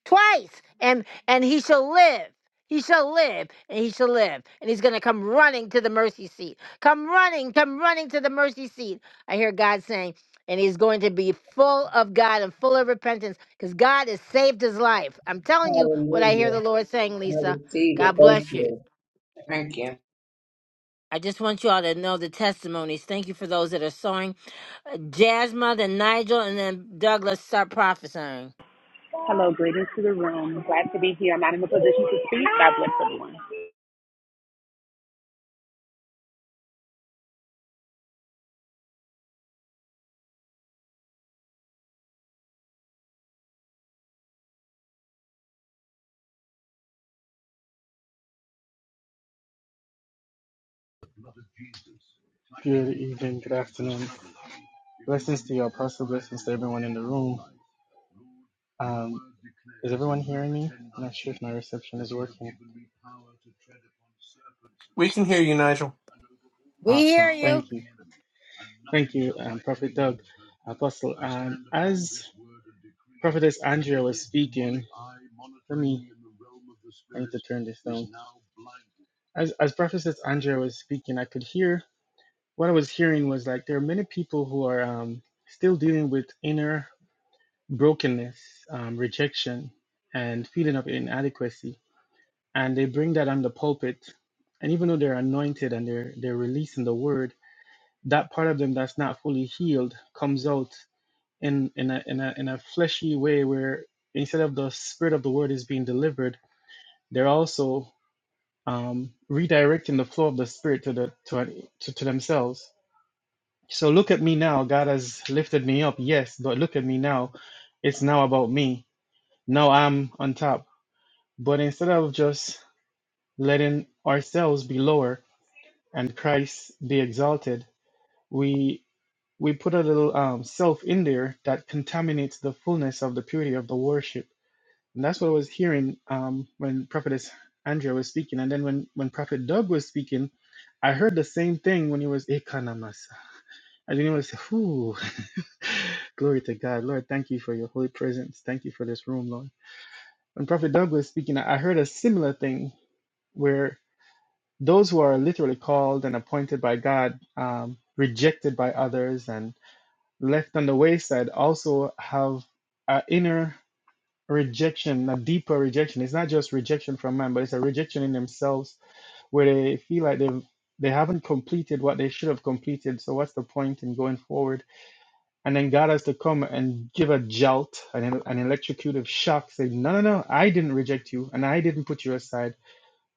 Speaker 1: twice and and he shall live he shall live and he shall live and he's going to come running to the mercy seat come running come running to the mercy seat i hear god saying and he's going to be full of god and full of repentance because god has saved his life i'm telling you what i hear
Speaker 9: Hallelujah.
Speaker 1: the lord saying
Speaker 9: I
Speaker 1: lisa
Speaker 9: receive it.
Speaker 1: god
Speaker 9: Thank
Speaker 1: bless you
Speaker 9: you. Thank you.
Speaker 1: I just want you all to know the testimonies. Thank you for those that are sowing. Uh, Jasmine, then Nigel, and then Douglas, start prophesying.
Speaker 10: Hello, greetings to the room. Glad to be here. I'm not in a position to speak. God bless everyone.
Speaker 11: Good evening, good afternoon. Blessings to you, Apostle. Blessings to everyone in the room. Um, is everyone hearing me? I'm not sure if my reception is working.
Speaker 6: We can hear you, Nigel.
Speaker 1: We hear
Speaker 11: Awesome.
Speaker 1: you.
Speaker 11: Thank you. Thank you, um, Prophet Doug, Apostle. Um, as Prophetess Andrea was speaking, let me, I need to turn this down. As, as Prophetess Andrea was speaking, I could hear what I was hearing was like there are many people who are um, still dealing with inner brokenness, um, rejection, and feeling of inadequacy, and they bring that on the pulpit. And even though they're anointed and they're they're releasing the word, that part of them that's not fully healed comes out in in a in a in a fleshy way where instead of the spirit of the word is being delivered, they're also um, redirecting the flow of the spirit to the to, to, to themselves So look at me now. God has lifted me up. Yes, but look at me now. It's now about me. Now I'm on top. But instead of just letting ourselves be lower and Christ be exalted, we we put a little um, self in there that contaminates the fullness of the purity of the worship. And that's what I was hearing um, when Prophetess Andrea was speaking. And then when, when Prophet Doug was speaking, I heard the same thing when he was Ekanamasa. And then he was, whoo. Glory to God. Lord, thank you for your holy presence. Thank you for this room, Lord. When Prophet Doug was speaking, I I heard a similar thing where those who are literally called and appointed by God, um, rejected by others, and left on the wayside also have an inner rejection, a deeper rejection. It's not just rejection from man, but it's a rejection in themselves where they feel like they've they haven't completed what they should have completed. So what's the point in going forward? And then God has to come and give a jolt, an, an electrocutive shock, saying, No, no, no, I didn't reject you and I didn't put you aside.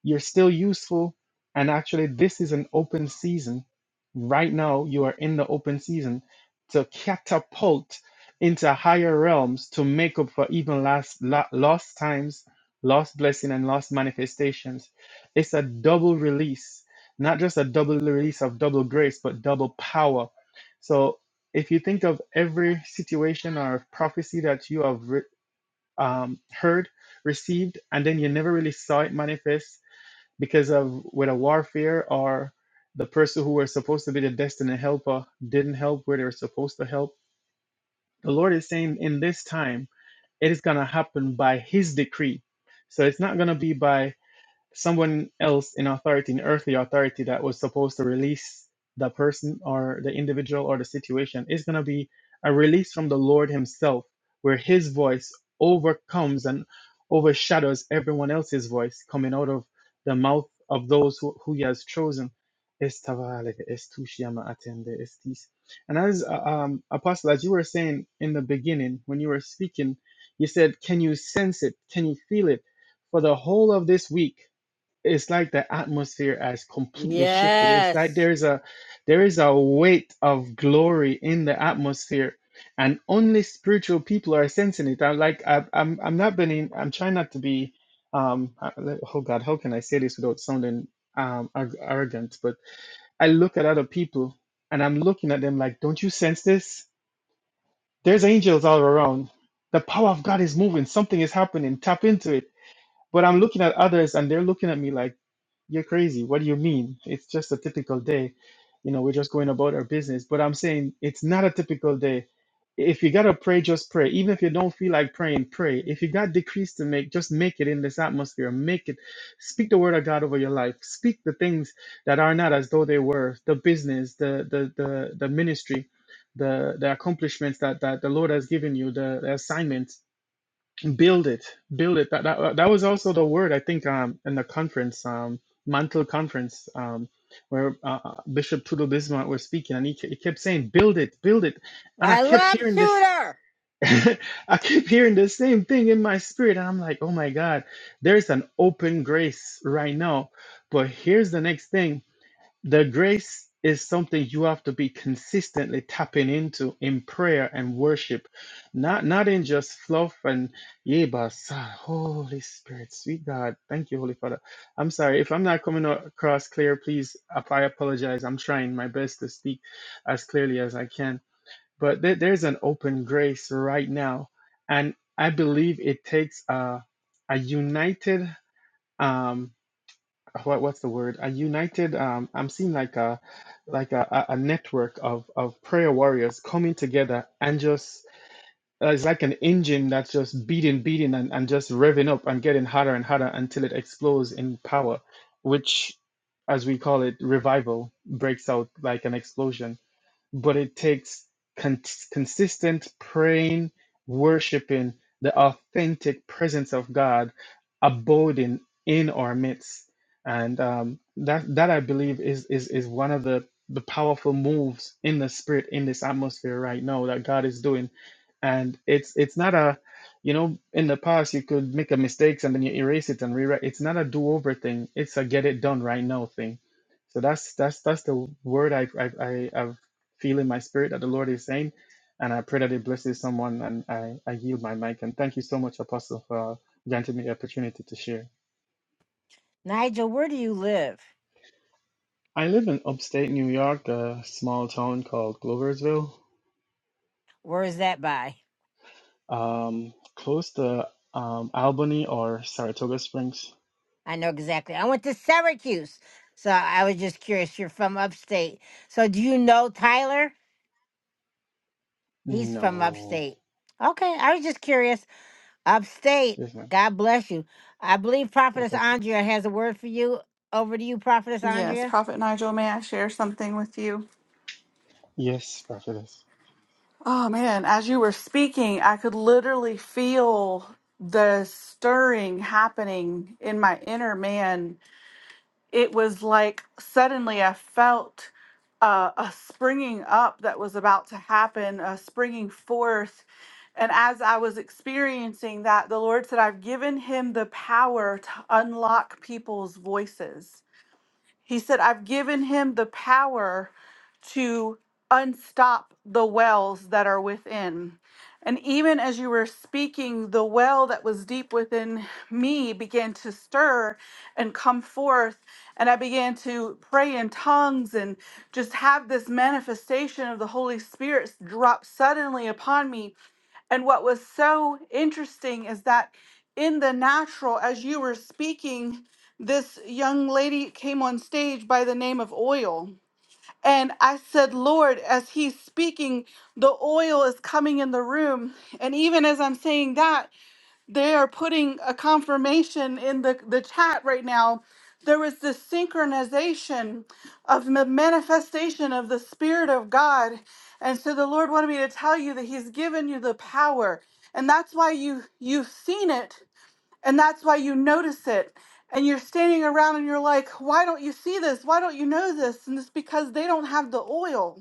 Speaker 11: You're still useful. And actually, this is an open season. Right now, you are in the open season to catapult into higher realms to make up for even last la- lost times, lost blessing, and lost manifestations. It's a double release, not just a double release of double grace, but double power. So, if you think of every situation or prophecy that you have re- um, heard, received, and then you never really saw it manifest because of with a warfare or the person who was supposed to be the destined helper didn't help where they were supposed to help. The Lord is saying in this time, it is going to happen by His decree. So it's not going to be by someone else in authority, in earthly authority that was supposed to release the person or the individual or the situation, is going to be a release from the Lord Himself, where His voice overcomes and overshadows everyone else's voice coming out of the mouth of those who, who He has chosen. Estavaleke, estushiama atende, estis. And as uh, um, Apostle, as you were saying in the beginning, when you were speaking, you said, Can you sense it? Can you feel it? For the whole of this week, it's like the atmosphere has completely shifted. It's like
Speaker 1: Yes.
Speaker 11: there is a there is a weight of glory in the atmosphere, and only spiritual people are sensing it. I'm like I, I'm I'm not being I'm trying not to be um I- like, oh God how can I say this without sounding um ar- arrogant? But I look at other people and I'm looking at them like, don't you sense this? There's angels all around. The power of God is moving. Something is happening. Tap into it. But I'm looking at others and they're looking at me like you're crazy. What do you mean? It's just a typical day. You know, we're just going about our business. But I'm saying it's not a typical day. If you got to pray, just pray. Even if you don't feel like praying, pray. If you got decrees to make, just make it in this atmosphere. Make it. Speak the word of God over your life. Speak the things that are not as though they were the business, the the the, the ministry, the, the accomplishments that, that the Lord has given you, the, the assignments build it build it that, that uh, that was also the word i think um in the conference um mantle conference um where uh, uh, bishop Tudo bismarck was speaking and he, ke- he kept saying build it build it and i
Speaker 1: I
Speaker 11: kept
Speaker 1: love
Speaker 11: hearing this
Speaker 1: Tudor.
Speaker 11: *laughs* i kept hearing the same thing in my spirit and i'm like oh my god there's an open grace right now but here's the next thing the grace is something you have to be consistently tapping into in prayer and worship, not not in just fluff and yeba. Holy Spirit, sweet God, thank you, Holy Father. I'm sorry if I'm not coming across clear. Please, ap- I apologize. I'm trying my best to speak as clearly as I can, but there, there's an open grace right now, and I believe it takes a a united. Um, what what's the word a united um i'm seeing like a like a, a a network of of prayer warriors coming together and just uh, it's like an engine that's just beating beating and, and just revving up and getting hotter and hotter until it explodes in power which as we call it revival breaks out like an explosion but it takes con- consistent praying, worshiping, the authentic presence of God abiding in our midst, and um, that that I believe is is is one of the the powerful moves in the spirit in this atmosphere right now that God is doing, and it's it's not a you know in the past you could make a mistakes and then you erase it and rewrite it's not a do-over thing it's a get it done right now thing so that's that's that's the word I I I, feel in my spirit that the Lord is saying. And I pray that it blesses someone. And I, I yield my mic. And thank you so much, Apostle, for granting me the opportunity to share.
Speaker 1: Nigel, where do you live?
Speaker 11: I live in upstate New York, a small town called Gloversville,
Speaker 1: Where is that by?
Speaker 11: um, close to um, Albany or Saratoga Springs.
Speaker 1: I know exactly. I went to Syracuse. So I was just curious. You're from upstate. So do you know Tyler? He's from
Speaker 11: No.
Speaker 1: upstate. Okay. I was just curious. Upstate.
Speaker 11: Yes, ma'am.
Speaker 1: God bless you. I believe
Speaker 11: God
Speaker 1: Prophetess
Speaker 11: bless you.
Speaker 1: Andrea has a word for you. Over to you, Prophetess
Speaker 3: Yes,
Speaker 1: Andrea.
Speaker 3: Prophet Nigel, may I share something with you?
Speaker 11: Yes, prophetess.
Speaker 3: Oh man, as you were speaking, I could literally feel the stirring happening in my inner man it was like suddenly I felt uh, a springing up that was about to happen, a springing forth. And as I was experiencing that, the Lord said, I've given him the power to unlock people's voices. He said, I've given him the power to unstop the wells that are within. And even as you were speaking, the well that was deep within me began to stir and come forth. And I began to pray in tongues and just have this manifestation of the Holy Spirit drop suddenly upon me. And what was so interesting is that in the natural, as you were speaking, this young lady came on stage by the name of Oil. And I said, Lord, as he's speaking, the oil is coming in the room. And even as I'm saying that, they are putting a confirmation in the, the chat right now. There was this synchronization of the manifestation of the Spirit of God. And so the Lord wanted me to tell you that He's given you the power. And that's why you you've seen it and that's why you notice it. And you're standing around and you're like, why don't you see this? Why don't you know this? And it's because they don't have the oil.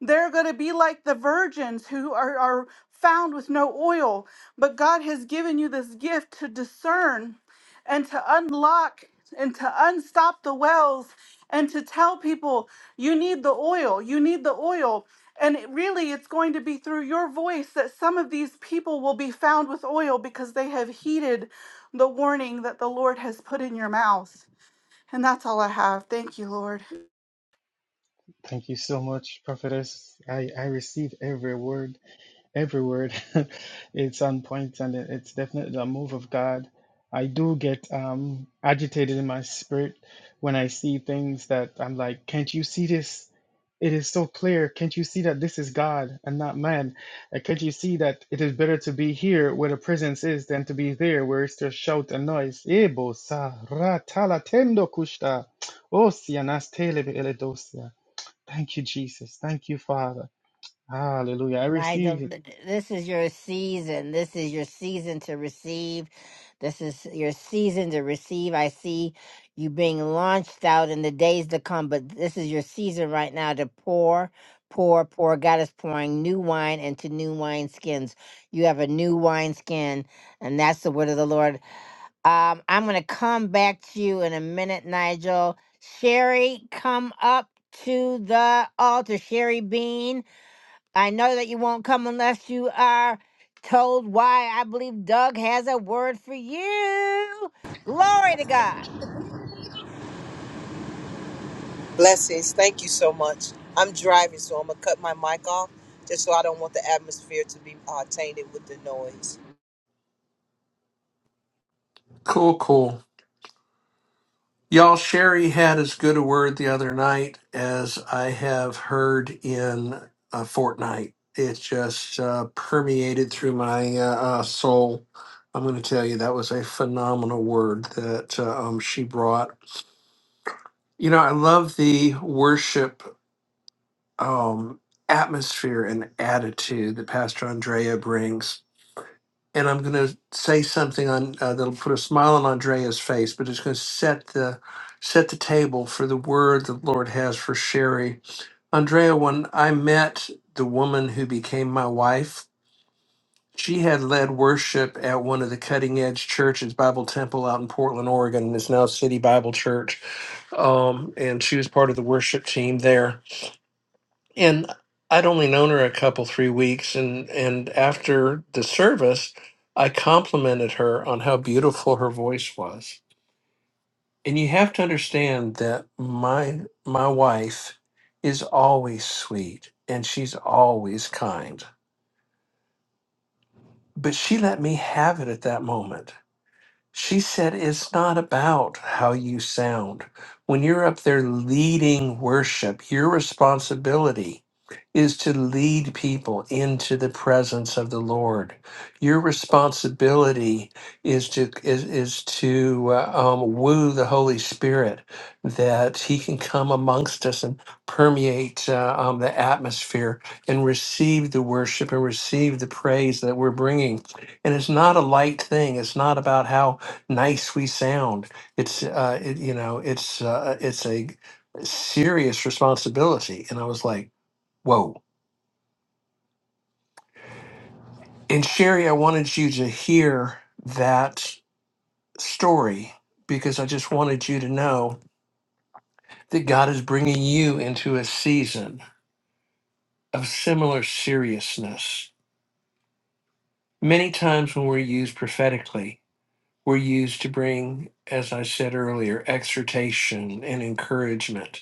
Speaker 3: They're going to be like the virgins who are, are found with no oil. But God has given you this gift to discern and to unlock and to unstop the wells and to tell people, you need the oil, you need the oil. And it really, it's going to be through your voice that some of these people will be found with oil because they have heeded the warning that the Lord has put in your mouth. And that's all I have. Thank you, Lord.
Speaker 11: Thank you so much, prophetess. I, I receive every word every word *laughs* it's on point and it- it's definitely a move of god i do get um agitated in my spirit when i see things that i'm like can't you see this it is so clear can't you see that this is god and not man and can't you see that it is better to be here where the presence is than to be there where it's just shout and noise Ebo sa ra ta la tendo kushta. O si anas tele be ele dosia. thank you jesus thank you father hallelujah i receive it
Speaker 1: Nigel, th- th- this is your season. This is your season to receive. This is your season to receive. I see you being launched out in the days to come, but this is your season right now to pour, pour, pour. God is pouring new wine into new wine skins. You have a new wine skin, and that's the word of the Lord. Um, I'm going to come back to you in a minute, Nigel. Sherry, come up to the altar. Sherry Bean. I know that you won't come unless you are told why I believe Doug has a word for you. Glory to God.
Speaker 12: Blessings. Thank you so much. I'm driving, so I'm gonna cut my mic off just so I don't want the atmosphere to be uh, tainted with the noise.
Speaker 6: Cool, cool. Y'all, Sherry had as good a word the other night as I have heard in a fortnight. It just uh, permeated through my uh, uh, soul. I'm going to tell you that was a phenomenal word that uh, um, she brought. You know, I love the worship um, atmosphere and attitude that Pastor Andrea brings and I'm going to say something on uh, that'll put a smile on Andrea's face, but it's going to set the set the table for the word the Lord has for Sherry. Andrea, when I met the woman who became my wife, she had led worship at one of the cutting edge churches, Bible Temple, out in Portland, Oregon, and is now City Bible Church. Um, and she was part of the worship team there and I'd only known her a couple three weeks and and after the service I complimented her on how beautiful her voice was. And you have to understand that my my wife is always sweet and she's always kind. But she let me have it at that moment She said, It's not about how you sound. When you're up there leading worship, your responsibility is to lead people into the presence of the Lord. Your responsibility is to is, is to uh, um, woo the Holy Spirit that He can come amongst us and permeate uh, um, the atmosphere and receive the worship and receive the praise that we're bringing. And it's not a light thing. It's not about how nice we sound. It's uh, it, you know, it's uh, it's a serious responsibility. And I was like, whoa. And Sherry, I wanted you to hear that story because I just wanted you to know that God is bringing you into a season of similar seriousness. Many times when we're used prophetically, we're used to bring, as I said earlier, exhortation and encouragement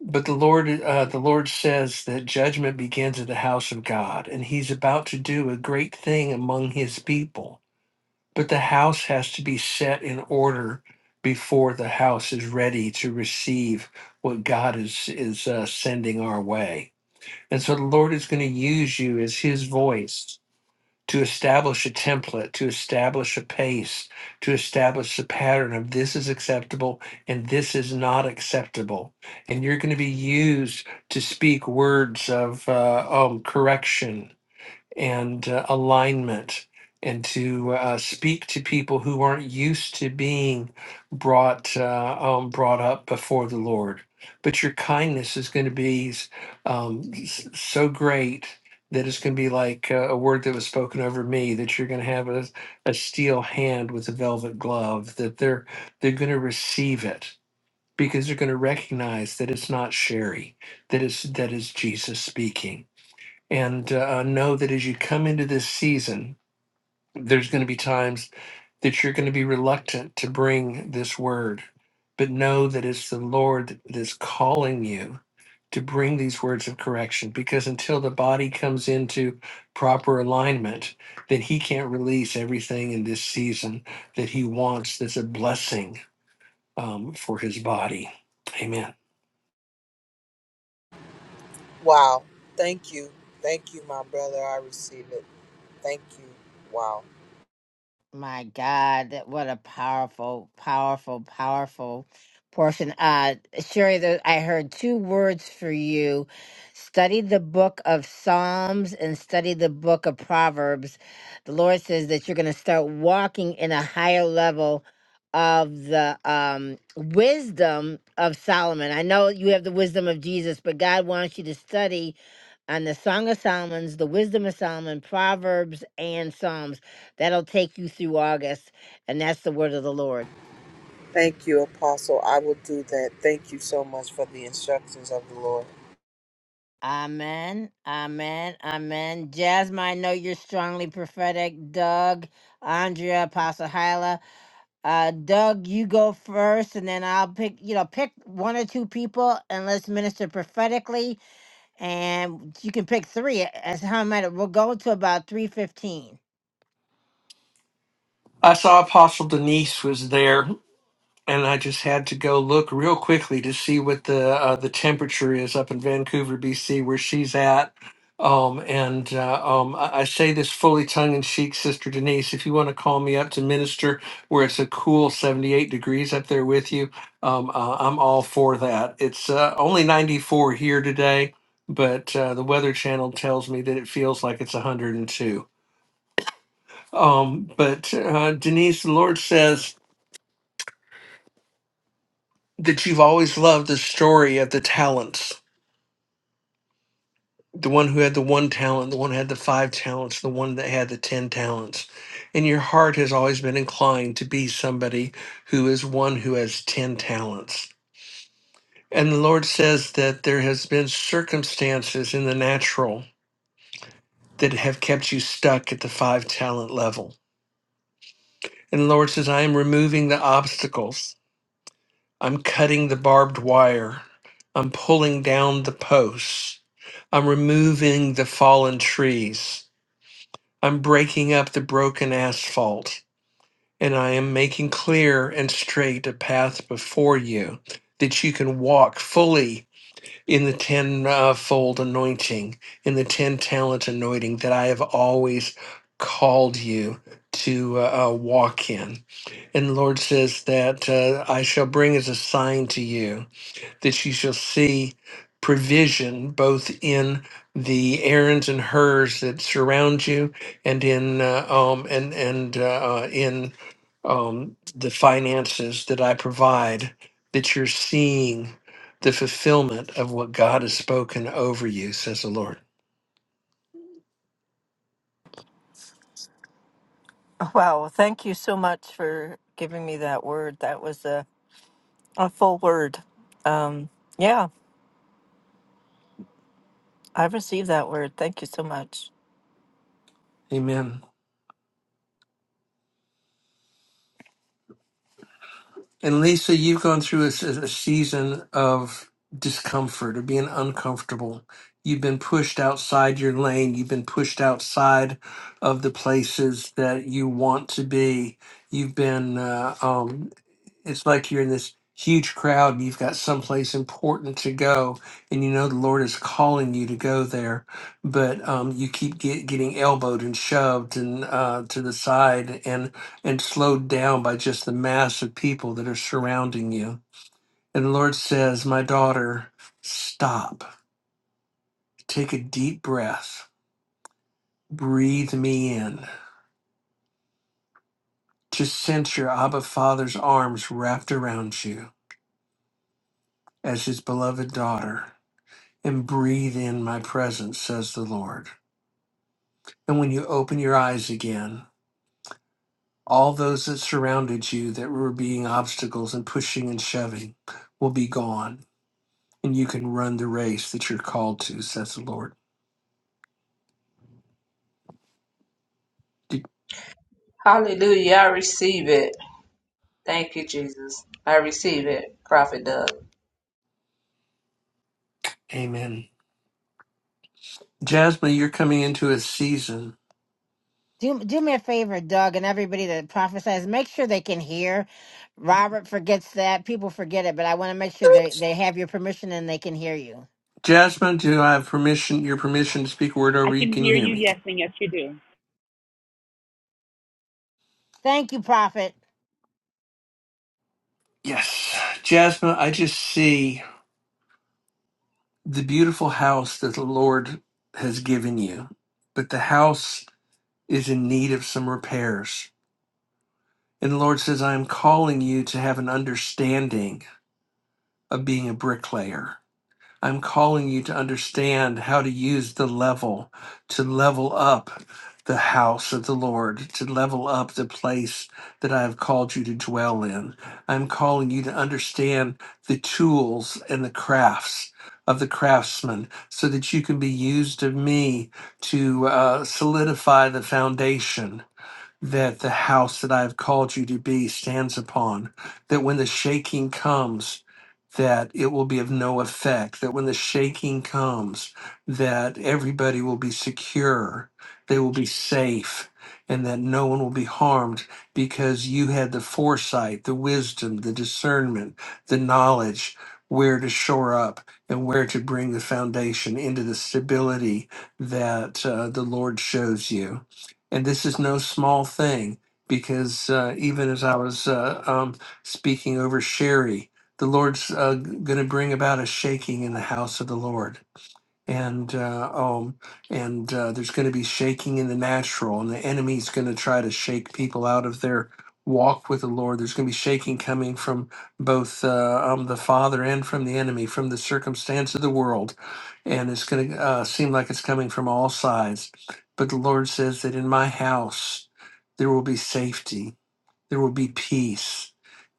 Speaker 6: But the Lord, uh, the Lord says that judgment begins at the house of God, and He's about to do a great thing among His people. But the house has to be set in order before the house is ready to receive what God is is uh, sending our way. And so the Lord is going to use you as His voice to establish a template, to establish a pace, to establish a pattern of this is acceptable and this is not acceptable. And you're going to be used to speak words of uh, um, correction and uh, alignment and to uh, speak to people who aren't used to being brought uh, um, brought up before the Lord. But your kindness is going to be s- um, s- so great that it's going to be like uh, a word that was spoken over me that you're going to have a, a steel hand with a velvet glove that they're they're going to receive it because they're going to recognize that it's not Sherry that is that is Jesus speaking and uh, know that as you come into this season, there's going to be times that you're going to be reluctant to bring this word, but know that it's the Lord that is calling you to bring these words of correction because until the body comes into proper alignment, then He can't release everything in this season that He wants that's a blessing um, for His body. Amen.
Speaker 12: Wow. Thank you. Thank you, my brother. I receive it. Thank you. Wow.
Speaker 1: My God, that- what a powerful, powerful, powerful portion. Uh, Sherry, there, I heard two words for you. Study the book of Psalms and study the book of Proverbs. The Lord says that you're going to start walking in a higher level of the um, wisdom of Solomon. I know you have the wisdom of Jesus, but God wants you to study on the Song of Solomon's, the Wisdom of Solomon, Proverbs, and Psalms. That'll take you through August, and that's the word of the Lord.
Speaker 12: Thank you, Apostle. I will do that. Thank you so much for the instructions of the Lord.
Speaker 1: Amen. Amen. Amen. Jasmine, I know you're strongly prophetic. Doug, Andrea, Apostle Hyla. Uh, Doug, you go first, and then I'll pick, you know, pick one or two people and let's minister prophetically. And you can pick three. As how many? We'll go to about 315.
Speaker 6: I saw Apostle Denise was there and I just had to go look real quickly to see what the uh, the temperature is up in Vancouver, BC, where she's at. Um, and uh, um, I, I say this fully tongue in cheek, Sister Denise. If you want to call me up to minister, where it's a cool seventy eight degrees up there with you, um, uh, I'm all for that. It's uh, only ninety four here today, but uh, the Weather Channel tells me that it feels like it's one hundred and two. Um, but uh, Denise, the Lord says that you've always loved the story of the talents the one who had the one talent the one who had the five talents the one that had the ten talents and your heart has always been inclined to be somebody who is one who has ten talents and the lord says that there has been circumstances in the natural that have kept you stuck at the five talent level and the lord says i am removing the obstacles I'm cutting the barbed wire. I'm pulling down the posts. I'm removing the fallen trees. I'm breaking up the broken asphalt. And I am making clear and straight a path before you that you can walk fully in the tenfold anointing, in the ten talent anointing that I have always called you to uh, uh, walk in. And the Lord says that uh, I shall bring as a sign to you that you shall see provision both in the errands and hers that surround you and in uh, um and and uh, uh, in um the finances that I provide that you're seeing the fulfillment of what God has spoken over you says the Lord
Speaker 13: *laughs* Wow, thank you so much for giving me that word. That was a, a full word. Um, yeah, I received that word. Thank you so much.
Speaker 6: amen And Lisa, you've gone through a, s- a season of discomfort, of being uncomfortable. You've been pushed outside your lane. You've been pushed outside of the places that you want to be. You've been uh, um, it's like you're in this huge crowd and you've got someplace important to go and you know the lord is calling you to go there but um, you keep get, getting elbowed and shoved and uh, to the side and and slowed down by just the mass of people that are surrounding you and the lord says my daughter stop take a deep breath breathe me in just sense your abba father's arms wrapped around you as his beloved daughter and breathe in my presence, says the Lord. And when you open your eyes again, all those that surrounded you that were being obstacles and pushing and shoving will be gone, and you can run the race that you're called to, says the Lord. D-
Speaker 9: Hallelujah. I receive it. Thank you, Jesus. I receive it. Prophet Doug.
Speaker 6: Amen. Jasmine, you're coming into a season.
Speaker 1: Do do me a favor, Doug, and everybody that prophesies, make sure they can hear. Robert forgets that. People forget it, but I want to make sure they, they have your permission and they can hear you.
Speaker 6: Jasmine, do I have permission, your permission to speak a word
Speaker 10: I
Speaker 6: over you?
Speaker 10: can
Speaker 6: Can you
Speaker 10: hear
Speaker 6: hear
Speaker 10: you,
Speaker 6: me?
Speaker 10: yes, and yes, you do.
Speaker 1: Thank you, Prophet.
Speaker 6: Yes. Jasmine, I just see the beautiful house that the Lord has given you, but the house is in need of some repairs. And the Lord says, I am calling you to have an understanding of being a bricklayer. I'm calling you to understand how to use the level to level up the house of the Lord, to level up the place that I have called you to dwell in. I'm calling you to understand the tools and the crafts of the craftsman so that you can be used of me to uh, solidify the foundation that the house that I have called you to be stands upon, that when the shaking comes, that it will be of no effect, that when the shaking comes, that everybody will be secure, they will be safe, and that no one will be harmed because you had the foresight, the wisdom, the discernment, the knowledge where to shore up and where to bring the foundation into the stability that uh, the Lord shows you. And this is no small thing because uh, even as I was uh, um, speaking over Sherry, the Lord's uh, going to bring about a shaking in the house of the Lord and uh, um, and uh, there's going to be shaking in the natural, and the enemy's going to try to shake people out of their walk with the Lord. There's going to be shaking coming from both uh, um, the Father and from the enemy, from the circumstance of the world, and it's going to uh, seem like it's coming from all sides. But the Lord says that in my house there will be safety, there will be peace.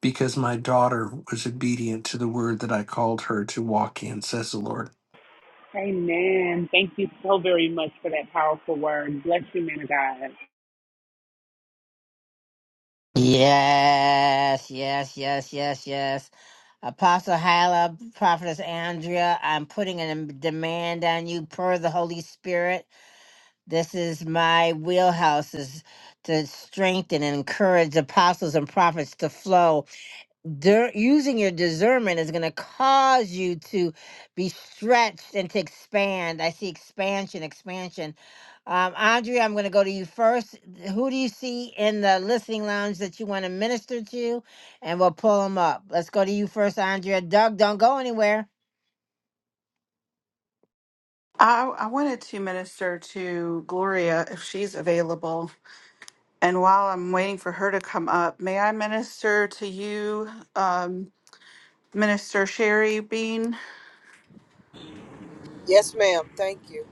Speaker 6: Because my daughter was obedient to the word that I called her to walk in, says the Lord.
Speaker 10: Amen. Thank you so very much for that powerful word. Bless you, man of God.
Speaker 1: Yes, yes, yes, yes, yes. Apostle Hyla, Prophetess Andrea, I'm putting a demand on you per the Holy Spirit. This is my wheelhouse is to strengthen and encourage apostles and prophets to flow dir- using your discernment is going to cause you to be stretched and to expand. I see expansion, expansion. Um, Andrea, I'm going to go to you first. Who do you see in the listening lounge that you want to minister to? And we'll pull them up. Let's go to you first, Andrea. Doug, don't go anywhere.
Speaker 3: I, I wanted to minister to Gloria if she's available. And while I'm waiting for her to come up, may I minister to you, um, Minister Sherry Bean?
Speaker 12: Yes, ma'am. Thank you.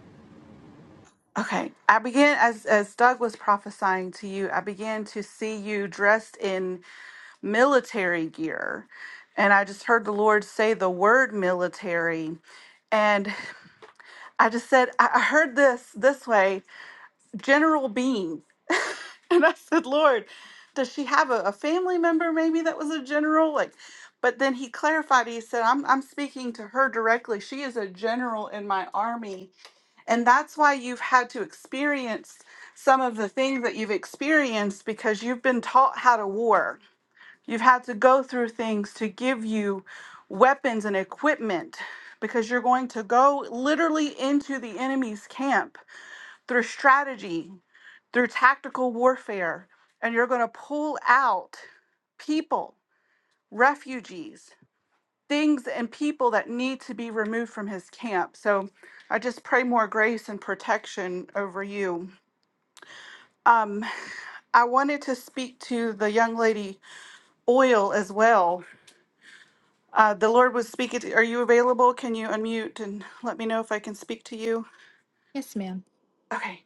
Speaker 3: Okay. I began, as, as Doug was prophesying to you, I began to see you dressed in military gear. And I just heard the Lord say the word military. And I just said, I I heard this this way. general being. *laughs* and I said, Lord, does she have a, a family member maybe that was a general? Like, but then he clarified, he said, I'm, I'm speaking to her directly. She is a general in my army. And that's why you've had to experience some of the things that you've experienced because you've been taught how to war. You've had to go through things to give you weapons and equipment because you're going to go literally into the enemy's camp through strategy through tactical warfare, and you're going to pull out people, refugees, things and people that need to be removed from his camp. So I just pray more grace and protection over you. Um, I wanted to speak to the young lady Oil as well. Uh, the Lord was speaking. To, are you available? Can you unmute and let me know if I can speak to you?
Speaker 14: yes ma'am.
Speaker 3: Okay.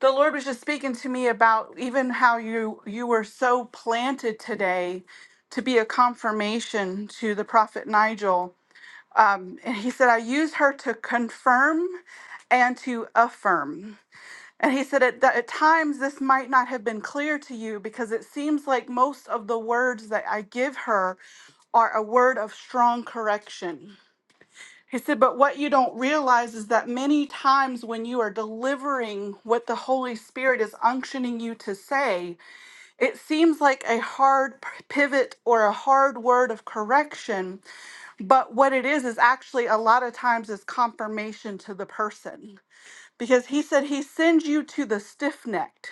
Speaker 3: the lord was just speaking to me about even how you you were so planted today to be a confirmation to the prophet nigel um, and he said i use her to confirm and to affirm and he said at, th- at times this might not have been clear to you because it seems like most of the words that i give her are a word of strong correction he said, but what you don't realize is that many times when you are delivering what the Holy Spirit is unctioning you to say, it seems like a hard p- pivot or a hard word of correction. But what it is, is actually a lot of times is confirmation to the person. Because he said he sends you to the stiff necked,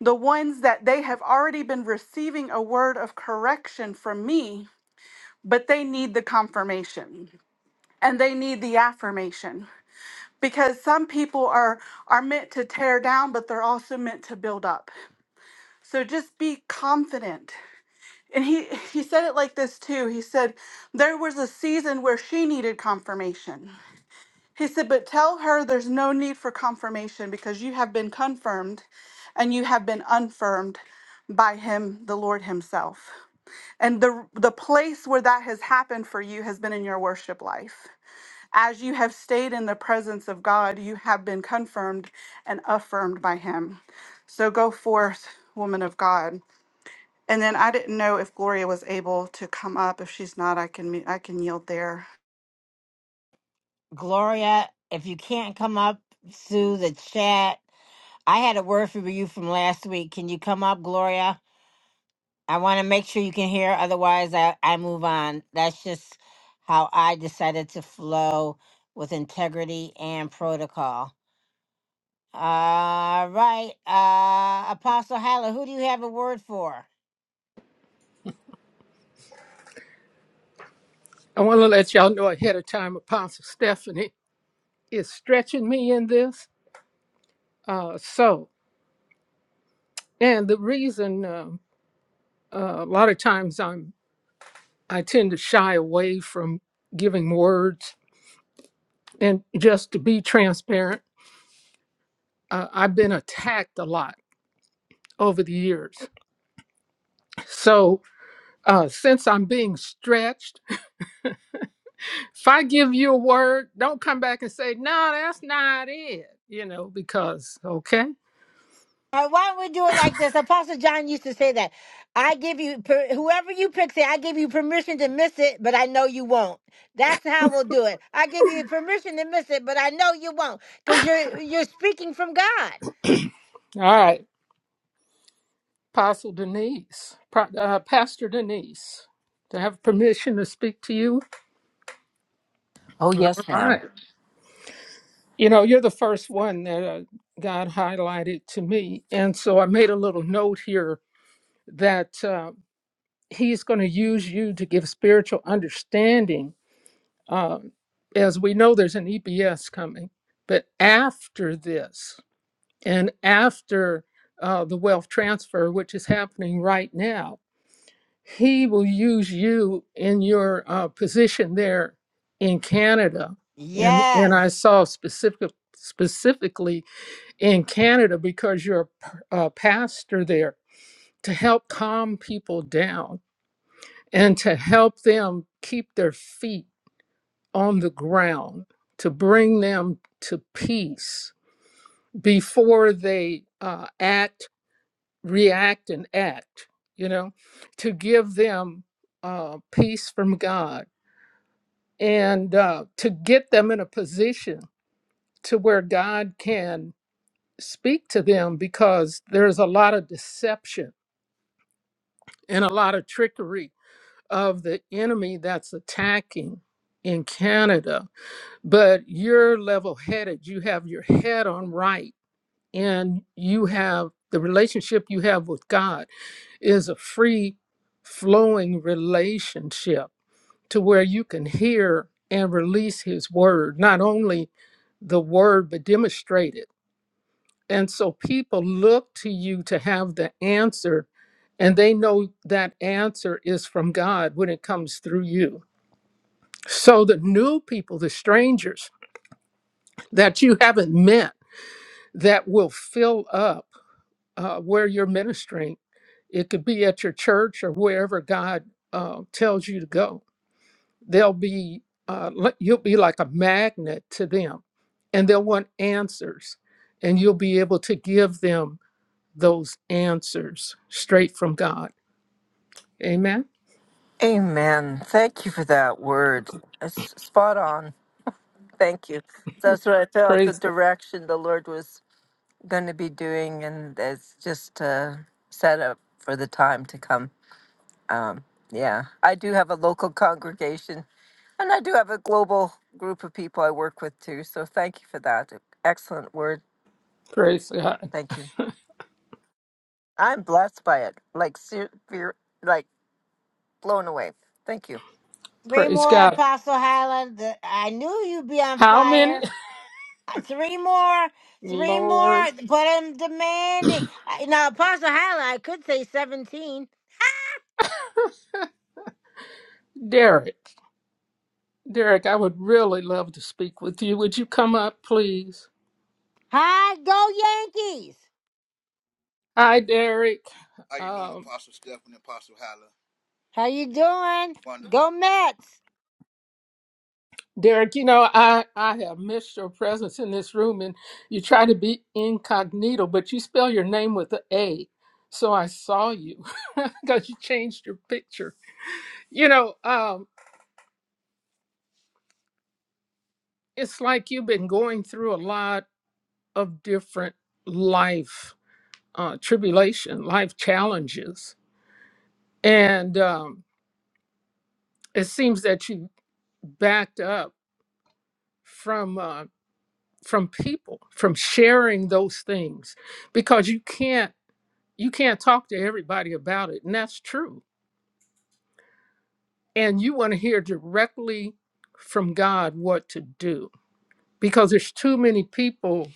Speaker 3: the ones that they have already been receiving a word of correction from me, but they need the confirmation and they need the affirmation because some people are are meant to tear down but they're also meant to build up so just be confident and he he said it like this too he said there was a season where she needed confirmation he said but tell her there's no need for confirmation because you have been confirmed and you have been unfirmed by him the lord himself and the the place where that has happened for you has been in your worship life as you have stayed in the presence of God, you have been confirmed and affirmed by Him. So go forth, woman of God. And then I didn't know if Gloria was able to come up. If she's not, I can mu- I can yield there.
Speaker 1: Gloria, if you can't come up through the chat, I had a word for you from last week. Can you come up, Gloria? I want to make sure you can hear. Otherwise, I, I move on. That's just how I decided to flow with integrity and protocol. All right. Uh, Apostle Hyla, who do you have a word for?
Speaker 4: I want to let y'all know ahead of time, Apostle Stephanie is stretching me in this. Uh, so, and the reason um uh, a lot of times I'm I tend to shy away from giving words. And just to be transparent, uh, I've been attacked a lot over the years. So uh, since I'm being stretched, if I give you a word, don't come back and say, no, that's not it, you know, because, okay.
Speaker 1: Uh, why don't we do it like this? Apostle John used to say that. I give you, per- whoever you pick it, I give you permission to miss it, but I know you won't. That's how we'll do it. I give you permission to miss it, but I know you won't because you're, you're speaking from God.
Speaker 4: All right, Apostle Denise, Pro- uh, Pastor Denise, do I have permission to speak to you?
Speaker 13: Oh,
Speaker 4: All
Speaker 13: yes,
Speaker 4: right.
Speaker 13: ma'am.
Speaker 4: You know, you're the first one that uh, God highlighted to me. And so I made a little note here that uh, He's going to use you to give spiritual understanding. Um, as we know, there's an EBS coming. But after this, and after uh, the wealth transfer, which is happening right now, He will use you in your uh, position there in Canada. And, and I
Speaker 1: Yes.
Speaker 4: saw specific, specifically in Canada because you're a a pastor there to help calm people down and to help them keep their feet on the ground, to bring them to peace before they uh, act, react, and act, you know, to give them uh, peace from God and uh, to get them in a position to where God can speak to them because there's a lot of deception and a lot of trickery of the enemy that's attacking in Canada. But you're level headed, you have your head on right, and you have the relationship you have with God is a free flowing relationship to where you can hear and release His word, not only the word, but demonstrated. And so people look to you to have the answer, and they know that answer is from God when it comes through you. So the new people, the strangers that you haven't met, that will fill up uh, where you're ministering, it could be at your church or wherever God uh, tells you to go. They'll be, uh, li- you'll be like a magnet to them, and they'll want answers, and you'll be able to give them those answers straight from God. Amen.
Speaker 13: Amen. Thank you for that word. It's spot on. Thank you. That's what I felt the
Speaker 4: Praise God.
Speaker 13: direction the Lord was going to be doing, and it's just uh, set up for the time to come. Um, yeah, I do have a local congregation And I do have a global group of people I work with too. So thank you for that. e-, Excellent word.
Speaker 4: Praise God.
Speaker 13: Thank you. I'm blessed by it. Like, ser- ver- like blown away. Thank you.
Speaker 1: Three
Speaker 4: Praise
Speaker 1: more,
Speaker 4: God.
Speaker 1: Apostle Hyla. The, I knew you'd be on
Speaker 4: How many?
Speaker 1: fire. Uh, Three more,
Speaker 4: *laughs*
Speaker 1: three more,
Speaker 4: Lord
Speaker 1: but I'm demanding. I- Now, Apostle Hyla, I could say 17.
Speaker 4: Derek. Derek, I would really love to speak with you. Would you come up, please?
Speaker 1: Hi, go Yankees.
Speaker 4: Hi, Derek.
Speaker 15: How you doing,
Speaker 4: Um,
Speaker 15: Apostle Stephen, Apostle Hyla?
Speaker 1: How you doing? Go
Speaker 15: Wonderful.
Speaker 1: Mets.
Speaker 4: Derek, you know, I, I have missed your presence in this room and you try to be incognito, but you spell your name with a A. So I saw you *laughs* because you changed your picture. You know, um, it's like you've been going through a lot of different life uh, tribulation, life challenges, and um, it seems that you backed up from uh, from people, from sharing those things, because you can't you can't talk to everybody about it, and that's true. And you want to hear directly from God what to do, because there's too many people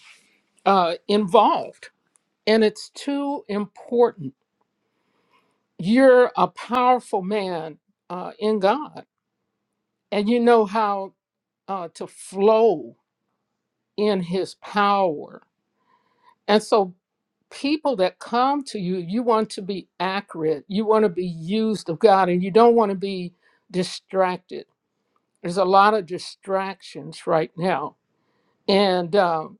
Speaker 4: uh, involved, and it's too important you're a powerful man uh, in God, and you know how uh, to flow in His power. And so, people that come to you, you want to be accurate, you want to be used of God, and you don't want to be distracted. There's a lot of distractions right now, and um,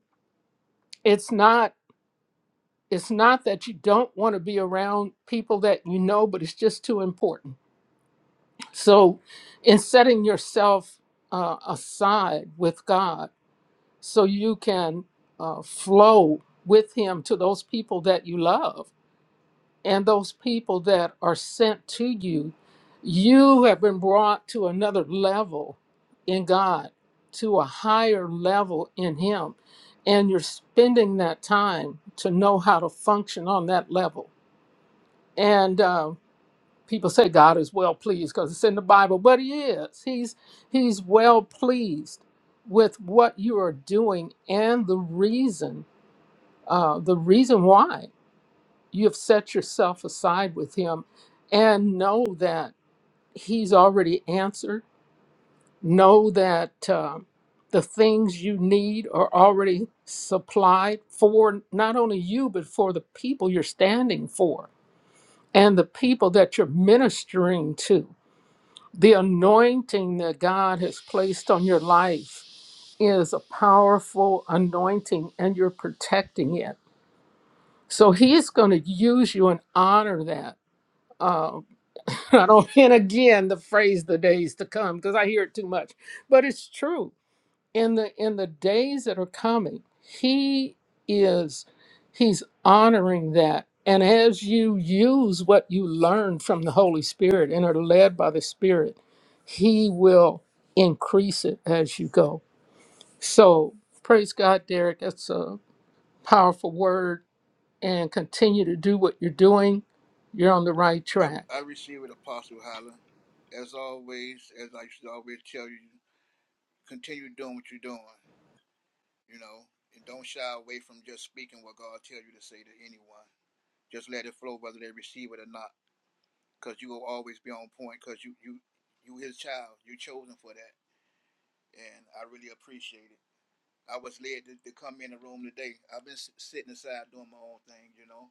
Speaker 4: it's not it's not that you don't want to be around people that you know, but it's just too important So, in setting yourself uh, aside with God so you can uh, flow with Him to those people that you love and those people that are sent to you, you have been brought to another level in God, to a higher level in Him. And you're spending that time to know how to function on that level. And uh, people say God is well pleased because it's in the Bible, but He is. He's He's well pleased with what you are doing and the reason, uh, the reason why you have set yourself aside with Him, and know that He's already answered. Know that uh, the things you need are already supplied for not only you but for the people you're standing for and the people that you're ministering to The anointing that God has placed on your life is a powerful anointing and you're protecting it. So he's going to use you and honor that. Uh, *laughs* I don't, and again, the phrase the days to come, because I hear it too much, but it's true in the in the days that are coming he is he's honoring that and as you use what you learn from the holy spirit and are led by the spirit he will increase it as you go so praise god derek that's a powerful word and continue to do what you're doing you're on the right
Speaker 15: I, I
Speaker 4: track
Speaker 15: receive it, Apostle Hyla. As always, as I should always tell you, continue doing what you're doing, you know, and don't shy away from just speaking what God tells you to say to anyone. Just let it flow, whether they receive it or not, because you will always be on point, because you, you, you his child. You're chosen for that, and I really appreciate it. I was led to, to come in the room today. I've been sitting aside doing my own thing, you know,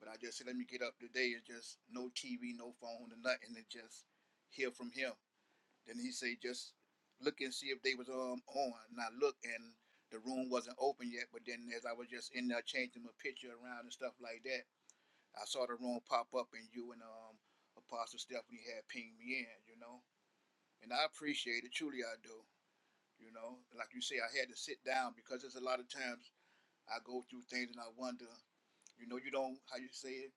Speaker 15: But I just said, let me get up today. It's just no TV, no phone, and nothing. It's just hear from him. Then he said, just look and see if they was um on. And I looked, and the room wasn't open yet. But then as I was just in there changing my picture around and stuff like that, I saw the room pop up, and you and um Apostle Stephanie had pinged me in, you know. And I appreciate it, truly I do. You know, like you say, I had to sit down because there's a lot of times I go through things and I wonder. You know, you don't how you say it.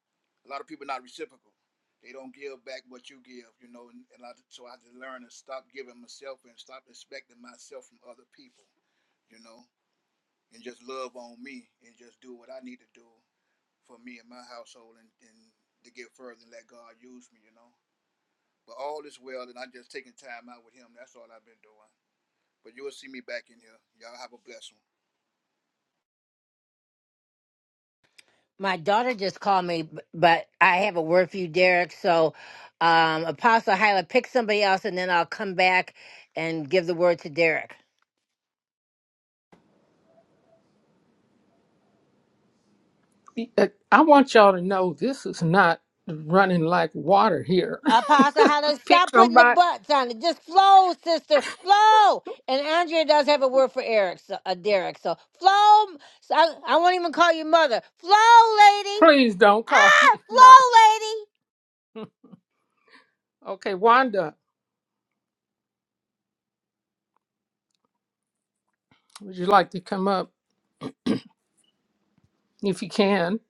Speaker 15: A lot of people are not reciprocal. They don't give back what you give. You know, and, and I, so I had to learn to stop giving myself and stop expecting myself from other people. You know, and just love on me and just do what I need to do for me and my household and, and to get further and let God use me. You know, but all is well, and I'm just taking time out with Him. That's all I've been doing. But you will see me back in here. Y'all have a blessed one.
Speaker 1: My daughter just called me, b- but I have a word for you, Derek. So, um, Apostle Hyla, pick somebody else, and then I'll come back and give the word to Derek.
Speaker 4: i I want y'all to know this is not running like water here
Speaker 1: Apostle Hollis,
Speaker 4: *laughs* pick
Speaker 1: stop putting the
Speaker 4: somebody
Speaker 1: butts on it. Just flow, sister, flow. And Andrea does have a word for Eric, so, uh, Derek. So flow. So I, I won't even call you mother. Flow, lady.
Speaker 4: Please don't call
Speaker 1: Ah,
Speaker 4: me
Speaker 1: flow,
Speaker 4: mother.
Speaker 1: lady.
Speaker 4: Okay, Wanda, would you like to come up if you can?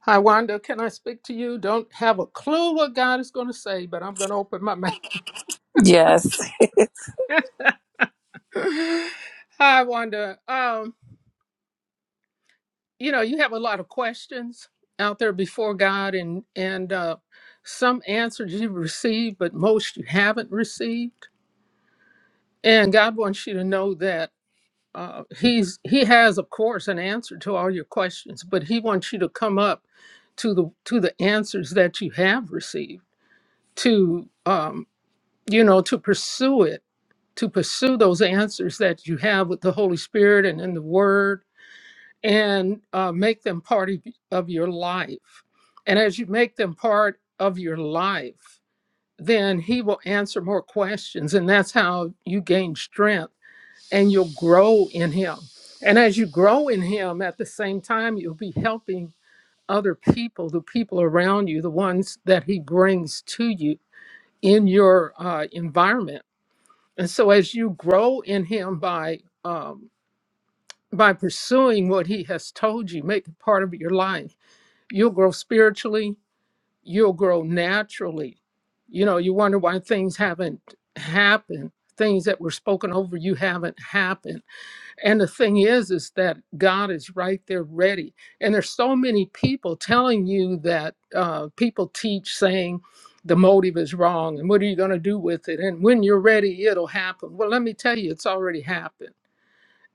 Speaker 4: Hi, Wanda, can I speak to you? Don't have a clue what God is going to say, but I'm going to open my mouth.
Speaker 16: Yes.
Speaker 4: *laughs* Hi, Wanda. Um, you know, you have a lot of questions out there before God, and and uh, some answers you've received, but most you haven't received. And God wants you to know that. uh, he's he has of course an answer to all your questions but he wants you to come up to the to the answers that you have received to um, you know to pursue it to pursue those answers that you have with the holy spirit and in the word and uh, make them part of of your life and as you make them part of your life then he will answer more questions and that's how you gain strength and you'll grow in Him. And as you grow in Him, at the same time, you'll be helping other people, the people around you, the ones that He brings to you in your uh, environment. And so, as you grow in Him by um, by pursuing what He has told you, make it part of your life, you'll grow spiritually. You'll grow naturally. You know, you wonder why things haven't happened. Things that were spoken over you haven't happened and the thing is, is that God is right there ready. And there's so many people telling you that uh, people teach saying the motive is wrong and what are you going to do with it? And when you're ready, it'll happen. Well, let me tell you, it's already happened.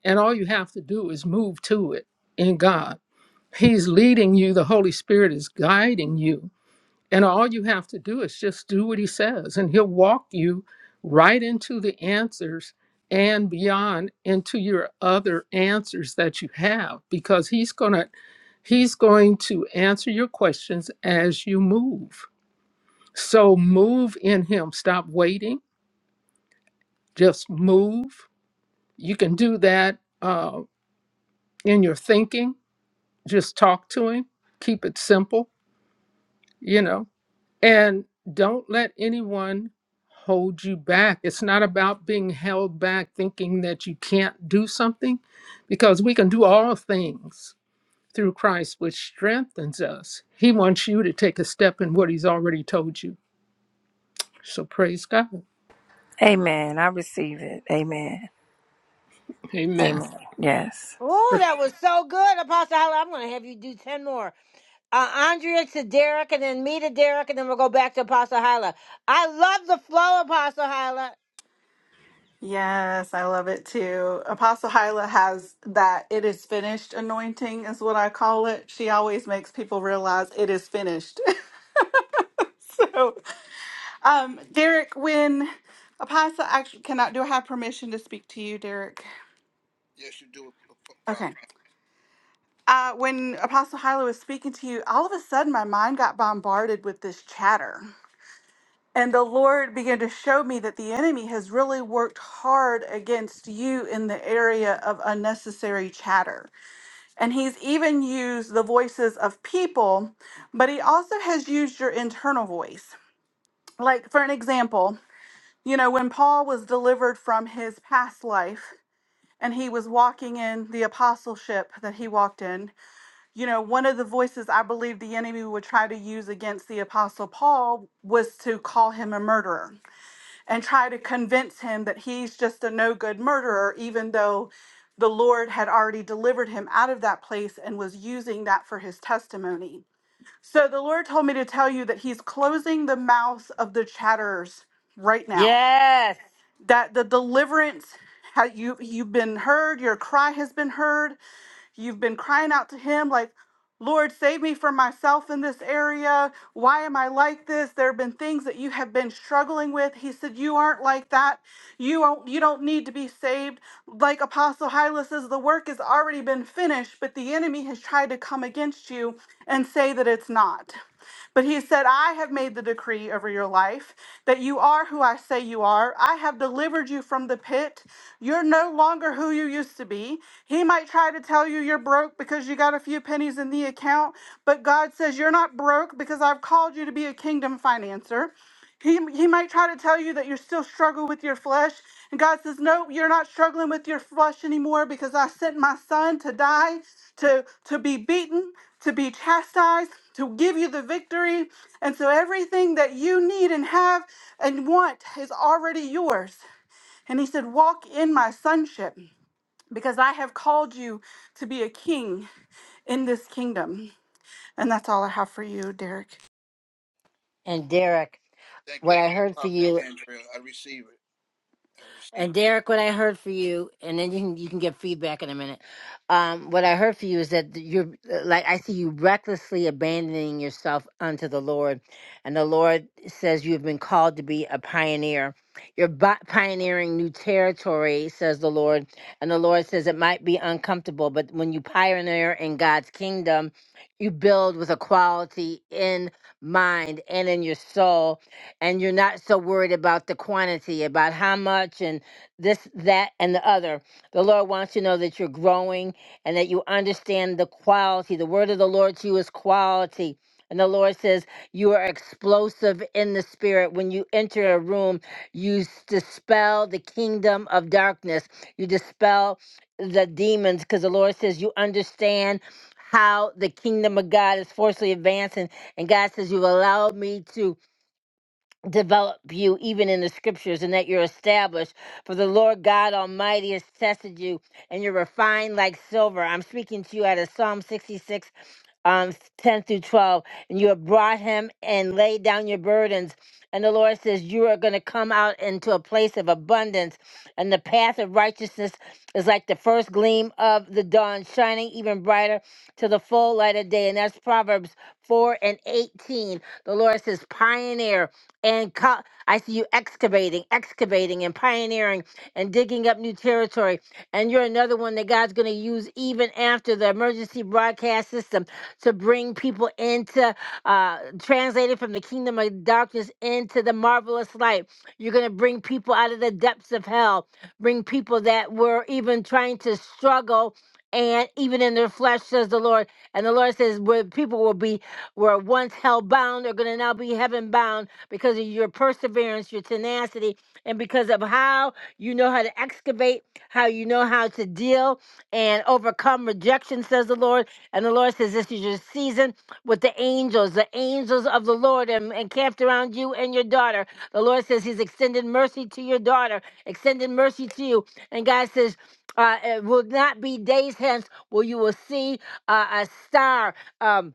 Speaker 4: And all you have to do is move to it in God. He's leading you, the Holy Spirit is guiding you and all you have to do is just do what he says, and he'll walk you right into the answers and beyond into your other answers that you have because he's going to he's going to answer your questions as you move. So move in him. Stop waiting. Just move. You can do that uh, in your thinking. Just talk to him. Keep it simple, you know And don't let anyone hold you back. It's not about being held back thinking that you can't do something, because we can do all things through Christ, which strengthens us. He wants you to take a step in what He's already told you. So praise God.
Speaker 16: Amen. I receive it. Amen.
Speaker 4: Amen.
Speaker 16: Amen. Yes.
Speaker 1: Oh, that was so good, Apostle Hollis. I'm going to have you do ten more. Uh, Andrea to Derek, and then me to Derek, and then we'll go back to Apostle Hyla. I love the flow, Apostle Hyla.
Speaker 3: Yes, I love it too. Apostle Hyla has that it is finished anointing is what I call it. She always makes people realize it is finished. *laughs* so, um, Derek, when Apostle actually, can I do I have permission to speak to you, Derek?
Speaker 15: Yes, you do,
Speaker 3: Okay.
Speaker 15: Prophet.
Speaker 3: Uh, when Apostle Hyla was speaking to you, all of a sudden my mind got bombarded with this chatter. And the Lord began to show me that the enemy has really worked hard against you in the area of unnecessary chatter. And he's even used the voices of people, but he also has used your internal voice. Like, for an example, you know, when Paul was delivered from his past life and he was walking in the apostleship that he walked in, you know, one of the voices I believe the enemy would try to use against the Apostle Paul was to call him a murderer and try to convince him that he's just a no good murderer, even though the Lord had already delivered him out of that place and was using that for his testimony. So the Lord told me to tell you that he's closing the mouths of the chatterers right now,
Speaker 1: Yes.
Speaker 3: that the deliverance. ha- You, you've been heard, your cry has been heard, You've been crying out to Him, like, Lord, save me from myself in this area. Why am I like this? There have been things that you have been struggling with. He said, You aren't like that. You don't, you don't need to be saved. Like Apostle Hyla says, the work has already been finished, but the enemy has tried to come against you and say that it's not. But he said, I have made the decree over your life that you are who I say you are. I have delivered you from the pit. You're no longer who you used to be. He might try to tell you you're broke because you got a few pennies in the account, but God says you're not broke because I've called you to be a kingdom financer. He, he might try to tell you that you're still struggling with your flesh. And God says, No, you're not struggling with your flesh anymore because I sent my son to die, to, to be beaten, to be chastised, to give you the victory. And so everything that you need and have and want is already yours. And he said, Walk in my sonship because I have called you to be a king in this kingdom. And that's all I have for you, Derek.
Speaker 1: And Derek,
Speaker 15: Thank
Speaker 1: what
Speaker 15: you,
Speaker 1: I heard for
Speaker 15: Prophet
Speaker 1: you.
Speaker 15: Andrea. I receive it. I receive it.
Speaker 1: And Derek, what I heard for you, and then you can you can get feedback in a minute. Um, what I heard for you is that you're uh, like I see you recklessly abandoning yourself unto the Lord, and the Lord says you have been called to be a pioneer. You're bi- pioneering new territory, says the Lord, and the Lord says it might be uncomfortable, but when you pioneer in God's kingdom, you build with a quality in mind and in your soul, and you're not so worried about the quantity, about how much and this, that, and the other. The Lord wants you to know that you're growing and that you understand the quality. The word of the Lord to you is quality. And the Lord says, You are explosive in the spirit. When you enter a room, you s- dispel the kingdom of darkness, you dispel the demons, because the Lord says, You understand how the kingdom of God is forcefully advancing. And God says, You've allowed me to develop you even in the scriptures and that you're established for the lord god almighty has tested you and you're refined like silver i'm speaking to you out of psalm 66 um 10 through 12 and you have brought him and laid down your burdens and the lord says you are going to come out into a place of abundance and the path of righteousness is like the first gleam of the dawn shining even brighter to the full light of day and that's proverbs 4 and 18 the lord says pioneer and co- I see you excavating, excavating, and pioneering, and digging up new territory. And you're another one that God's going to use even after the emergency broadcast system to bring people into, uh, translated from the kingdom of darkness into the marvelous light. You're going to bring people out of the depths of hell, bring people that were even trying to struggle. And even in their flesh, says the Lord. And the Lord says, where people will be were once hell bound are going to now be heaven bound because of your perseverance, your tenacity, and because of how you know how to excavate, how you know how to deal and overcome rejection, says the Lord. And the Lord says, This is your season with the angels, the angels of the Lord, and, and camped around you and your daughter. The Lord says, He's extended mercy to your daughter, extended mercy to you. And God says, uh, it will not be days hence where you will see uh, a star. Um,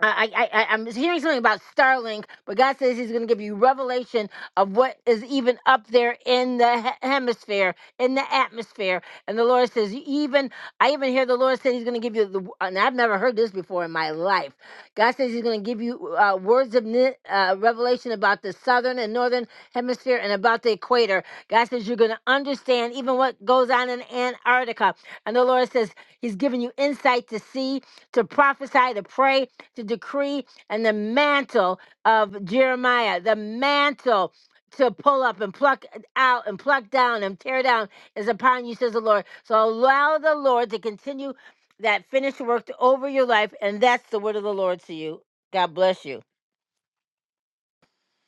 Speaker 1: I, I, I- I'm hearing something about Starlink, but God says He's going to give you revelation of what is even up there in the he- hemisphere, in the atmosphere. And the Lord says, you even I even hear the Lord say He's going to give you the. And I've never heard this before in my life. God says He's going to give you uh, words of ni- uh, revelation about the southern and northern hemisphere and about the equator. God says you're going to understand even what goes on in Antarctica. And the Lord says He's giving you insight to see, to prophesy, to pray to decree and the mantle of Jeremiah, the mantle to pull up and pluck out and pluck down and tear down is upon you, says the Lord. So allow the Lord to continue that finished work to- over your life, and that's the word of the Lord to you. God bless you.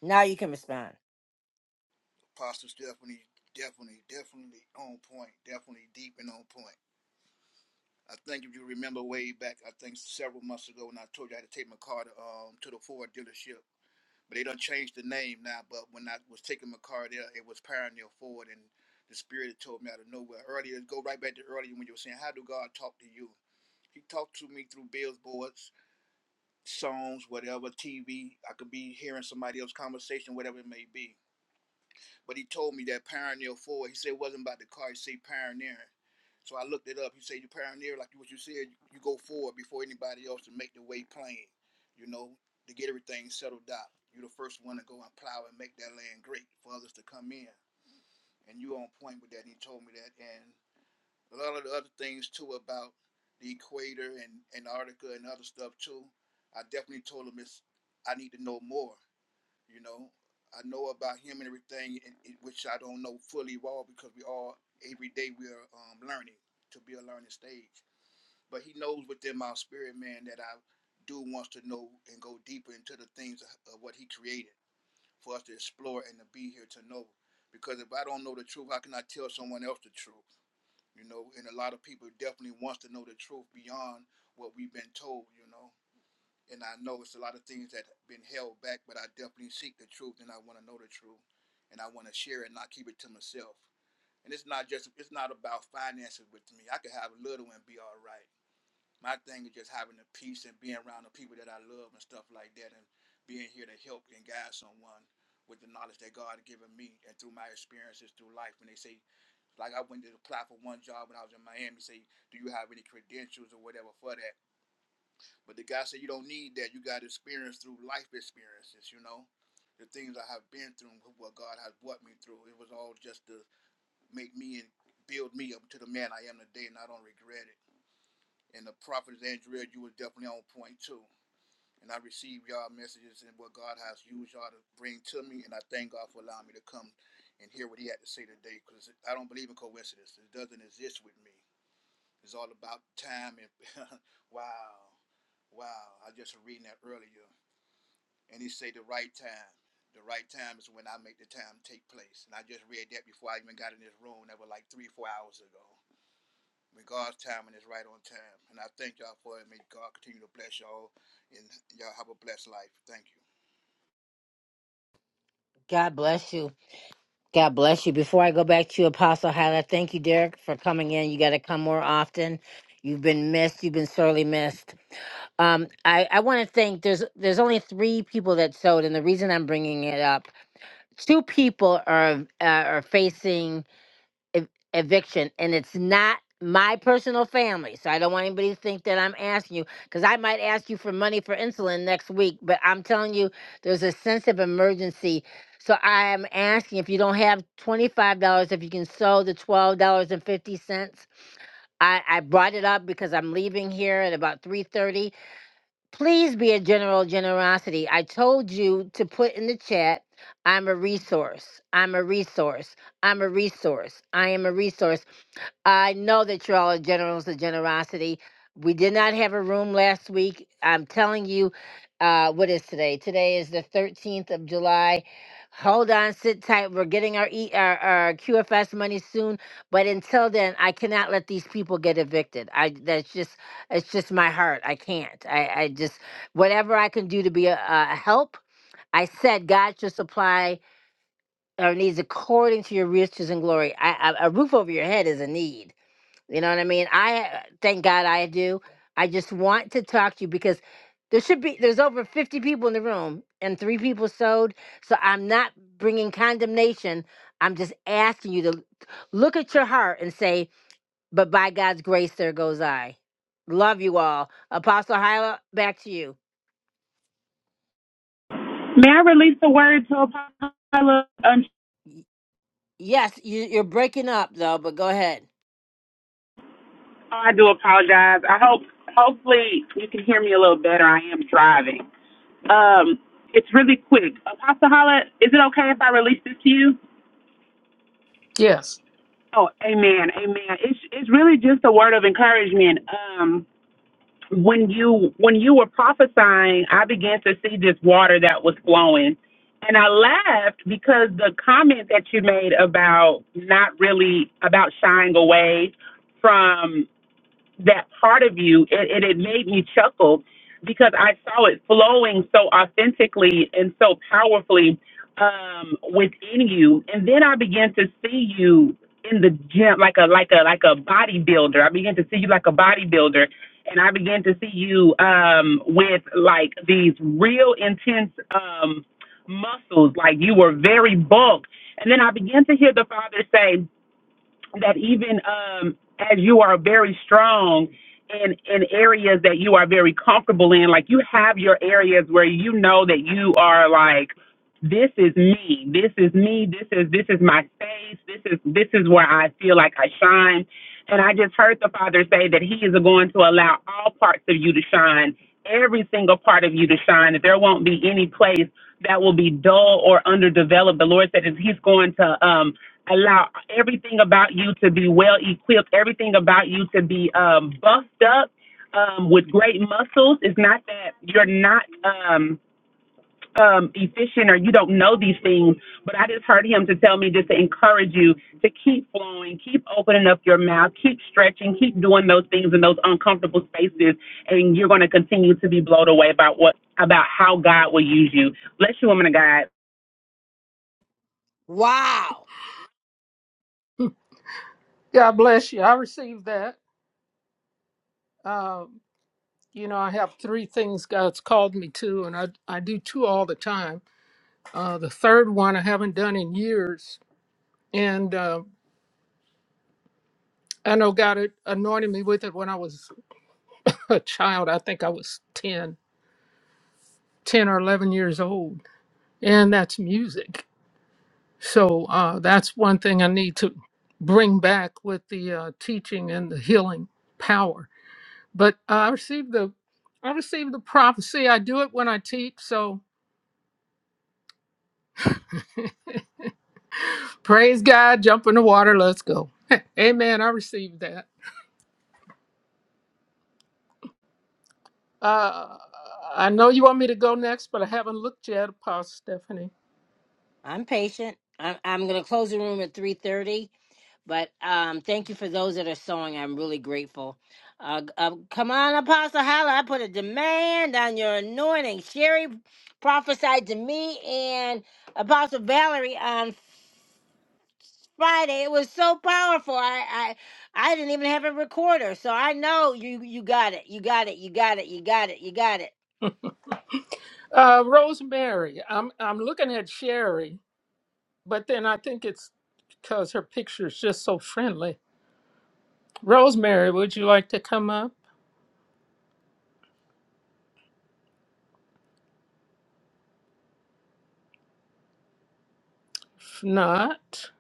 Speaker 1: Now you can respond.
Speaker 15: Apostle's definitely, definitely, definitely on point. Definitely deep and on point. I think if you remember way back, I think several months ago when I told you I had to take my car to um to the Ford dealership, but they done changed the name now. But when I was taking my car there, it was Pioneer Ford, and the Spirit had told me out of nowhere earlier. Go right back to earlier when you were saying, "How do God talk to you?" He talked to me through billboards, songs, whatever, TV. I could be hearing somebody else's conversation, whatever it may be But he told me that Pioneer forward. he said it wasn't about the car, he said pioneering. So I looked it up. He said you pioneer, like what you said, you, you go forward before anybody else to make the way plain, you know, to get everything settled out. You're the first one to go and plow and make that land great for others to come in. And you on point with that. He told me that. And a lot of the other things too about the equator and Antarctica and other stuff too. I definitely told him it's I need to know more. You know, I know about him and everything, and, and which I don't know fully well because we all every day we are um, learning to be a learning stage. But he knows within my spirit, man, that I do wants to know and go deeper into the things of, of what he created for us to explore and to be here to know. Because if I don't know the truth, how can I tell someone else the truth? You know, and a lot of people definitely wants to know the truth beyond what we've been told. You know and I know it's a lot of things that have been held back, but I definitely seek the truth and I want to know the truth and I want to share it, and not keep it to myself. And it's not just it's not about finances with me. I could have a little and be all right. My thing is just having the peace and being around the people that I love and stuff like that and being here to help and guide someone with the knowledge that God has given me and through my experiences through life. When they say like I went to apply for one job when I was in Miami, say, Do you have any credentials or whatever for that? But the guy said, You don't need that. You got experience through life experiences, you know? The things I have been through, what God has brought me through, it was all just to make me and build me up to the man I am today, and I don't regret it. And the prophet Andrea, you were definitely on point too. And I received y'all messages and what God has used y'all to bring to me, and I thank God for allowing me to come and hear what He had to say today, because I don't believe in coincidence. It doesn't exist with me. It's all about time and *laughs* wow, wow. I just reading that earlier And he say the right time. The right time is when I make the time take place. And I just read that before I even got in this room. That was like three, four hours ago. When God's timing is right on time. And I thank y'all for it. May God continue to bless y'all and y'all have a blessed life. Thank you.
Speaker 1: God bless you. God bless you. Before I go back to you, Apostle Hyla, thank you, Derek, for coming in. You got to come more often. You've been missed. You've been sorely missed. Um, I, I want to thank. There's there's only three people that sewed, and the reason I'm bringing it up, two people are uh, are facing ev- eviction, and it's not my personal family. So I don't want anybody to think that I'm asking you, because I might ask you for money for insulin next week. But I'm telling you, there's a sense of emergency. So I am asking if you don't have twenty five dollars, if you can sew the twelve dollars and fifty cents. I, I brought it up because I'm leaving here at about 3:30 Please be a general generosity. I told you to put in the chat, I'm a resource. I'm a resource. I'm a resource. I am a resource. I know that you all are generals of generosity. We did not have a room last week. I'm telling you, uh, what is today? Today is the 13th of July. Hold on, sit tight. We're getting our, e- our our QFS money soon, but until then, I cannot let these people get evicted. I that's just it's just my heart. I can't. I I just whatever I can do to be a, a help. I said God should supply our needs according to your riches and glory. I, I, a roof over your head is a need you know what I mean? I thank God I do. I just want to talk to you because there should be there's over 50 people in the room and three people sewed. So I'm not bringing condemnation. I'm just asking you to look at your heart and say, "But by God's grace, there goes I." Love you all, Apostle Hyla. Back to you.
Speaker 10: May I release the word to Apollo? Um,
Speaker 1: Y- Yes, you, you're breaking up though, but go ahead.
Speaker 10: I do apologize. I hope, hopefully, you can hear me a little better. I am driving. Um, it's really quick. Apostle Holla, is it okay if I release this to you?
Speaker 4: Yes.
Speaker 10: Oh, amen, amen. It's it's really just a word of encouragement. Um, when you when you were prophesying, I began to see this water that was flowing. And I laughed because the comment that you made about not really about shying away from that part of you and, and it made me chuckle because I saw it flowing so authentically and so powerfully um, within you. And then I began to see you in the gym like a like a like a bodybuilder. I began to see you like a bodybuilder and I began to see you um with like these real intense um muscles, like you were very bulked. And then I began to hear the father say, that even um, as you are very strong in in areas that you are very comfortable in, like you have your areas where you know that you are like, this is me, this is me, this is this is my space, this is this is where I feel like I shine. And I just heard the Father say that He is going to allow all parts of you to shine, every single part of you to shine. That there won't be any place that will be dull or underdeveloped. The Lord said that He's going to um, allow everything about you to be well equipped, everything about you to be um, buffed up um, with great muscles. It's not that you're not um, um, efficient or you don't know these things, but I just heard him to tell me just to encourage you to keep flowing, keep opening up your mouth, keep stretching, keep doing those things in those uncomfortable spaces, and you're going to continue to be blown away about what about how God will use you. Bless you, woman of God.
Speaker 1: Wow.
Speaker 4: God bless you. I received that. Um, you know, I have three things God's called me to, and I, I do two all the time. Uh, the third one I haven't done in years. And I know God had anointed me with it when I was *laughs* a child. I think I was 10, 10 or 11 years old. And that's music. So uh, that's one thing I need to bring back with the uh, teaching and the healing power. But uh, I received the I received the prophecy. I do it when I teach. So praise God, jump in the water. Let's go. *laughs* Amen. I received that. Uh, I know you want me to go next, but I haven't looked yet, Apostle Stephanie.
Speaker 1: I'm patient. I'm, I'm going to close the room at 3.30, but um, thank you for those that are sewing. I'm really grateful. Uh, uh, come on, Apostle Holla. I put a demand on your anointing. Sherry prophesied to me and Apostle Valerie on Friday. It was so powerful. I, I, I didn't even have a recorder, so I know you, you got it. You got it. You got it. You got it. You got it.
Speaker 4: Uh, Rosemary, I'm I'm looking at Sherry, but then I think it's because her picture's just so friendly. Rosemary, would you like to come up? If not,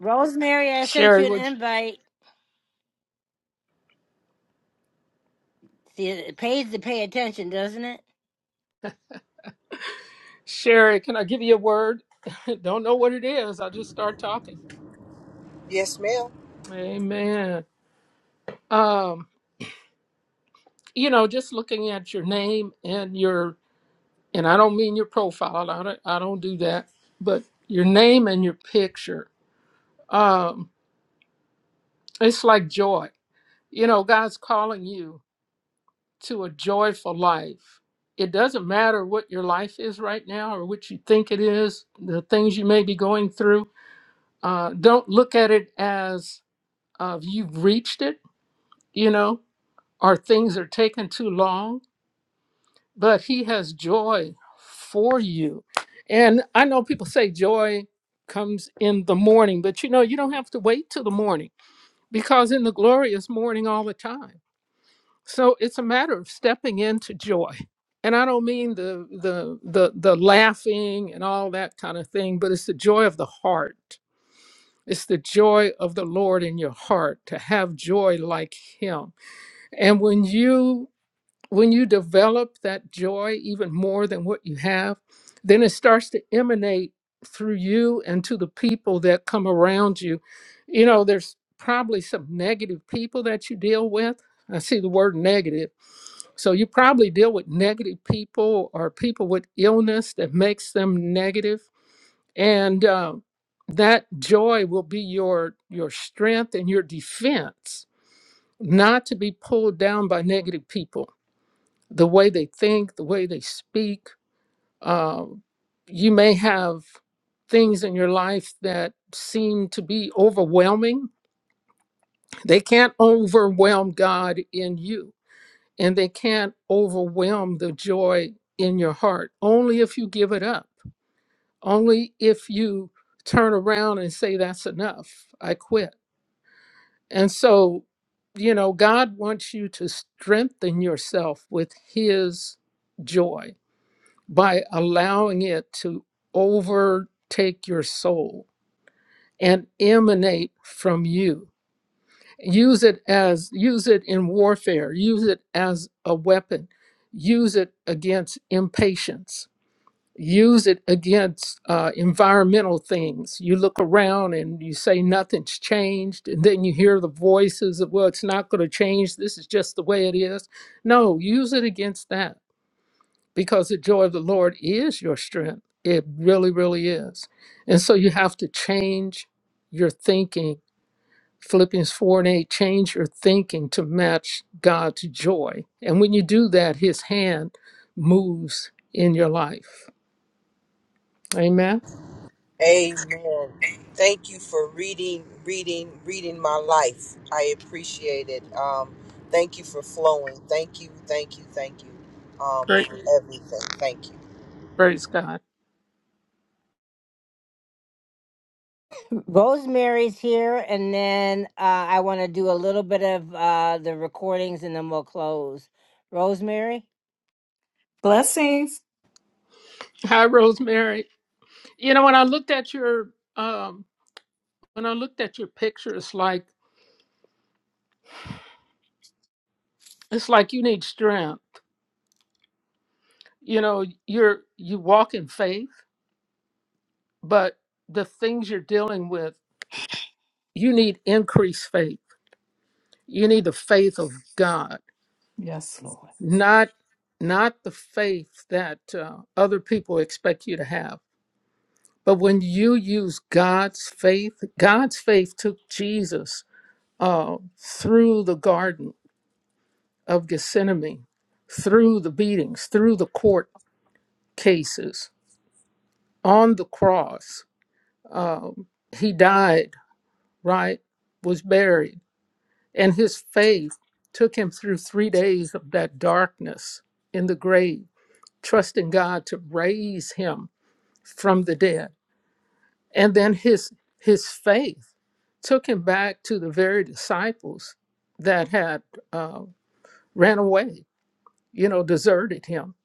Speaker 1: Rosemary, I sent
Speaker 4: Sherry,
Speaker 1: you an
Speaker 4: would
Speaker 1: invite. See, it pays to pay attention, doesn't it?
Speaker 4: Sherry? Can I give you a word? *laughs* Don't know what it is. I I'll just start talking.
Speaker 12: Yes, ma'am.
Speaker 4: Amen. Um, you know, just looking at your name and your and I don't mean your profile. I don't I don't do that, but your name and your picture. Um, it's like joy. You know, God's calling you to a joyful life. It doesn't matter what your life is right now or what you think it is, the things you may be going through. Uh, don't look at it as uh, you've reached it, you know, or things are taking too long, but He has joy for you. And I know people say joy comes in the morning, but you know, you don't have to wait till the morning because in the glory is morning all the time So it's a matter of stepping into joy. And I don't mean the the the the laughing and all that kind of thing, but it's the joy of the heart. It's the joy of the Lord in your heart to have joy like him. And when you when you develop that joy even more than what you have, then it starts to emanate through you and to the people that come around you. You know, there's probably some negative people that you deal with. I see the word negative. So you probably deal with negative people or people with illness that makes them negative, negative. and uh, that joy will be your your strength and your defense, not to be pulled down by negative people the way they think, the way they speak. Um, you may have things in your life that seem to be overwhelming. They can't overwhelm God in you, and they can't overwhelm the joy in your heart. Only if you give it up, only if you turn around and say, That's enough, I quit. And so, you know, God wants you to strengthen yourself with His joy by allowing it to overtake your soul and emanate from you use it as use it in warfare use it as a weapon use it against impatience use it against uh, environmental things you look around and you say nothing's changed and then you hear the voices of well it's not going to change this is just the way it is no use it against that because the joy of the Lord is your strength. It really, really is. And so you have to change your thinking. Philippians 4 and 8, change your thinking to match God's joy. And when you do that, his hand moves in your life. Amen.
Speaker 12: Amen. Thank you for reading, reading, reading my life. I appreciate it. Um, thank you for flowing. Thank you, thank you, thank you um,
Speaker 4: Great.
Speaker 12: for everything. Thank you.
Speaker 4: Praise God.
Speaker 1: Rosemary's here, and then uh, I want to do a little bit of uh, the recordings, and then we'll close. Rosemary,
Speaker 17: Blessings.
Speaker 4: Hi, Rosemary. You know, when I looked at your um when I looked at your picture, it's like it's like you need strength. You know, you're you walk in faith but the things you're dealing with, you need increased faith. You need the faith of God,
Speaker 17: Yes, Lord.
Speaker 4: not not the faith that uh, other people expect you to have. But when you use God's faith, God's faith took Jesus uh, through the Garden of Gethsemane, through the beatings, through the court cases, on the cross. Um, he died, right? Was buried And his faith took him through three days of that darkness in the grave, trusting God to raise him from the dead. And then his, his faith took him back to the very disciples that had uh, ran away, you know, deserted him.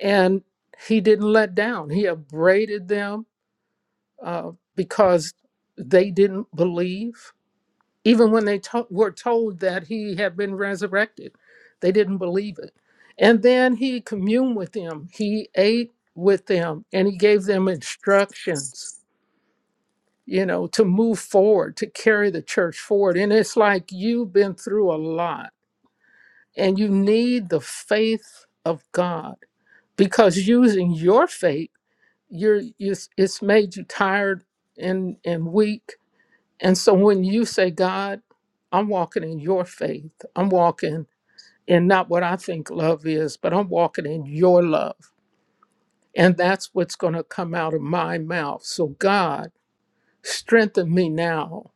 Speaker 4: And he didn't let down. He upbraided them uh, because they didn't believe Even when they to- were told that he had been resurrected, they didn't believe it. And then he communed with them, he ate with them, and he gave them instructions, you know, to move forward, to carry the church forward. And it's like you've been through a lot and you need the faith of God because using your faith, you're, it's it's made you tired and, and weak and so when you say, God, I'm walking in your faith, I'm walking in not what I think love is, but I'm walking in your love. And that's what's going to come out of my mouth. So, God, strengthen me now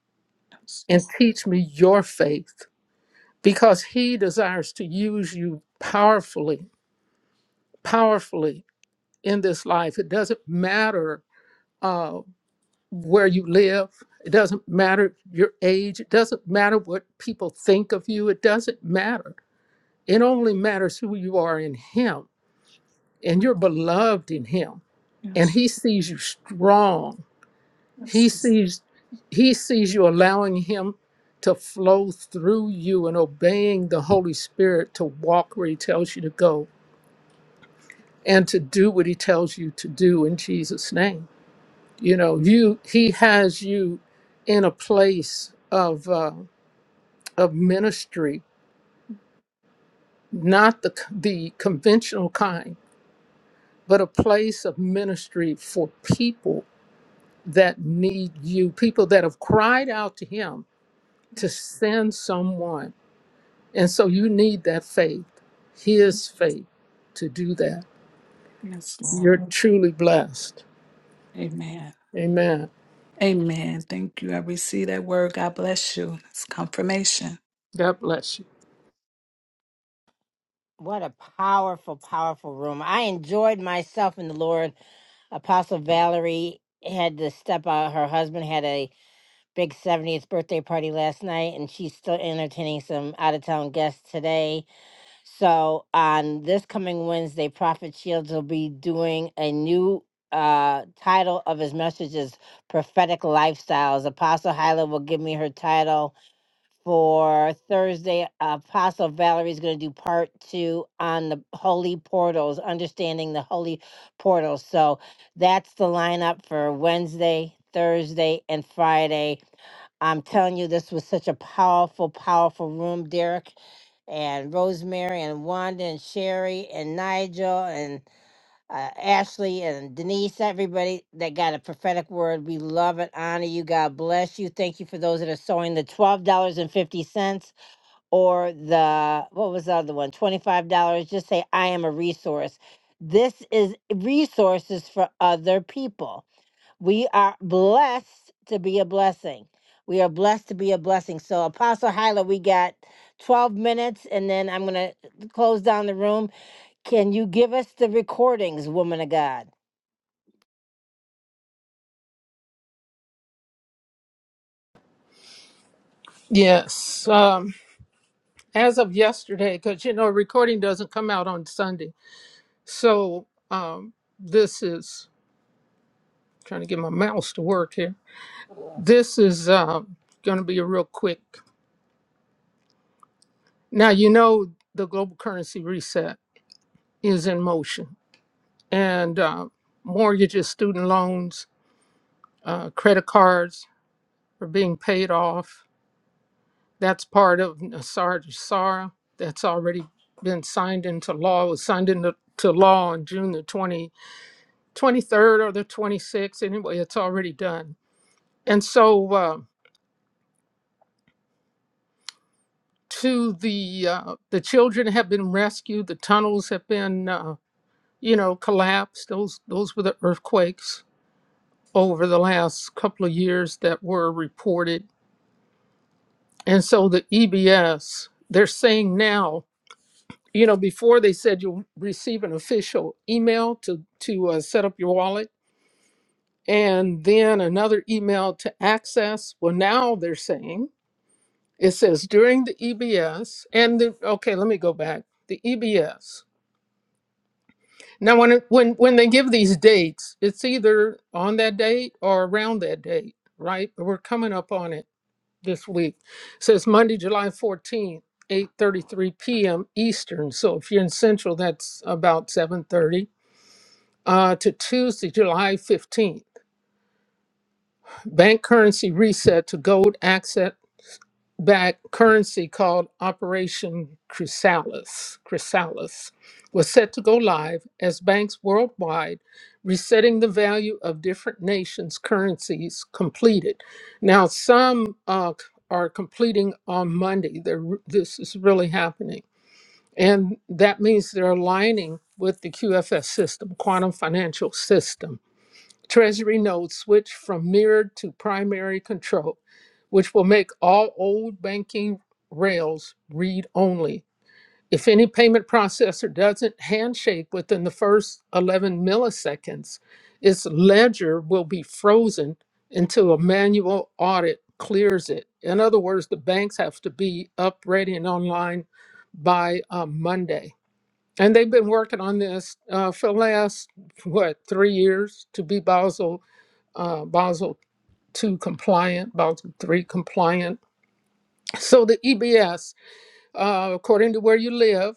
Speaker 17: Yes,
Speaker 4: and
Speaker 17: Lord.
Speaker 4: teach me your faith because He desires to use you powerfully, powerfully in this life. It doesn't matter. Uh, where you live. It doesn't matter your age. It doesn't matter what people think of you. It doesn't matter. It only matters who you are in Him and you're beloved in Him. And
Speaker 17: Yes,
Speaker 4: He sees you strong. He
Speaker 17: yes,
Speaker 4: sees He sees you allowing Him to flow through you and obeying the Holy Spirit to walk where He tells you to go and to do what He tells you to do in Jesus' name. you know you he has you in a place of uh, of ministry not the the conventional kind but a place of ministry for people that need you people that have cried out to him to
Speaker 17: yes,
Speaker 4: send someone and so you need that faith his faith to do that
Speaker 17: yes, Lord.
Speaker 4: you're truly blessed
Speaker 17: Amen.
Speaker 4: amen
Speaker 17: Amen. Thank you. I receive that word. God bless you. It's confirmation.
Speaker 4: god bless you
Speaker 1: what a powerful, powerful room! I enjoyed myself in the Lord. Apostle Valerie had to step out. Her husband had a big 70th birthday party last night, and she's still entertaining some out of town guests today. So on this coming Wednesday, Prophet Shields will be doing a new uh title of his messages prophetic lifestyles apostle hyla will give me her title for Thursday. Apostle Valerie is going to do part two on the holy portals, understanding the holy portals. So that's the lineup for Wednesday, Thursday, and Friday. I'm telling you, this was such a powerful, powerful room, Derek and Rosemary and Wanda and Sherry and Nigel. and uh, Ashley and Denise, everybody that got a prophetic word. We love and honor you. God bless you. Thank you for those that are sowing the twelve dollars and fifty cents or the what was the other one? Twenty five dollars. Just say I am a resource. This is resources for other people. We are blessed to be a blessing. We are blessed to be a blessing. So Apostle Hyla, we got 12 minutes and then I'm gonna close down the room. Can you give us the recordings, woman of God?
Speaker 4: yes um as of yesterday, because you know, recording doesn't come out on Sunday. So um, this is trying to get my mouse to work here. This is um, going to be a real quick. Now you know the global currency reset is in motion, and uh, mortgages, student loans, uh, credit cards are being paid off. That's part of Nassar to Sara. That's already been signed into law. It was signed into to law on June the 20th 23rd or the 26th. Anyway, it's already done. And so uh, to the uh, the children have been rescued. The tunnels have been uh, you know collapsed. Those those were the earthquakes over the last couple of years that were reported. And so the EBS they're saying now. You know, before they said you'll receive an official email to to uh, set up your wallet, and then another email to access. Well, now they're saying It says during the EBS and the okay, let me go back. The EBS. Now when it, when when they give these dates, it's either on that date or around that date, right? But We're coming up on it this week. It says Monday, July 14th, 8:33 p.m. Eastern. So if you're in Central, that's about 7:30. Uh, to Tuesday, July 15th, bank currency reset to gold access that currency called Operation Chrysalis, Chrysalis was set to go live as banks worldwide resetting the value of different nations' currencies completed. Now, some uh, c- are completing on Monday. They're, re- this is really happening. And that means they're aligning with the QFS system, quantum financial system. Treasury notes switch from mirrored to primary control, which will make all old banking rails read only. If any payment processor doesn't handshake within the first 11 milliseconds, its ledger will be frozen until a manual audit clears it. In other words, the banks have to be up, ready, and online by uh, Monday. And they've been working on this uh, for the last, what, three years to be Basel uh, Basel two compliant, Basel three compliant. So the EBS, uh, according to where you live,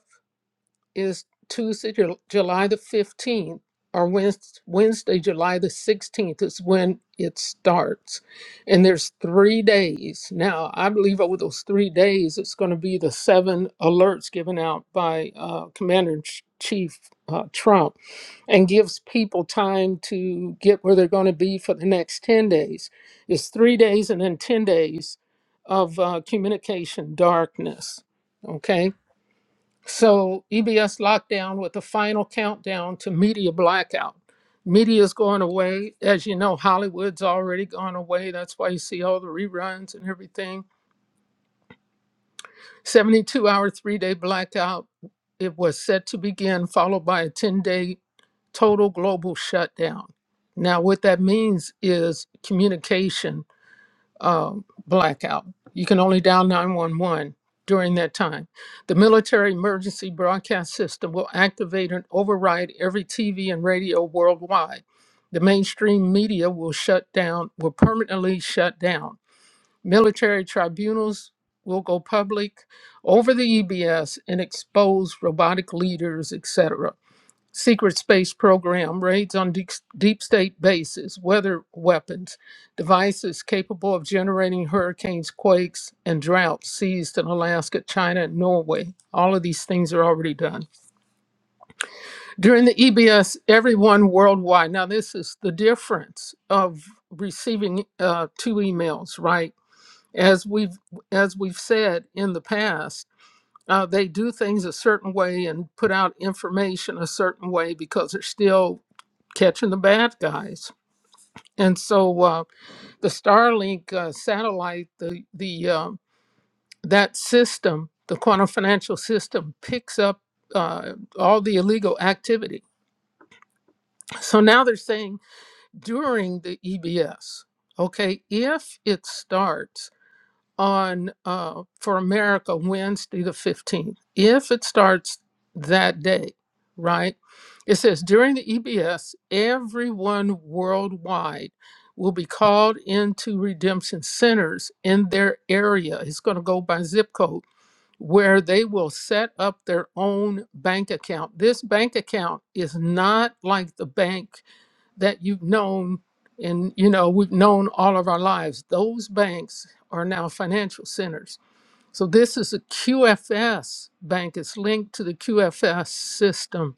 Speaker 4: is Tuesday, Jul- July the 15th, or Wednes- Wednesday, July the 16th is when it starts. And there's three days. Now, I believe over those three days, it's going to be the seven alerts given out by uh, Commander in Ch- Chief uh, Trump and gives people time to get where they're going to be for the next 10 days. It's three days and then 10 days of uh, communication darkness. Okay so EBS lockdown with the final countdown to media blackout. Media's going away. As you know, Hollywood's already gone away. That's why you see all the reruns and everything. 72 hour, three day blackout. It was set to begin, followed by a 10 day total global shutdown. Now, what that means is communication um, blackout. You can only dial 911 during that time. The military emergency broadcast system will activate and override every TV and radio worldwide. The mainstream media will shut down, will permanently shut down. Military tribunals will go public over the EBS and expose robotic leaders, etc secret space program, raids on deep, deep state bases, weather weapons, devices capable of generating hurricanes, quakes, and droughts seized in Alaska, China, and Norway. All of these things are already done. During the EBS, everyone worldwide, now this is the difference of receiving uh, two emails, right? As we've as we've said in the past, uh, they do things a certain way and put out information a certain way because they're still catching the bad guys. And so uh, the Starlink uh, satellite, the the uh, that system, the quantum financial system, picks up uh, all the illegal activity. So now they're saying during the EBS, okay, if it starts on uh, for America Wednesday the 15th. If it starts that day, right? It says during the EBS, everyone worldwide will be called into redemption centers in their area. It's going to go by zip code where they will set up their own bank account. This bank account is not like the bank that you've known and you know we've known all of our lives those banks are now financial centers so this is a qfs bank it's linked to the qfs system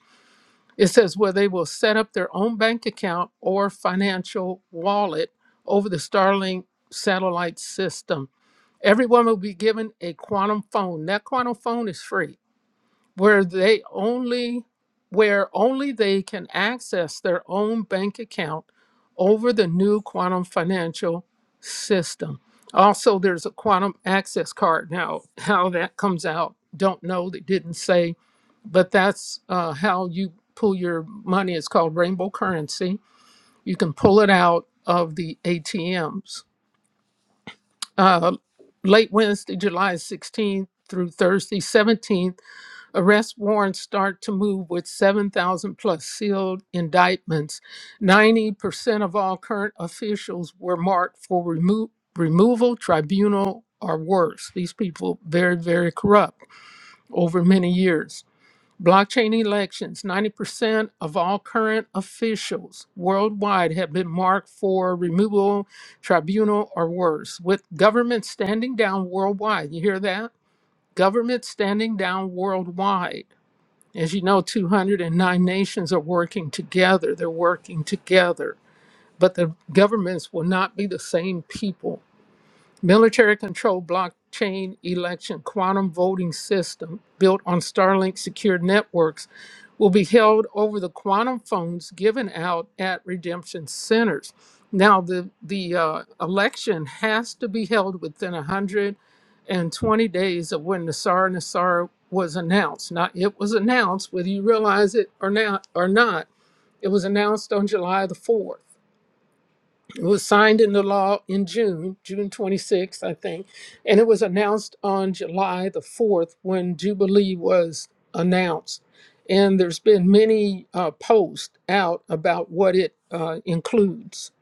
Speaker 4: it says where they will set up their own bank account or financial wallet over the starlink satellite system everyone will be given a quantum phone that quantum phone is free where they only where only they can access their own bank account over the new quantum financial system also there's a quantum access card now *laughs* how that comes out don't know they didn't say but that's uh, how you pull your money it's called rainbow currency you can pull it out of the atms uh, late wednesday july 16th through thursday 17th Arrest warrants start to move with 7,000 plus sealed indictments. 90% of all current officials were marked for remo- removal, tribunal, or worse. These people very, very corrupt over many years. Blockchain elections 90% of all current officials worldwide have been marked for removal, tribunal, or worse, with government standing down worldwide. You hear that? Government standing down worldwide as you know, 209 nations are working together. They're working together. But the governments will not be the same people. Military control blockchain election quantum voting system built on Starlink secure networks will be held over the quantum phones given out at redemption centers. Now, the, the uh, election has to be held within 120 days of when Nassar Nassar was announced. Now, it was announced, whether you realize it or not, or not, it was announced on July the 4th. It was signed into law in June, June 26th, I think, and it was announced on July the 4th when Jubilee was announced. And there's been many uh, posts out about what it uh, includes,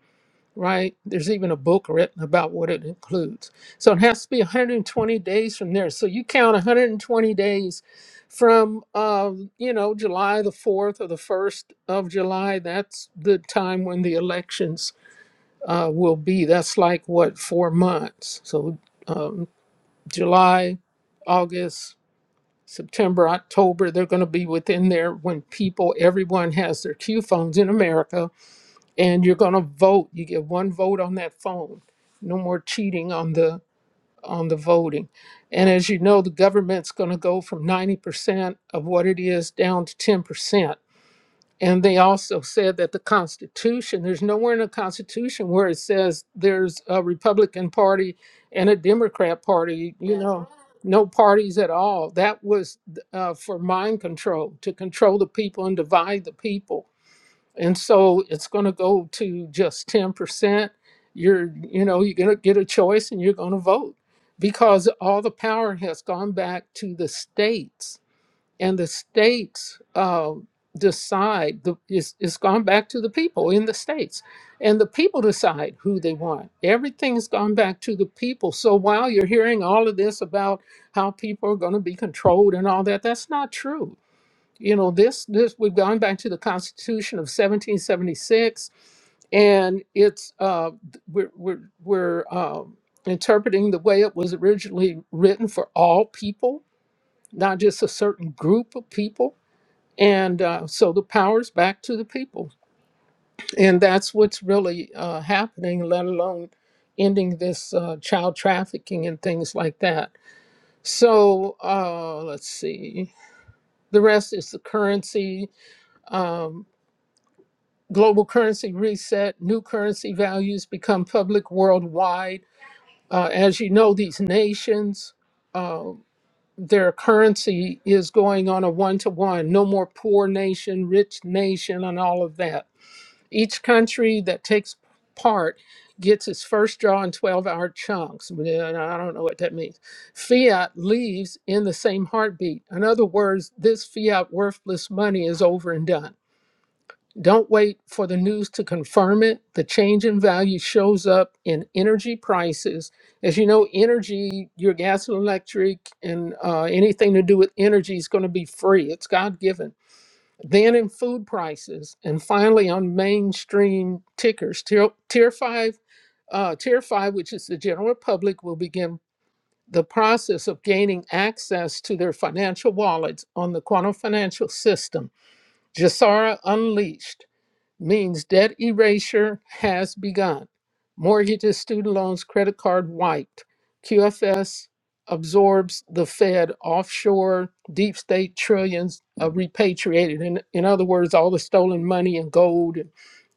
Speaker 4: right? There's even a book written about what it includes. So it has to be 120 days from there. So you count 120 days from, um, you know, July the 4th or the 1st of July. That's the time when the elections uh, will be. That's like what four months. So um, July, August, September, October. They're going to be within there when people, everyone has their Q phones in America, and you're going to vote. You get one vote on that phone. No more cheating on the on the voting. And as you know, the government's going to go from 90% of what it is down to 10%. And they also said that the Constitution, there's nowhere in the Constitution where it says there's a Republican Party and a Democrat Party, you know, no parties at all. That was uh, for mind control, to control the people and divide the people. And so it's going to go to just 10%. You're, you know, you're going to get a choice and you're going to vote because all the power has gone back to the states and the states uh, decide the, it's, it's gone back to the people in the states and the people decide who they want everything's gone back to the people so while you're hearing all of this about how people are going to be controlled and all that that's not true you know this this we've gone back to the constitution of 1776 and it's uh, we're we're, we're um interpreting the way it was originally written for all people not just a certain group of people. And uh, so the power's back to the people. And that's what's really uh, happening, let alone ending this uh, child trafficking and things like that. So uh, let's see. The rest is the currency, um, global currency reset, new currency values become public worldwide. Uh, as you know, these nations. um, their currency is going on a one to one. No more poor nation, rich nation, and all of that. Each country that takes part gets its first draw in 12 hour chunks. And I don't know what that means. Fiat leaves in the same heartbeat. In other words, this fiat worthless money is over and done. Don't wait for the news to confirm it. The change in value shows up in energy prices. As you know, energy, your gas and electric, and uh, anything to do with energy is going to be free. It's God given. Then in food prices, and finally on mainstream tickers. Tier, tier five, uh, tier five, which is the general public, will begin the process of gaining access to their financial wallets on the quantum financial system. Jasara Unleashed means debt erasure has begun. Mortgages, student loans, credit card wiped. QFS absorbs the Fed offshore deep state trillions of repatriated. In, in other words, all the stolen money and gold and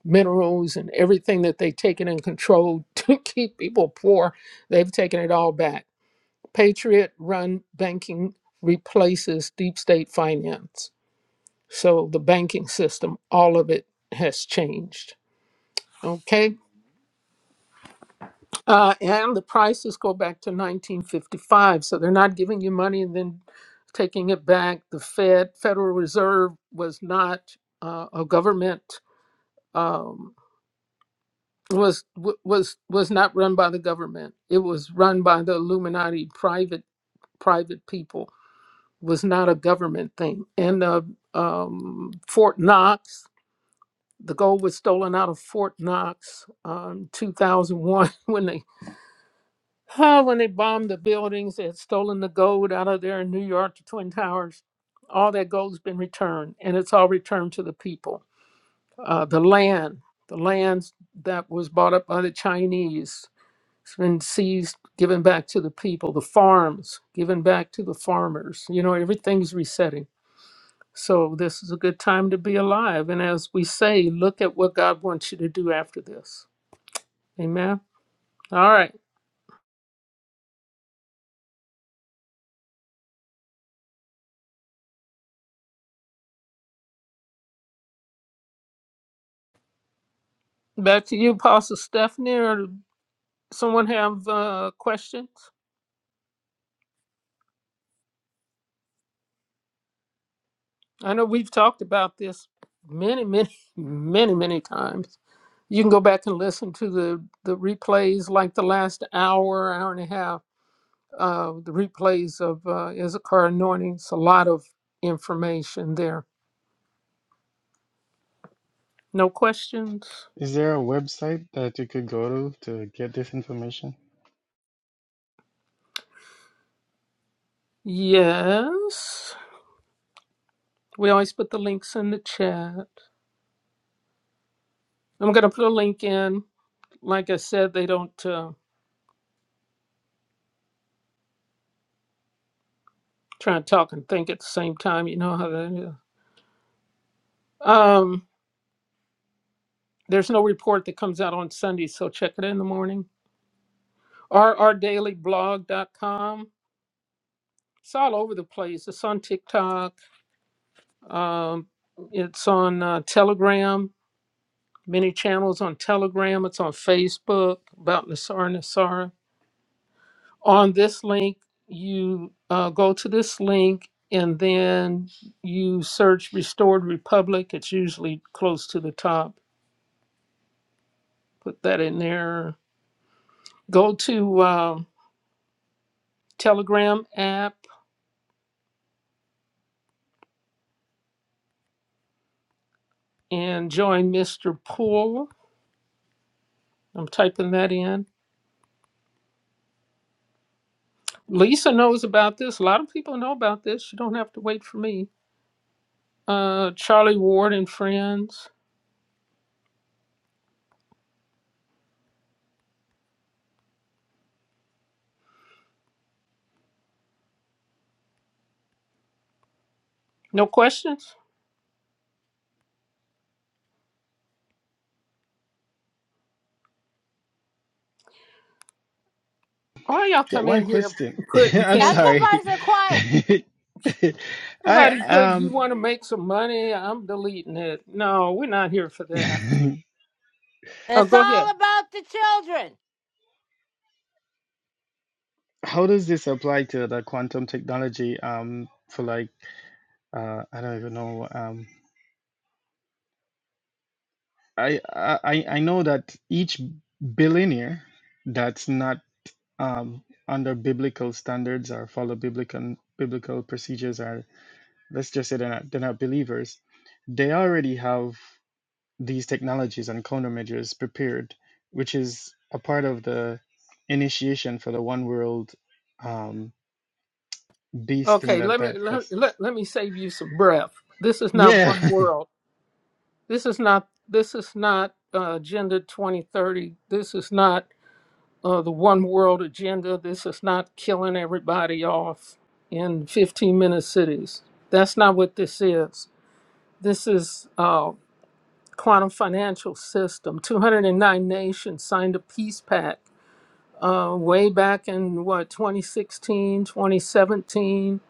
Speaker 4: minerals and everything that they've taken and controlled *laughs* to keep people poor, they've taken it all back. Patriot run banking replaces deep state finance. So the banking system, all of it has changed. Okay. Uh, and the prices go back to 1955. So they're not giving you money and then taking it back. The Fed, Federal Reserve, was not uh, a government. Um, was w- was was not run by the government. It was run by the Illuminati, private private people. Was not a government thing. And uh, um, Fort Knox, the gold was stolen out of Fort Knox um, 2001 *laughs* when they Ah, when they bombed the buildings, they had stolen the gold out of there in New York, the Twin Towers. All that gold's been returned, and it's all returned to the people. Uh, the land, the land that was bought up by the Chinese, it's been seized, given back to the people. The farms, given back to the farmers. You know, everything's resetting. So this is a good time to be alive. And as we say, look at what God wants you to do after this. Amen. All right. Back to you, Apostle Stephanie. or Someone have uh, questions? I know we've talked about this many, many, many, many times. You can go back and listen to the, the replays, like the last hour, hour and a half, uh, the replays of uh, Issachar Anointings. A lot of information there. No questions?
Speaker 11: Is there a website that you could go to to get this information?
Speaker 4: Yes. We always put the links in the chat. I'm going to put a link in. Like I said, they don't uh, try and talk and think at the same time. You know how that is. Um, There's no report that comes out on Sunday, so check it in the morning. rrdailyblog.com. It's all over the place. It's on TikTok. Um, it's on uh, Telegram. Many channels on Telegram. It's on Facebook about Nasara Nasara. On this link, you uh, go to this link and then you search Restored Republic. It's usually close to the top. Put that in there. Go to um, Telegram app and join Mr. Poole. I'm typing that in. Lisa knows about this. A lot of people know about this. You don't have to wait for me. Uh, Charlie Ward and friends. No questions? Why y'all
Speaker 11: Yeah,
Speaker 4: come
Speaker 11: one
Speaker 4: in here
Speaker 11: question. *laughs*
Speaker 4: putting
Speaker 11: I'm
Speaker 1: I'm
Speaker 4: ten.
Speaker 11: sorry.
Speaker 1: surprised they're quiet.
Speaker 11: *laughs* I
Speaker 4: somebody put you
Speaker 11: um
Speaker 4: want to make some money? I'm deleting it. No, we're not here for that.
Speaker 11: *laughs*
Speaker 4: Oh,
Speaker 1: It's
Speaker 4: go ahead.
Speaker 1: all about the children.
Speaker 11: how does this apply to the quantum technology um for like uh I don't even know um I I I I know that each billionaire that's not um under biblical standards or follow biblical biblical procedures are let's just say they're not they're not believers they already have these technologies and countermeasures prepared, which is a part of the initiation for the one world um, beast thing
Speaker 4: Okay,
Speaker 11: that
Speaker 4: let me
Speaker 11: that
Speaker 4: let,
Speaker 11: that's
Speaker 4: let, let me save you some breath. This is not
Speaker 11: yeah
Speaker 4: one world. This is not this is not uh, agenda 2030. This is not uh, the one world agenda. This is not killing everybody off in 15 minute cities. That's not what this is. This is uh, quantum financial system. 209 nations signed a peace pact uh, way back in what 2016, 2017,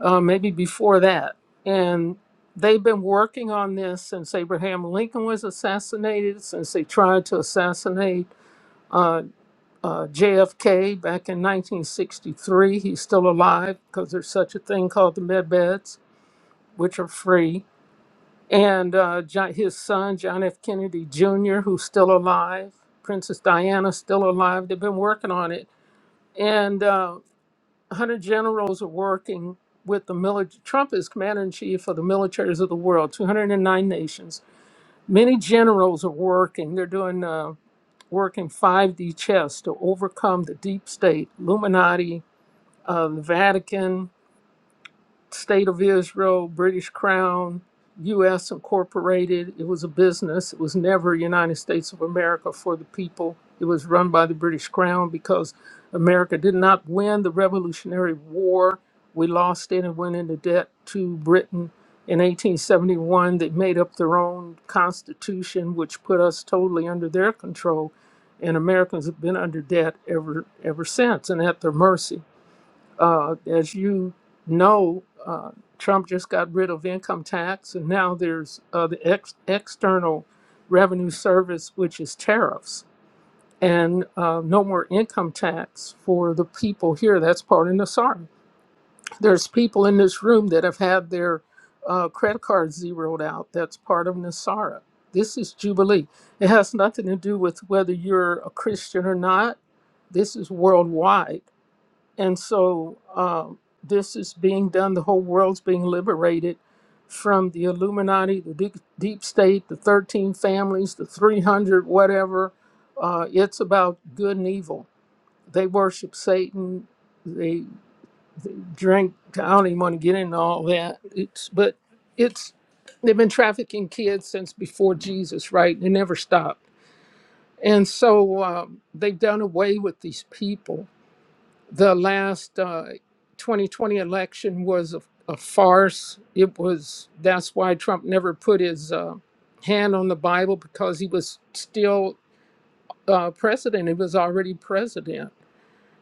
Speaker 4: uh, maybe before that, and they've been working on this since Abraham Lincoln was assassinated, since they tried to assassinate. uh, uh, JFK back in 1963. He's still alive because there's such a thing called the med beds, which are free. And uh, Jo- his son, John F. Kennedy Jr., who's still alive. Princess Diana, still alive. They've been working on it. And uh, 100 generals are working with the military. Trump is commander in chief of the militaries of the world, 209 nations. Many generals are working. They're doing uh, work in 5D chess to overcome the deep state, Illuminati, um, Vatican, State of Israel, British Crown, U.S. Incorporated. It was a business. It was never United States of America for the people. It was run by the British Crown because America did not win the Revolutionary War. We lost it and went into debt to Britain. In 1871, they made up their own constitution, which put us totally under their control. And Americans have been under debt ever ever since and at their mercy. Uh, as you know, uh, Trump just got rid of income tax, and now there's uh, the ex- external revenue service, which is tariffs, and uh, no more income tax for the people here. That's part of the SAR. There's people in this room that have had their uh, credit cards zeroed out. That's part of Nasara. This is Jubilee. It has nothing to do with whether you're a Christian or not. This is worldwide and so um, this is being done. The whole world's being liberated from the Illuminati, the deep, deep state, the 13 families, the 300, whatever. Uh, it's about good and evil. They worship Satan. They, they drink. I don't even want to get into all that. It's but it's they've been trafficking kids since before Jesus, right? They never stopped. And so um, they've done away with these people the last uh, 2020 election was a, a farce. It was that's why Trump never put his uh, hand on the Bible because he was still uh, president. He was already president,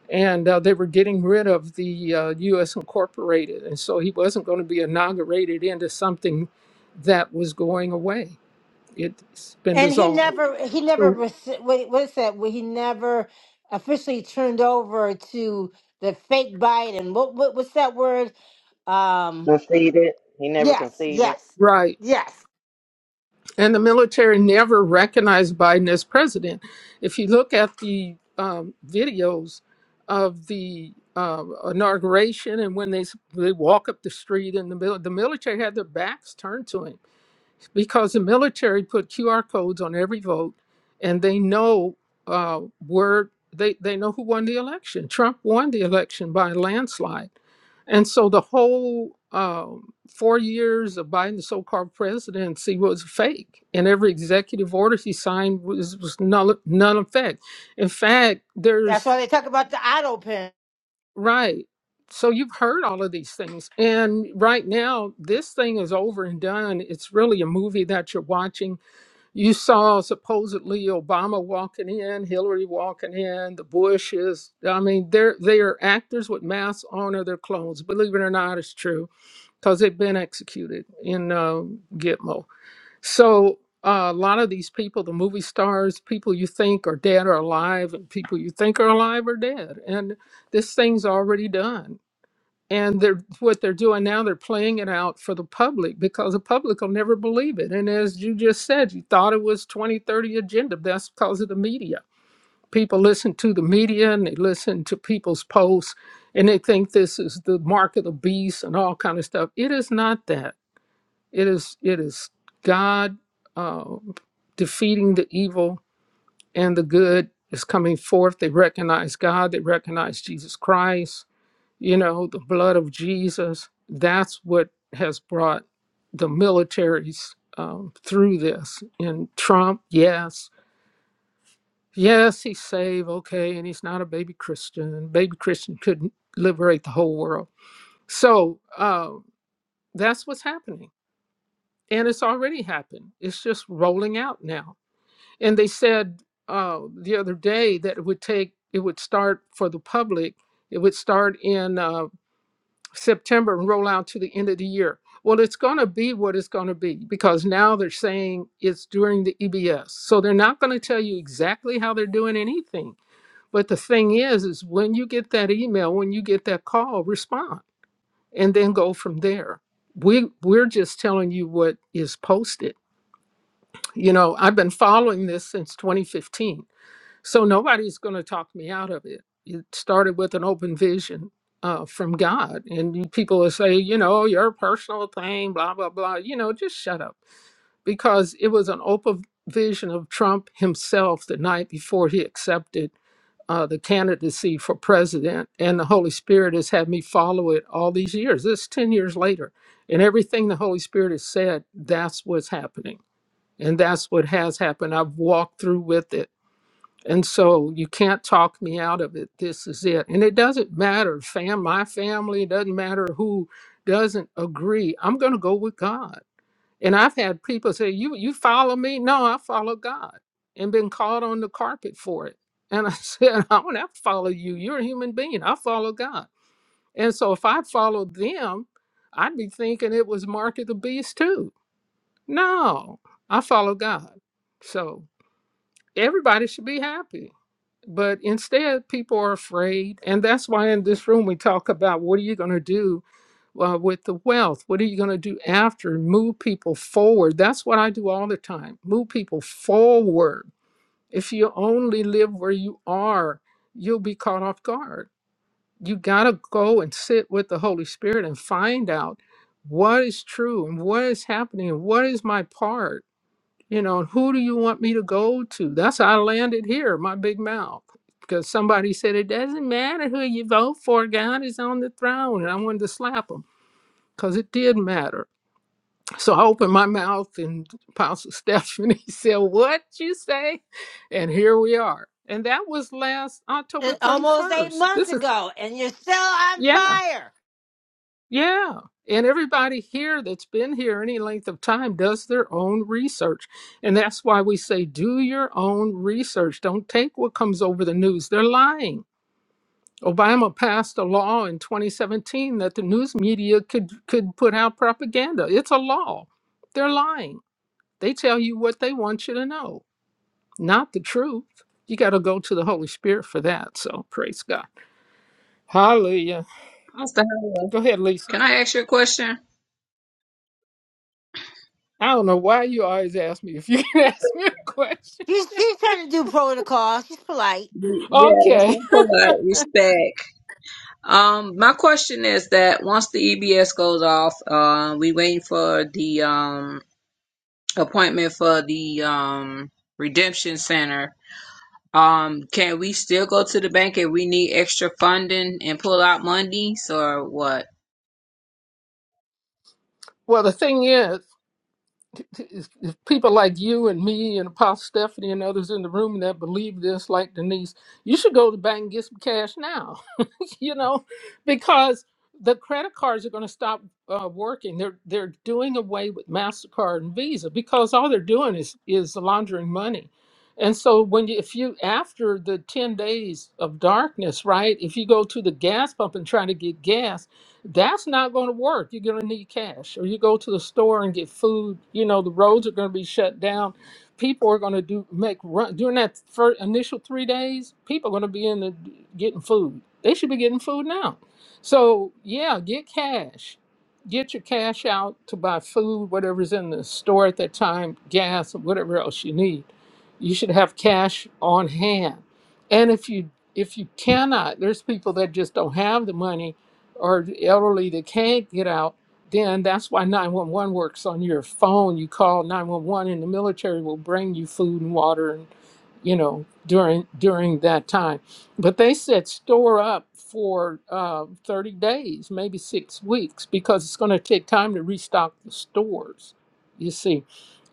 Speaker 4: and uh, they were getting rid of the uh, U.S. Incorporated, and so he wasn't going to be inaugurated into something that was going away. It's been
Speaker 1: And he
Speaker 4: dissolved.
Speaker 1: never, he never,
Speaker 4: So
Speaker 1: rece- wait, what is that? Well, he never officially turned over to the fake Biden. what, what, what's that word? Um,
Speaker 7: Conceded. He never
Speaker 1: yes,
Speaker 7: conceded.
Speaker 1: yes,
Speaker 4: right.
Speaker 1: yes.
Speaker 4: And the military never recognized Biden as president. If you look at the um, videos of the um inauguration and when they they walk up the street and the mil- the military had their backs turned to him because the military put QR codes on every vote, and they know uh, where they they know who won the election. Trump won the election by a landslide, and so the whole um, four years of Biden's so-called presidency was fake, and every executive order he signed was was null none effect. In fact,
Speaker 1: That's
Speaker 4: there's
Speaker 1: why they talk about the auto pen.
Speaker 4: right. So you've heard all of these things, and right now this thing is over and done. It's really a movie that you're watching you saw supposedly Obama walking in, Hillary walking in, the Bushes. I mean, they're they are actors with masks on or their clones. Believe it or not, it's true because they've been executed in uh, Gitmo. So uh, a lot of these people, the movie stars, people you think are dead are alive, and people you think are alive are dead. And this thing's already done and they're what they're doing now they're playing it out for the public because the public will never believe it and as you just said you thought it was 2030 agenda that's because of the media people listen to the media and they listen to people's posts and they think this is the mark of the beast and all kind of stuff it is not that it is it is god uh, defeating the evil and the good is coming forth they recognize god they recognize jesus christ you know, the blood of Jesus. That's what has brought the militaries um, through this. And Trump, yes, yes, he's saved, okay, and he's not a baby Christian. Baby Christian couldn't liberate the whole world. So uh, that's what's happening. And it's already happened. It's just rolling out now. And they said uh, the other day that it would take, it would start for the public, it would start in uh, September and roll out to the end of the year. Well, it's going to be what it's going to be because now they're saying it's during the EBS. So they're not going to tell you exactly how they're doing anything. But the thing is, is when you get that email, when you get that call, respond and then go from there. We we're just telling you what is posted. You know, I've been following this since 2015 so nobody's going to talk me out of it. It started with an open vision uh, from God. And you- people will say, you know, "Oh, your personal thing, blah, blah, blah. You know, just shut up. Because it was an open vision of Trump himself the night before he accepted uh, the candidacy for president. And the Holy Spirit has had me follow it all these years. This is 10 years later. And everything the Holy Spirit has said, that's what's happening. And that's what has happened. I've walked through with it and so you can't talk me out of it. This is it. And it doesn't matter, fam, my family, it doesn't matter who doesn't agree. I'm going to go with God. And I've had people say, you, you follow me? No, I follow God and been called on the carpet for it. And I *laughs* said, I don't have to follow you. You're a human being. I follow God. And so if I followed them, I'd be thinking it was Mark of the Beast too. No, I follow God. So everybody should be happy but instead, people are afraid. And that's why in this room we talk about what are you going to do uh, with the wealth? What are you going to do after? Move people forward. That's what I do all the time move people forward. If you only live where you are, you'll be caught off guard. You got to go and sit with the Holy Spirit and find out what is true and what is happening and what is my part you know, who do you want me to go to? That's how I landed here, my big mouth. Because somebody said, it doesn't matter who you vote for, God is on the throne. And I wanted to slap them because it did matter. So I opened my mouth, and Apostle Stephanie *laughs* said, What you say? And here we are. And that was last October
Speaker 1: It, almost eight
Speaker 4: 31st.
Speaker 1: months
Speaker 4: This is,
Speaker 1: ago, and you're still on
Speaker 4: yeah.
Speaker 1: fire.
Speaker 4: Yeah. And everybody here that's been here any length of time does their own research. And that's why we say do your own research. Don't take what comes over the news. They're lying. Obama passed a law in 2017 that the news media could could put out propaganda. It's a law. They're lying. They tell you what they want you to know, not the truth. You got to go to the Holy Spirit for that. So praise God. Hallelujah.
Speaker 9: Pastor Howard.
Speaker 4: Go ahead, Lisa.
Speaker 9: Can I ask you a question?
Speaker 4: I don't know why you always ask me if you can *laughs* ask me a question.
Speaker 1: She's she's trying to do protocol. She's polite.
Speaker 9: Y- Yes,
Speaker 4: Okay.
Speaker 9: i polite, respect. Um, my question is that once the EBS goes off, uh, we waiting for the um appointment for the um redemption center. Um, can we still go to the bank if we need extra funding and pull out monies or what?
Speaker 4: Well, the thing is, is- is people like you and me and Apostle Stephanie and others in the room that believe this, like Denise, you should go to the bank and get some cash now. *laughs* you know, because the credit cards are going to stop uh, working. They're they're doing away with Mastercard and Visa because all they're doing is is laundering money. And so when you if you after the 10 days of darkness, right? If you go to the gas pump and try to get gas, that's not going to work. You're going to need cash. Or you go to the store and get food, you know, the roads are going to be shut down people are going to do make run during that first initial three days. People are going to be in the getting food. They should be getting food now. So yeah, get cash. Get your cash out to buy food, whatever's in the store at that time, gas, whatever else you need. You should have cash on hand. And if you if you cannot, there's people that just don't have the money, or the elderly that can't get out then that's why 911 works on your phone. You call 911 and the military will bring you food and water and you know during during that time. But they said store up for uh, 30 days, maybe six weeks, because it's going to take time to restock the stores. You see,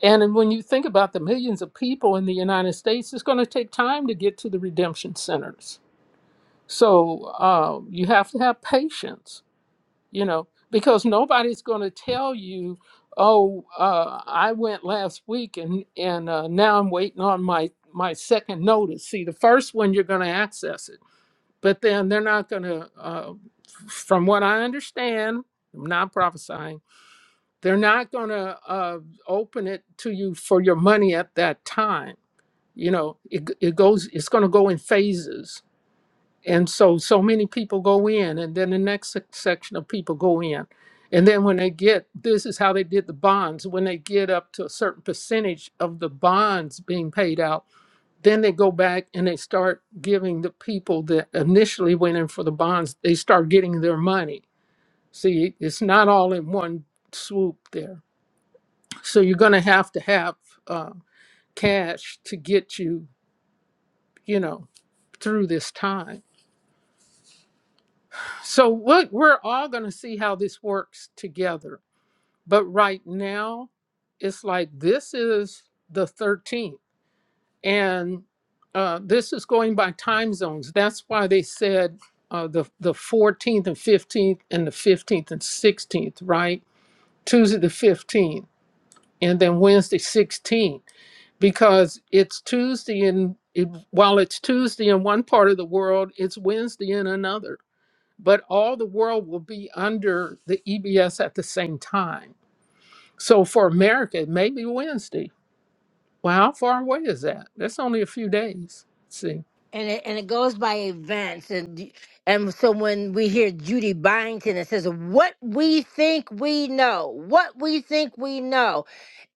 Speaker 4: and then when you think about the millions of people in the United States, it's going to take time to get to the redemption centers. So uh, you have to have patience you know, because nobody's going to tell you, oh, uh, I went last week and and uh, now I'm waiting on my my second notice. See, the first one you're going to access it, but then they're not going to. Uh, from what I understand, I'm not prophesying. They're not going to uh, open it to you for your money at that time. You know, it, it goes. It's going to go in phases and so so many people go in and then the next sec- section of people go in and then when they get this is how they did the bonds when they get up to a certain percentage of the bonds being paid out then they go back and they start giving the people that initially went in for the bonds they start getting their money see it's not all in one swoop there so you're going to have to have uh, cash to get you you know through this time So what we're all going to see how this works together. But right now, it's like this is the 13th, and uh, this is going by time zones. That's why they said uh, the the 14th and 15th, and the 15th and 16th, right? Tuesday the 15th, and then Wednesday 16th, because it's Tuesday in it, while it's Tuesday in one part of the world, it's Wednesday in another but all the world will be under the EBS at the same time. So for America, it may be Wednesday. Well, how far away is that? That's only a few days. Let's see.
Speaker 1: and it and it goes by events and and so when we hear Judy Byington it says what we think we know what we think we know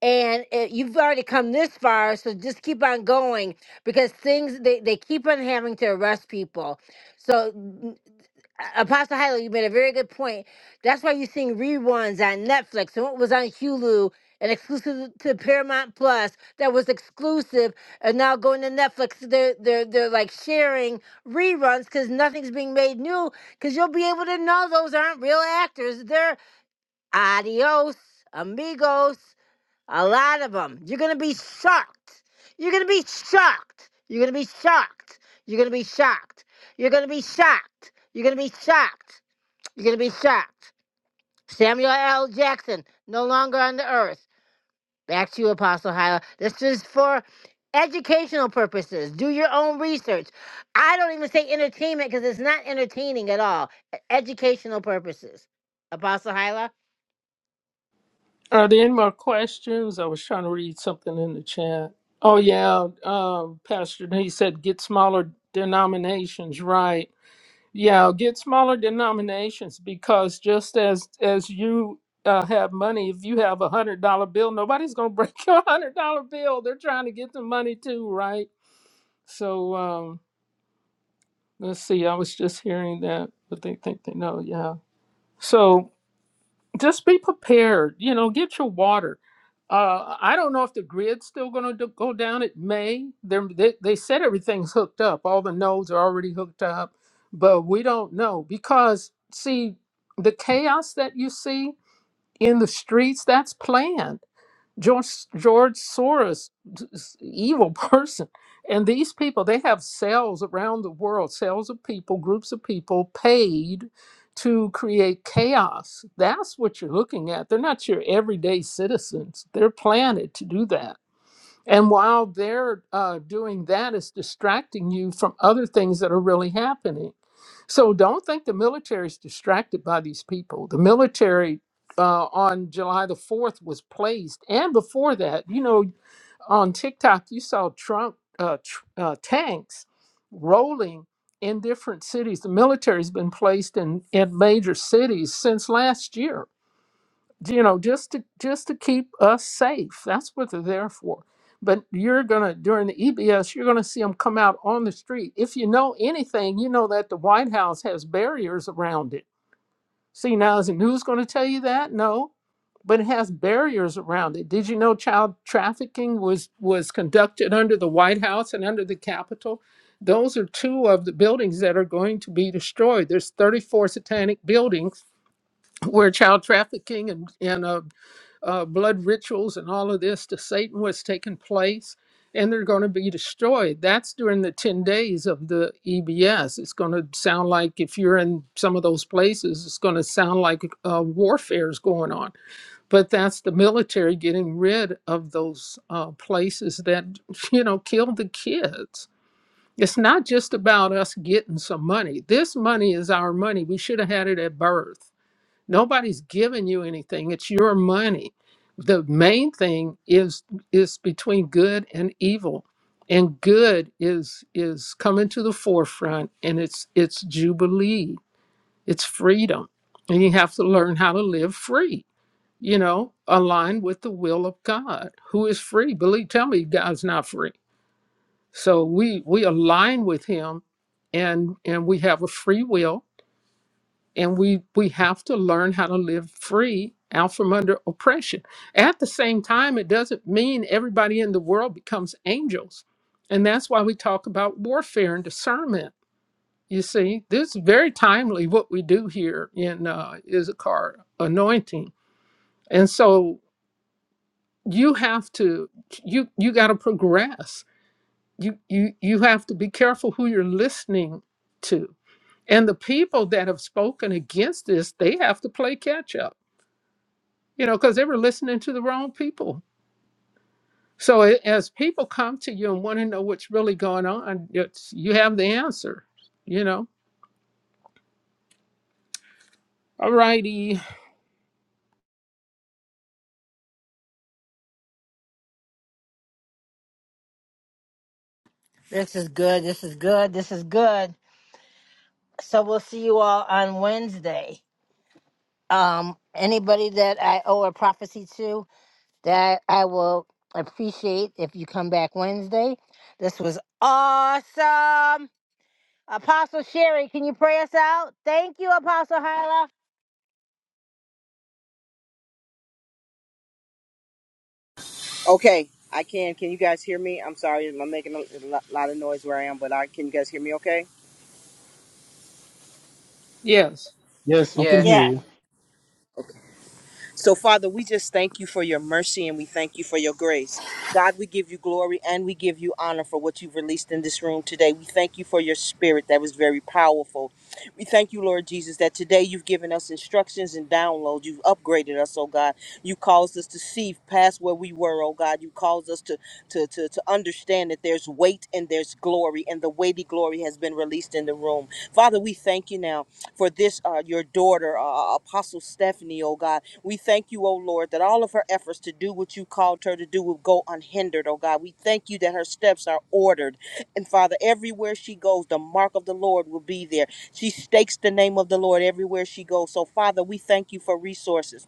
Speaker 1: and it, you've already come this far so just keep on going because things they, they keep on having to arrest people so a- Apostle Hyla, you made a very good point. That's why you're seeing reruns on Netflix and what was on Hulu and exclusive to Paramount Plus that was exclusive and now going to Netflix. They're they're they're like sharing reruns because nothing's being made new. Because you'll be able to know those aren't real actors. They're adios, amigos, a lot of them. You're gonna be shocked. You're gonna be shocked. You're gonna be shocked. You're gonna be shocked. You're gonna be shocked. You're gonna be shocked. You're going to be shocked. Samuel L. Jackson, no longer on the earth. Back to you, Apostle Hyla. This is for educational purposes. Do your own research. I don't even say entertainment because it's not entertaining at all. E- Educational purposes. Apostle Hyla?
Speaker 4: Are there any more questions? I was trying to read something in the chat. Oh yeah, um, Pastor he said get smaller denominations, right? Yeah, get smaller denominations because just as as you uh, have money, if you have a hundred dollar bill, nobody's gonna break *laughs* your hundred dollar bill. They're trying to get the money too, right? So um, let's see. I was just hearing that, but they think they know. Yeah. So just be prepared. You know, get your water. Uh, I don't know if the grid's still going to go down. It may. They're, they they said everything's hooked up. All the nodes are already hooked up, but we don't know because see the chaos that you see in the streets. That's planned George George Soros, this evil *laughs* person, and these people they have cells around the world, cells of people, groups of people paid to create chaos. That's what you're looking at. They're not your everyday citizens. They're planted to do that. And while they're uh, doing that, it's distracting you from other things that are really happening. So don't think the military is distracted by these people. The military uh, on July the 4th was placed. And before that, you know, on TikTok, you saw Trump uh, tr- uh, tanks rolling in different cities. The military has been placed in, in major cities since last year you know just to just to keep us safe that's what they're there for but you're gonna during the ebs you're gonna see them come out on the street if you know anything you know that the white house has barriers around it see now is the news going to tell you that no but it has barriers around it did you know child trafficking was was conducted under the white house and under the capitol those are two of the buildings that are going to be destroyed there's 34 satanic buildings where child trafficking and, and uh, uh, blood rituals and all of this to Satan was taking place, and they're going to be destroyed. That's during the 10 days of the EBS. It's going to sound like, if you're in some of those places, it's going to sound like uh, warfare is going on. But that's the military getting rid of those uh, places that, you know, killed the kids. It's not just about us getting some money. This money is our money. We should have had it at birth Nobody's giving you anything. It's your money. The main thing is is between good and evil. And good is is coming to the forefront and it's it's jubilee. It's freedom. And you have to learn how to live free, you know, aligned with the will of God, who is free. Believe tell me God's not free. So we we align with him and and we have a free will and we we have to learn how to live free out from under oppression at the same time it doesn't mean everybody in the world becomes angels and that's why we talk about warfare and discernment you see this is very timely what we do here in uh, issachar anointing and so you have to you you got to progress you you you have to be careful who you're listening to and the people that have spoken against this they have to play catch up you know, because they were listening to the wrong people. So a- as people come to you and want to know what's really going on, it's, you have the answer, you know. All righty.
Speaker 1: This is good. This is good. This is good. So we'll see you all on Wednesday. Um, anybody that I owe a prophecy to? that I will appreciate if you come back Wednesday. This was awesome. Apostle Sherry, can you pray us out? Thank you, Apostle Hyla.
Speaker 12: Okay, I can. Can you guys hear me? I'm sorry, I'm making a lo- lot of noise where I am, but I can you guys hear me? Okay.
Speaker 4: Yes.
Speaker 11: *laughs* yes we
Speaker 12: Okay.
Speaker 11: can hear
Speaker 9: Yes.
Speaker 1: Yes.
Speaker 11: you
Speaker 12: So, Father, we just thank you for your mercy and we thank you for your grace. God, we give you glory and we give you honor for what you've released in this room today. We thank you for your spirit that was very powerful. We thank you, Lord Jesus, that today you've given us instructions and downloads. You've upgraded us, oh God. You caused us to see past where we were, oh God. You caused us to, to, to, to understand that there's weight and there's glory, and the weighty glory has been released in the room. Father, we thank you now for this, uh, your daughter, uh, Apostle Stephanie, oh God. We thank you, O Lord, that all of her efforts to do what you called her to do will go unhindered, O God. We thank you that her steps are ordered. And Father, everywhere she goes, the mark of the Lord will be there. She stakes the name of the Lord everywhere she goes. So, Father, we thank you for resources.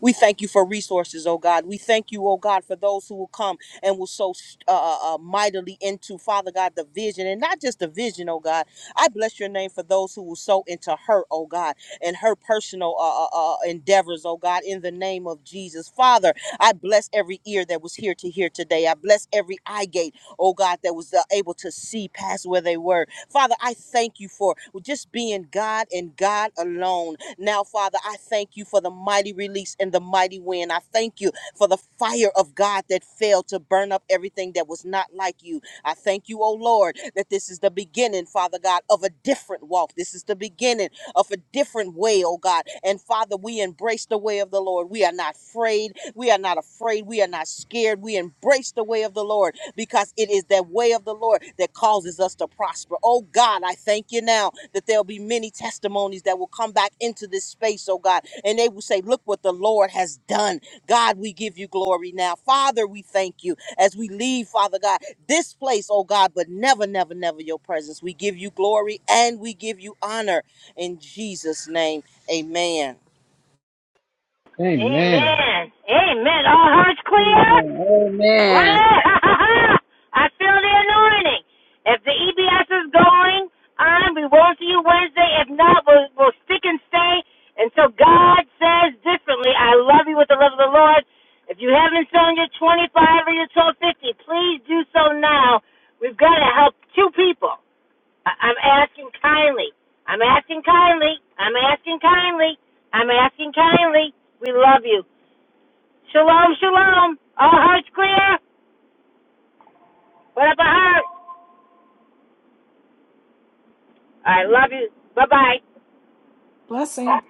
Speaker 12: We thank you for resources, oh God. We thank you, oh God, for those who will come and will sow uh, uh, uh, mightily into, Father God, the vision and not just the vision, oh God. I bless your name for those who will sow into her, oh God, and her personal uh, uh, uh, endeavors, oh God, in the name of Jesus. Father, I bless every ear that was here to hear today. I bless every eye gate, oh God, that was uh, able to see past where they were. Father, I thank you for just being God and God alone. Now, Father, I thank you for the mighty release and the mighty wind. I thank you for the fire of God that fell to burn up everything that was not like you. I thank you, oh Lord, that this is the beginning, Father God, of a different walk. This is the beginning of a different way, oh God. And Father, we embrace the way of the Lord. We are not afraid. We are not afraid. We are not scared. We embrace the way of the Lord because it is that way of the Lord that causes us to prosper. Oh God, I thank you now that there'll be many testimonies that will come back into this space, oh God, and they will say, Look what the Lord has done. God, we give you glory now. Father, we thank you as we leave, Father God, this place, oh God, but never, never, never your presence. We give you glory and we give you honor in Jesus' name. Amen.
Speaker 11: amen
Speaker 1: Amen. Amen. All hearts clear? What?
Speaker 9: Amen.
Speaker 1: *laughs* I feel the anointing. If the EBS is going on, we won't see you Wednesday. If not, we'll, we'll stick and stay until God says differently. I love you with the love of the Lord. If you haven't sown your 25 or your 1250, please do so now. We've got to help two people. I- I'm asking kindly. I'm asking kindly. I'm asking kindly. I'm asking kindly. We love you. Shalom, shalom. All hearts clear. What up, a heart? I love you. Bye bye.
Speaker 17: Blessing.